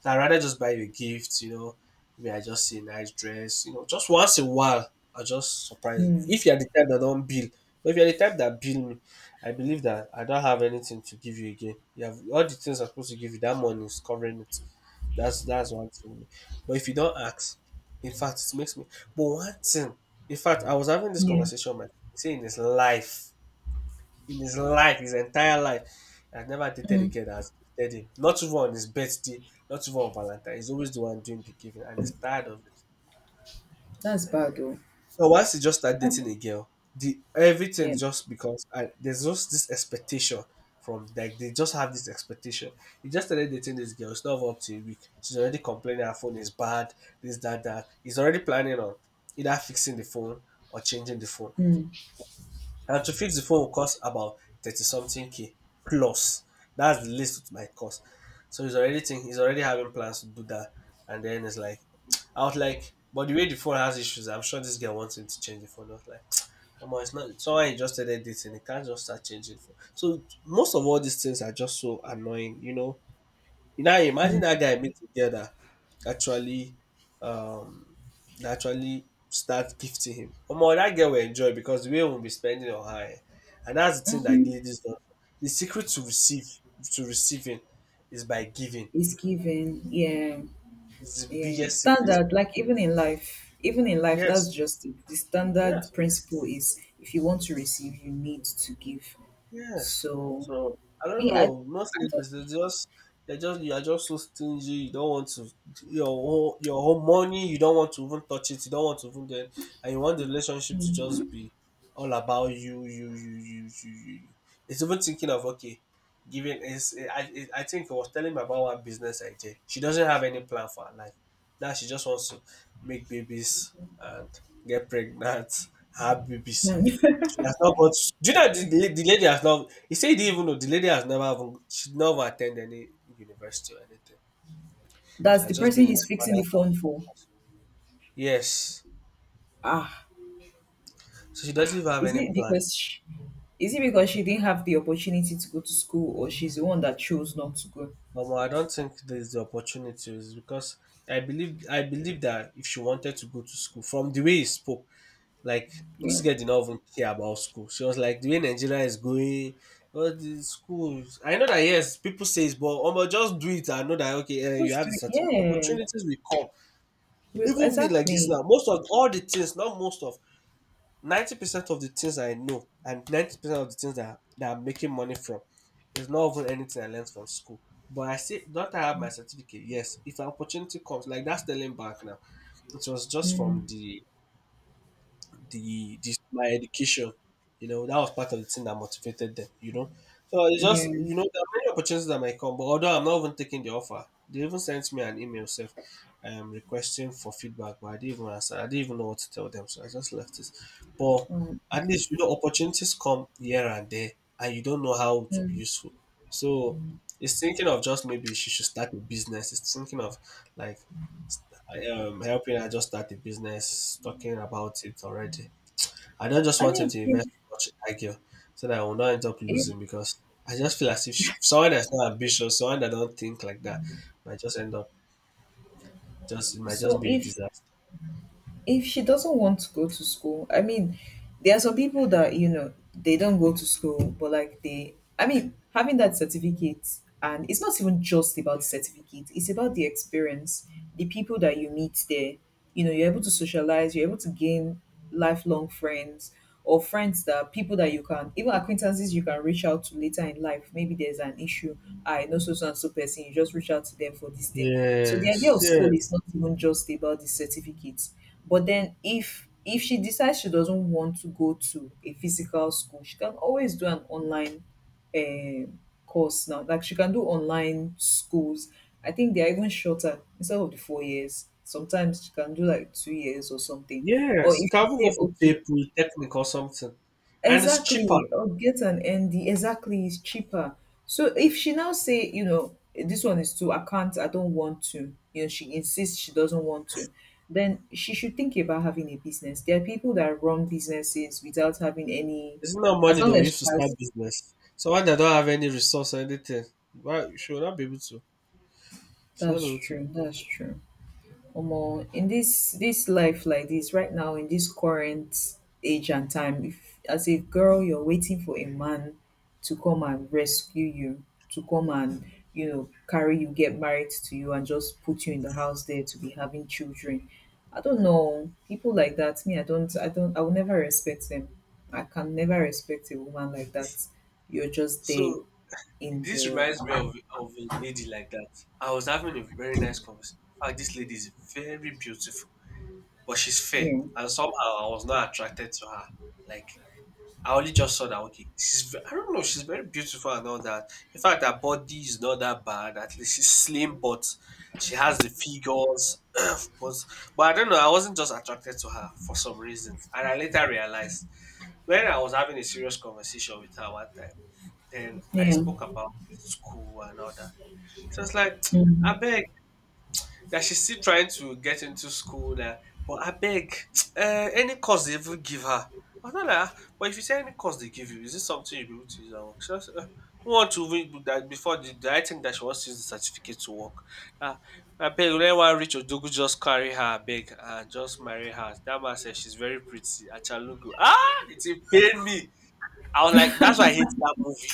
[SPEAKER 2] So I rather just buy you a gift. You know, maybe I just see a nice dress. You know, just once in a while, I just surprise. If you're the type that don't bill, but if you're the type that bill me, I believe that I don't have anything to give you again. You have all the things I'm supposed to give you. That money is covering it. That's one thing. But if you don't ask, in fact, it makes me. But one thing, in fact, I was having this
[SPEAKER 1] Yeah.
[SPEAKER 2] conversation with my see in his life, his entire life, I never dated a girl that's dated him. Not even on his birthday, not even on Valentine. He's always the one doing the giving, and he's tired of it.
[SPEAKER 1] That's bad though.
[SPEAKER 2] But once you just start
[SPEAKER 1] That's
[SPEAKER 2] dating a girl, the
[SPEAKER 1] Yeah.
[SPEAKER 2] everything just becomes and there's just this expectation from like they just have this expectation. You just started dating this girl, it's not even up to a week. She's already complaining her phone is bad, this, that, that. He's already planning on either fixing the phone or changing the phone.
[SPEAKER 1] Mm.
[SPEAKER 2] And to fix the phone will cost about 30 something K plus. That's the least it might cost. So he's already thinking, he's already having plans to do that. And then it's like, I was like, but the way the phone has issues, I'm sure this guy wants him to change the phone. I was like, come on, it's not someone he just started dating, he can't just start changing phone. So most of all these things are just so annoying, you know. Now imagine that guy meet a girl actually um that actually start gifting him. Omo, that girl will enjoy because the way we'll be spending on her. Eh. And that's the
[SPEAKER 1] Hmm.
[SPEAKER 2] thing that
[SPEAKER 1] Mm-hmm.
[SPEAKER 2] ladies don't... The secret to receiving is by giving.
[SPEAKER 1] It's given. Yeah.
[SPEAKER 2] It's the
[SPEAKER 1] Yeah.
[SPEAKER 2] biggest secret.
[SPEAKER 1] Standard, like even in life. Even in life,
[SPEAKER 2] Yes.
[SPEAKER 1] that's just it. The standard
[SPEAKER 2] Yes.
[SPEAKER 1] principle is if you want to receive, you need to give.
[SPEAKER 2] Yes.
[SPEAKER 1] So
[SPEAKER 2] So I don't
[SPEAKER 1] me, I,
[SPEAKER 2] know. Most
[SPEAKER 1] I
[SPEAKER 2] ladies they just you are just so stingy. You don't want to... your whole money. You don't want to even touch it. You don't want to even get, and you want the relationship to just be all about you, you, you, you, you, you, you. It's even thinking of, okay, giving. I think I was telling me about one business idea. She doesn't have any plan for her life. Now she just wants to make babies and get pregnant, have babies.
[SPEAKER 1] don't. (laughs)
[SPEAKER 2] She has not got. Do you know the lady has not? He said he didn't even know the lady has never even... she never attended any university or anything. She
[SPEAKER 1] That's the
[SPEAKER 2] has just been
[SPEAKER 1] person
[SPEAKER 2] in
[SPEAKER 1] he's
[SPEAKER 2] her
[SPEAKER 1] fixing the
[SPEAKER 2] father's
[SPEAKER 1] phone
[SPEAKER 2] house.
[SPEAKER 1] for.
[SPEAKER 2] Yes,
[SPEAKER 1] Ah,
[SPEAKER 2] so she doesn't even have
[SPEAKER 1] is
[SPEAKER 2] any
[SPEAKER 1] it
[SPEAKER 2] plan.
[SPEAKER 1] because she, is it because she didn't have the opportunity to go to school, or she's the one that chose not to go?
[SPEAKER 2] I don't think there's the opportunities, because I believe that if she wanted to go to school, from the way he spoke, like, this
[SPEAKER 1] Yeah,
[SPEAKER 2] girl did not even care about school. She was like, the way Nigeria is going, all the schools... I know that, yes, people say it's... but just do it. I know that, okay, eh, you
[SPEAKER 1] what's
[SPEAKER 2] have the
[SPEAKER 1] doing?
[SPEAKER 2] certificate,
[SPEAKER 1] Yeah,
[SPEAKER 2] opportunities will come. Even me like this
[SPEAKER 1] exactly.
[SPEAKER 2] now, most of all the things, not most of, 90% of the things I know and 90% of the things that I'm making money from is not even anything I learned from school. But I say, not I have my certificate? Yes. If an opportunity comes, like, that's the link back now, it was just from the this my education. You know, that was part of the thing that motivated them, you know. So it's just,
[SPEAKER 1] Yeah.
[SPEAKER 2] you know, there are many opportunities that might come, but although I'm not even taking the offer, they even sent me an email self, requesting for feedback, but I didn't even answer. I didn't even know what to tell them, so I just left it. But
[SPEAKER 1] Um,
[SPEAKER 2] at least you know, opportunities come here and there and you don't know how to be useful. So it's thinking of, just maybe she should start a business. It's thinking of, like, helping her just start a business, talking about it already. I don't just
[SPEAKER 1] I
[SPEAKER 2] want him
[SPEAKER 1] mean,
[SPEAKER 2] to
[SPEAKER 1] if—
[SPEAKER 2] invest too much in that girl, so that I will not end up
[SPEAKER 1] if
[SPEAKER 2] losing, because I just feel as if sh- someone that's not ambitious, someone that don't think like that, might just end up... just, it might just
[SPEAKER 1] so,
[SPEAKER 2] be a
[SPEAKER 1] if
[SPEAKER 2] disaster.
[SPEAKER 1] if she doesn't want to go to school, I mean, there are some people that, you know, they don't go to school, but like I mean, having that certificate, and it's not even just about the certificate, it's about the experience, the people that you meet there. You know, you're able to socialize, you're able to gain lifelong friends or friends that people that you can even acquaintances you can reach out to later in life, maybe there's an issue. I know so and so person, you just reach out to them for this thing. So the idea
[SPEAKER 2] Yes,
[SPEAKER 1] of school
[SPEAKER 2] yes,
[SPEAKER 1] is not even just about the certificates, but then if she decides she doesn't want to go to a physical school, she can always do an online um course now. Like, she can do online schools. I think they are even shorter. Instead of the four years, sometimes she can do like 2 years or something. Or
[SPEAKER 2] yes. You
[SPEAKER 1] if you
[SPEAKER 2] can even go
[SPEAKER 1] say,
[SPEAKER 2] for
[SPEAKER 1] okay,
[SPEAKER 2] PayPal, Technic or something, and it's cheaper.
[SPEAKER 1] exactly, or get an ND. Exactly, it's cheaper. So if she now say, you know, this one is too, I can't, I don't want to, you know, she insists she doesn't want to, then she should think about having a business. There are people that run businesses without having any,
[SPEAKER 2] It's not
[SPEAKER 1] as
[SPEAKER 2] money
[SPEAKER 1] long
[SPEAKER 2] they'll
[SPEAKER 1] as
[SPEAKER 2] use
[SPEAKER 1] she
[SPEAKER 2] to start
[SPEAKER 1] has,
[SPEAKER 2] business. Someone that don't have any resource or anything, why should not be able to? Should not
[SPEAKER 1] that's
[SPEAKER 2] be able
[SPEAKER 1] true,
[SPEAKER 2] to.
[SPEAKER 1] that's true. Omo, in this life like this, right now, in this current age and time, if as a girl you're waiting for a man to come and rescue you, to come and, you know, carry you, get married to you, and just put you in the house there to be having children. I don't know people like that. Me, I don't, I will never respect them. I can never respect a woman like that. You're just there
[SPEAKER 2] So...
[SPEAKER 1] in
[SPEAKER 2] this
[SPEAKER 1] the
[SPEAKER 2] reminds me of a lady like that. I was having a very nice conversation. In fact, this lady is very beautiful, but she's fair,
[SPEAKER 1] yeah,
[SPEAKER 2] and somehow I was not attracted to her. Like, I only just saw that, okay, she's ve-... I don't know, she's very beautiful and all that. In fact, her body is not that bad. At least she's slim, but she has the figures. (clears throat) but, but I don't know, I wasn't just attracted to her for some reason, and I later realized when I was having a serious conversation with her one time. Then I
[SPEAKER 1] yeah.
[SPEAKER 2] spoke about school and all that. So it's like, (tsk)
[SPEAKER 1] Mhm.
[SPEAKER 2] I beg, that she's still trying to get into school there, but I beg, (tsk) any course they even give her. I was not like, "Ah, but if you say any course they give you, is this something you'll be able to use at work?" She was, who want to even do that? Before the I think that she wants to use the certificate to work. Uh, I beg, let one rich Odogu just carry her, I beg, and just marry her. That man said she's very pretty. Achalugu. Ah, it pain me. I was like, that's why I hate that movie.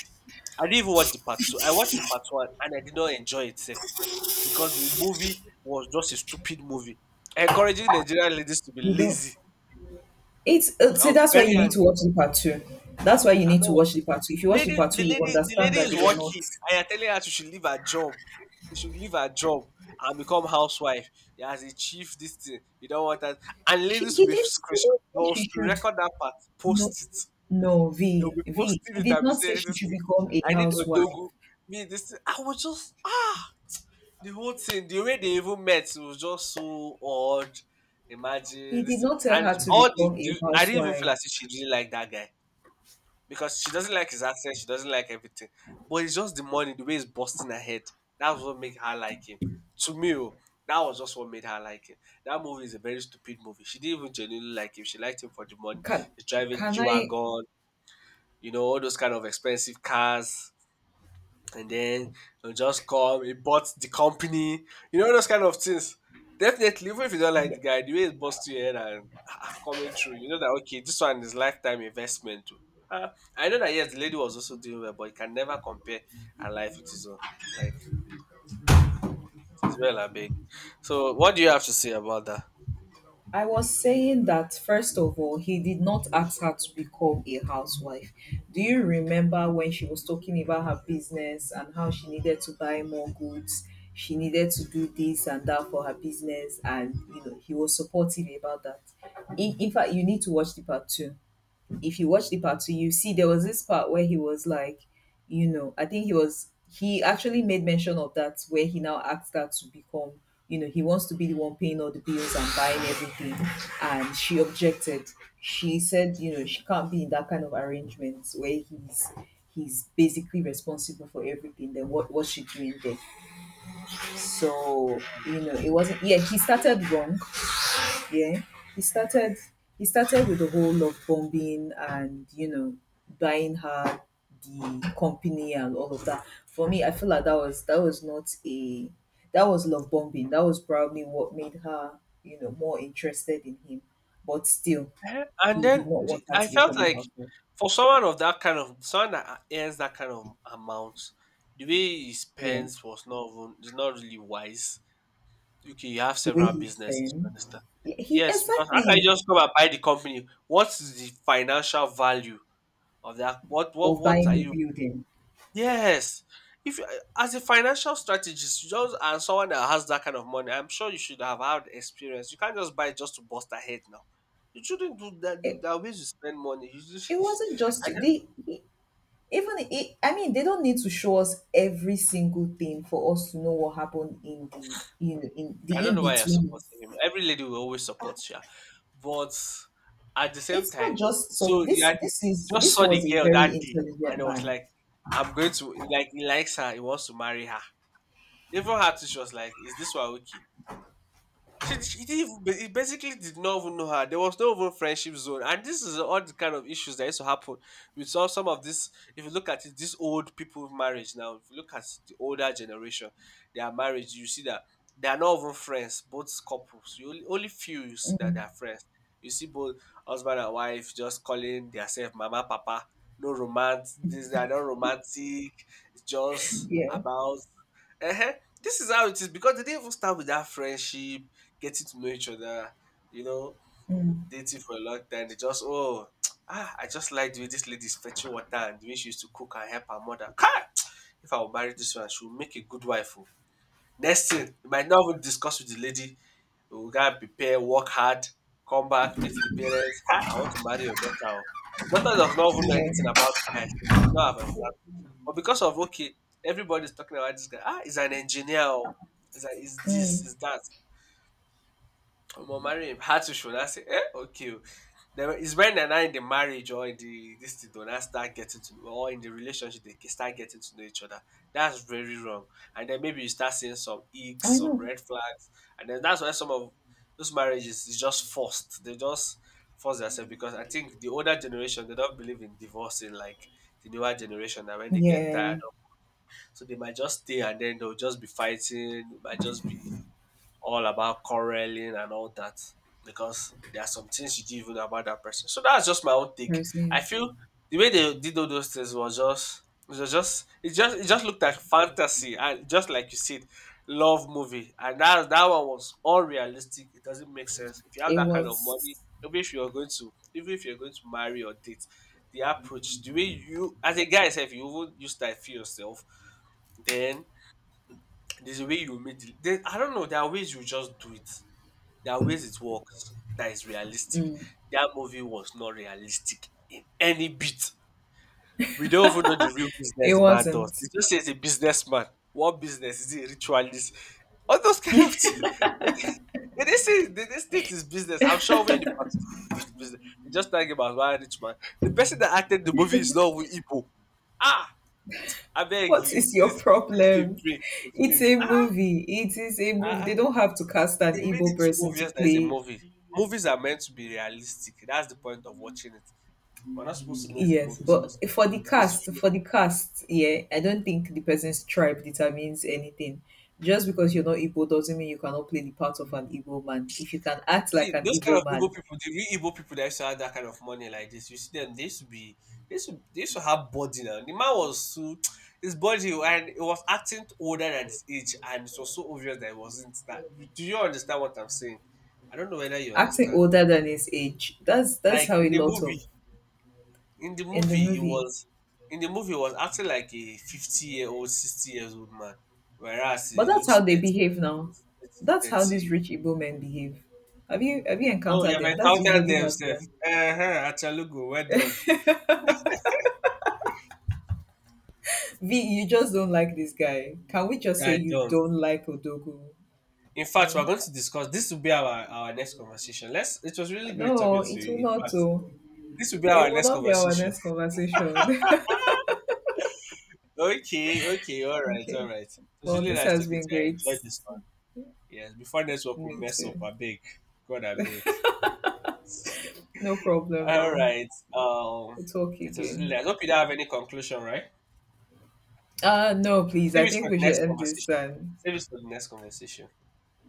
[SPEAKER 2] I didn't even watch the part two. I watched the part one and I did not enjoy itself, because the movie was just a stupid movie, encouraging Nigerian ladies to be
[SPEAKER 1] You don't.
[SPEAKER 2] lazy.
[SPEAKER 1] It's
[SPEAKER 2] I
[SPEAKER 1] see,
[SPEAKER 2] was
[SPEAKER 1] that's why
[SPEAKER 2] very
[SPEAKER 1] you need to
[SPEAKER 2] angry.
[SPEAKER 1] watch the part two. That's why you
[SPEAKER 2] I'm
[SPEAKER 1] need
[SPEAKER 2] not
[SPEAKER 1] to
[SPEAKER 2] watching.
[SPEAKER 1] watch the part two. If you
[SPEAKER 2] The
[SPEAKER 1] watch the
[SPEAKER 2] lady,
[SPEAKER 1] part
[SPEAKER 2] the
[SPEAKER 1] two, you
[SPEAKER 2] lady, the
[SPEAKER 1] understand
[SPEAKER 2] lady
[SPEAKER 1] that
[SPEAKER 2] is
[SPEAKER 1] they were not.
[SPEAKER 2] working. I am telling her she should leave her job. She should leave her job and become housewife. Yeah, as a chief, this thing you don't want that. And
[SPEAKER 1] She,
[SPEAKER 2] ladies
[SPEAKER 1] he
[SPEAKER 2] will be
[SPEAKER 1] did. He
[SPEAKER 2] screenshot,
[SPEAKER 1] did say
[SPEAKER 2] they'll
[SPEAKER 1] she
[SPEAKER 2] to
[SPEAKER 1] should.
[SPEAKER 2] record that part,
[SPEAKER 1] No,
[SPEAKER 2] post it.
[SPEAKER 1] no,
[SPEAKER 2] They'll
[SPEAKER 1] V,
[SPEAKER 2] be
[SPEAKER 1] V,
[SPEAKER 2] posting
[SPEAKER 1] he
[SPEAKER 2] it
[SPEAKER 1] did
[SPEAKER 2] and be
[SPEAKER 1] not say
[SPEAKER 2] saying
[SPEAKER 1] she
[SPEAKER 2] this
[SPEAKER 1] should
[SPEAKER 2] thing,
[SPEAKER 1] become a
[SPEAKER 2] "I need
[SPEAKER 1] housewife.
[SPEAKER 2] Odogu." Me, this thing, I was just... the whole thing, the way they even met, it was just so odd.
[SPEAKER 1] He
[SPEAKER 2] Imagine
[SPEAKER 1] did
[SPEAKER 2] this,
[SPEAKER 1] not tell
[SPEAKER 2] and
[SPEAKER 1] her to
[SPEAKER 2] all the,
[SPEAKER 1] become a
[SPEAKER 2] the I didn't even feel
[SPEAKER 1] housewife.
[SPEAKER 2] as if she really liked that guy, because she doesn't like his accent, she doesn't like everything. But it's just the money, the way he's busting her head. That's what made her like him. To me, oh, that was just what made her like him. That movie is a very stupid movie. She didn't even genuinely like him. She liked him for the money.
[SPEAKER 1] Can,
[SPEAKER 2] He's driving
[SPEAKER 1] can
[SPEAKER 2] G
[SPEAKER 1] I?
[SPEAKER 2] wagon, you know, all those kind of expensive cars, and then it'll just come. He bought the company, you know, those kind of things. Definitely, even if you don't like the guy, the way it busts your head and ah, coming through, you know that, okay, this one is lifetime investment too. Ah, I know that yes, the lady was also doing well, but you can never compare her life with his own. Like, it is well, I beg. So, what do you have to say about that?
[SPEAKER 1] I was saying that, first of all, he did not ask her to become a housewife. Do you remember when she was talking about her business and how she needed to buy more goods? She needed to do this and that for her business, and, you know, he was supportive about that. In fact, you need to watch the part two. If you watch the part two, you see there was this part where he was like, you know, I think he actually made mention of that where he now asked her to become, you know, he wants to be the one paying all the bills and buying everything. And she objected. She said, you know, she can't be in that kind of arrangement where he's basically responsible for everything. Then what was she doing there? So, you know, it wasn't, yeah, he started wrong, yeah, he started he started with the whole love bombing and, you know, buying her the company and all of that. For me, I feel like that was not a that was love bombing. That was probably what made her, you know, more interested in him. But still,
[SPEAKER 2] Eh, and
[SPEAKER 1] he did
[SPEAKER 2] then
[SPEAKER 1] not
[SPEAKER 2] the...
[SPEAKER 1] want her
[SPEAKER 2] I
[SPEAKER 1] to
[SPEAKER 2] felt
[SPEAKER 1] become a
[SPEAKER 2] like,
[SPEAKER 1] housewife.
[SPEAKER 2] for someone of that kind of... someone that earns that kind of amount, the way he
[SPEAKER 1] Yeah,
[SPEAKER 2] spends was not even... is not really wise. Okay, you have
[SPEAKER 1] the way
[SPEAKER 2] several
[SPEAKER 1] he
[SPEAKER 2] businesses, you
[SPEAKER 1] fanned,
[SPEAKER 2] understand?
[SPEAKER 1] he
[SPEAKER 2] Yes, because how can
[SPEAKER 1] exactly,
[SPEAKER 2] you just come and buy the company? What is the financial value of that?
[SPEAKER 1] of
[SPEAKER 2] What are
[SPEAKER 1] buying a
[SPEAKER 2] you?
[SPEAKER 1] building.
[SPEAKER 2] Yes, if you, as a financial strategist, you just... and someone that has that kind of money, I'm sure you should have had experience. You can't just buy just to bust ahead now. You shouldn't do that.
[SPEAKER 1] it,
[SPEAKER 2] There are ways you spend money. You
[SPEAKER 1] it
[SPEAKER 2] just...
[SPEAKER 1] wasn't just
[SPEAKER 2] (laughs) I
[SPEAKER 1] they he even it, I mean, they don't need to show us every single thing for us to know what happened in the, you know, in the
[SPEAKER 2] I don't
[SPEAKER 1] in
[SPEAKER 2] know why you're
[SPEAKER 1] between.
[SPEAKER 2] supporting him. Every lady will always support you. But at the same
[SPEAKER 1] It's not
[SPEAKER 2] time,
[SPEAKER 1] just so.
[SPEAKER 2] so you
[SPEAKER 1] This
[SPEAKER 2] had,
[SPEAKER 1] this
[SPEAKER 2] you
[SPEAKER 1] is
[SPEAKER 2] just
[SPEAKER 1] this
[SPEAKER 2] saw the
[SPEAKER 1] was a
[SPEAKER 2] girl
[SPEAKER 1] very
[SPEAKER 2] that day, and
[SPEAKER 1] intelligent
[SPEAKER 2] it was
[SPEAKER 1] man.
[SPEAKER 2] like, I'm going to like... he likes her, he wants to marry her. Even her too, she was like, "Is this one okay?" She didn't even, ba- he basically did not even know her. There was no even friendship zone, and this is all the kind of issues that used to happen with some of this. If you look at it, this old people marriage now. If you look at the older generation, their marriage, you see that they are not even friends. Both couples, you only, only few you see that they are friends. You see both husband and wife just calling themselves mama, papa. No romance. This, they are not romantic. It's just
[SPEAKER 1] Yeah,
[SPEAKER 2] about... Ehen, this is how it is, because they didn't even start with that friendship, getting to know each other, you know, dating for a long time. They just, oh, (tsk) ah, I just like the way this lady's fetching water and the way she used to cook and help her mother. Kai! If I will marry this one, she will make a good wife. Oh. Next thing, you might not even discuss with the lady. You will to prepare, work hard, come back, meet the parents. Ah, I want to marry your daughter. Oh. The daughter does not even know anything
[SPEAKER 1] yeah.
[SPEAKER 2] about the guy. She might not have observed it. But because of, okay, everybody's talking about this guy. Ah, he's an engineer. Oh. He's, a, he's this,
[SPEAKER 1] Mm,
[SPEAKER 2] he's that. I'm marry him. Had to show. I say, eh, okay. Oh. Then it's when they're not in the marriage or in the this thing, they'll start getting to know, or in the relationship, they start getting to know each other. That's very wrong. And then maybe you start seeing some icks,
[SPEAKER 1] I
[SPEAKER 2] some
[SPEAKER 1] know.
[SPEAKER 2] red flags, and then that's why some of those marriages is just forced. They just force themselves, because I think the older generation they don't believe in divorcing like the newer generation. And when they get
[SPEAKER 1] Yeah,
[SPEAKER 2] tired, so they might just stay, and then they'll just be fighting, might just be all about quarreling and all that, because there are some things you didn't even know about that person. So that's just my own take.
[SPEAKER 1] Percy.
[SPEAKER 2] I feel the way they did all those things was just... it was just... it just... it just looked like fantasy, and just like you said, love movie. And that that one was unrealistic. It doesn't make sense. If you have
[SPEAKER 1] It
[SPEAKER 2] that kind of money,
[SPEAKER 1] was.
[SPEAKER 2] even if you're going to... even if you're going to marry or date, the approach, the way you as a guy yourself, you even use that feel yourself, then there's a way you meet the, there-... I don't know, there are ways you just do it. There are ways it works that is realistic. That movie was not realistic in any bit. We don't even know the real
[SPEAKER 1] It
[SPEAKER 2] business the man does. They
[SPEAKER 1] wasn't.
[SPEAKER 2] just say he's a businessman. What business? Is he a ritualist? All those kind of things. (laughs) Like, they didn't say... they didn't state his business. I'm sure we in the past this is business. They just talking about one rich man. The person that acted the movie is not even Igbo. Ah, I beg
[SPEAKER 1] What
[SPEAKER 2] you,
[SPEAKER 1] is your
[SPEAKER 2] please give me a
[SPEAKER 1] problem?
[SPEAKER 2] break. Excuse
[SPEAKER 1] It's
[SPEAKER 2] me.
[SPEAKER 1] a
[SPEAKER 2] Ah,
[SPEAKER 1] movie. It is a
[SPEAKER 2] ah,
[SPEAKER 1] movie. They
[SPEAKER 2] ah.
[SPEAKER 1] don't have to cast an
[SPEAKER 2] They made it
[SPEAKER 1] Igbo
[SPEAKER 2] too
[SPEAKER 1] person to
[SPEAKER 2] obvious that it's a
[SPEAKER 1] play.
[SPEAKER 2] movie. Movies are meant to be realistic. That's the point of watching it. We're not supposed to know it's a
[SPEAKER 1] Yes,
[SPEAKER 2] movie. It's
[SPEAKER 1] but
[SPEAKER 2] supposed... it's supposed to feel.
[SPEAKER 1] for the cast, yeah, I don't think the person's tribe determines anything. Just because you're not Igbo doesn't mean you cannot play the part of an Igbo man. If you can act like
[SPEAKER 2] See,
[SPEAKER 1] an
[SPEAKER 2] those kind
[SPEAKER 1] Igbo
[SPEAKER 2] of Igbo
[SPEAKER 1] man,
[SPEAKER 2] people, the real Igbo people that used to have that kind of money like this, you see them, they used to be, they used to have body now. The man was too, his body, and it was acting older than his age, and it was so obvious that it wasn't that. Do you understand what I'm saying? I don't know whether you
[SPEAKER 1] acting
[SPEAKER 2] understand.
[SPEAKER 1] older than his age, that's
[SPEAKER 2] Like
[SPEAKER 1] how a
[SPEAKER 2] in a
[SPEAKER 1] lot
[SPEAKER 2] movie,
[SPEAKER 1] of
[SPEAKER 2] in the
[SPEAKER 1] in the
[SPEAKER 2] movie, he
[SPEAKER 1] movie.
[SPEAKER 2] was... in the movie he was acting like a 50-year-old, 60 years old man, whereas
[SPEAKER 1] But
[SPEAKER 2] he
[SPEAKER 1] that's how
[SPEAKER 2] looks
[SPEAKER 1] they
[SPEAKER 2] 30,
[SPEAKER 1] behave now. That's how these
[SPEAKER 2] 30.
[SPEAKER 1] rich Igbo men behave. Have you
[SPEAKER 2] Oh, you
[SPEAKER 1] encountered
[SPEAKER 2] have
[SPEAKER 1] them? That's
[SPEAKER 2] encountered
[SPEAKER 1] usually
[SPEAKER 2] them,
[SPEAKER 1] how
[SPEAKER 2] sir.
[SPEAKER 1] they are.
[SPEAKER 2] Uh-huh, Achalugo, well done.
[SPEAKER 1] V, you just don't like this guy. Can we just say
[SPEAKER 2] I
[SPEAKER 1] you
[SPEAKER 2] don't.
[SPEAKER 1] don't like Odogu?
[SPEAKER 2] In fact, we're going to discuss. This will be our next conversation. Let's. It was really great
[SPEAKER 1] No,
[SPEAKER 2] talking to
[SPEAKER 1] it will
[SPEAKER 2] you. In
[SPEAKER 1] not.
[SPEAKER 2] fact,
[SPEAKER 1] Oh.
[SPEAKER 2] this will be our
[SPEAKER 1] It will
[SPEAKER 2] next
[SPEAKER 1] not be our
[SPEAKER 2] conversation.
[SPEAKER 1] next
[SPEAKER 2] (laughs)
[SPEAKER 1] conversation.
[SPEAKER 2] Okay, okay, all
[SPEAKER 1] (laughs)
[SPEAKER 2] right, all
[SPEAKER 1] Okay.
[SPEAKER 2] right. It was
[SPEAKER 1] Well,
[SPEAKER 2] really
[SPEAKER 1] this
[SPEAKER 2] nice
[SPEAKER 1] has
[SPEAKER 2] talking
[SPEAKER 1] been
[SPEAKER 2] to you. I
[SPEAKER 1] great.
[SPEAKER 2] enjoyed this one. Yes, before network will
[SPEAKER 1] Me
[SPEAKER 2] mess up,
[SPEAKER 1] too.
[SPEAKER 2] I beg. God, I beg. (laughs)
[SPEAKER 1] No problem
[SPEAKER 2] All
[SPEAKER 1] now.
[SPEAKER 2] right. Um,
[SPEAKER 1] We'll talk
[SPEAKER 2] it was really
[SPEAKER 1] again.
[SPEAKER 2] nice. I hope you don't have any conclusion, right?
[SPEAKER 1] Uh, no, please.
[SPEAKER 2] Save
[SPEAKER 1] I
[SPEAKER 2] it for
[SPEAKER 1] think we
[SPEAKER 2] the
[SPEAKER 1] should
[SPEAKER 2] next
[SPEAKER 1] end this
[SPEAKER 2] conversation.
[SPEAKER 1] and
[SPEAKER 2] Save it for the next conversation.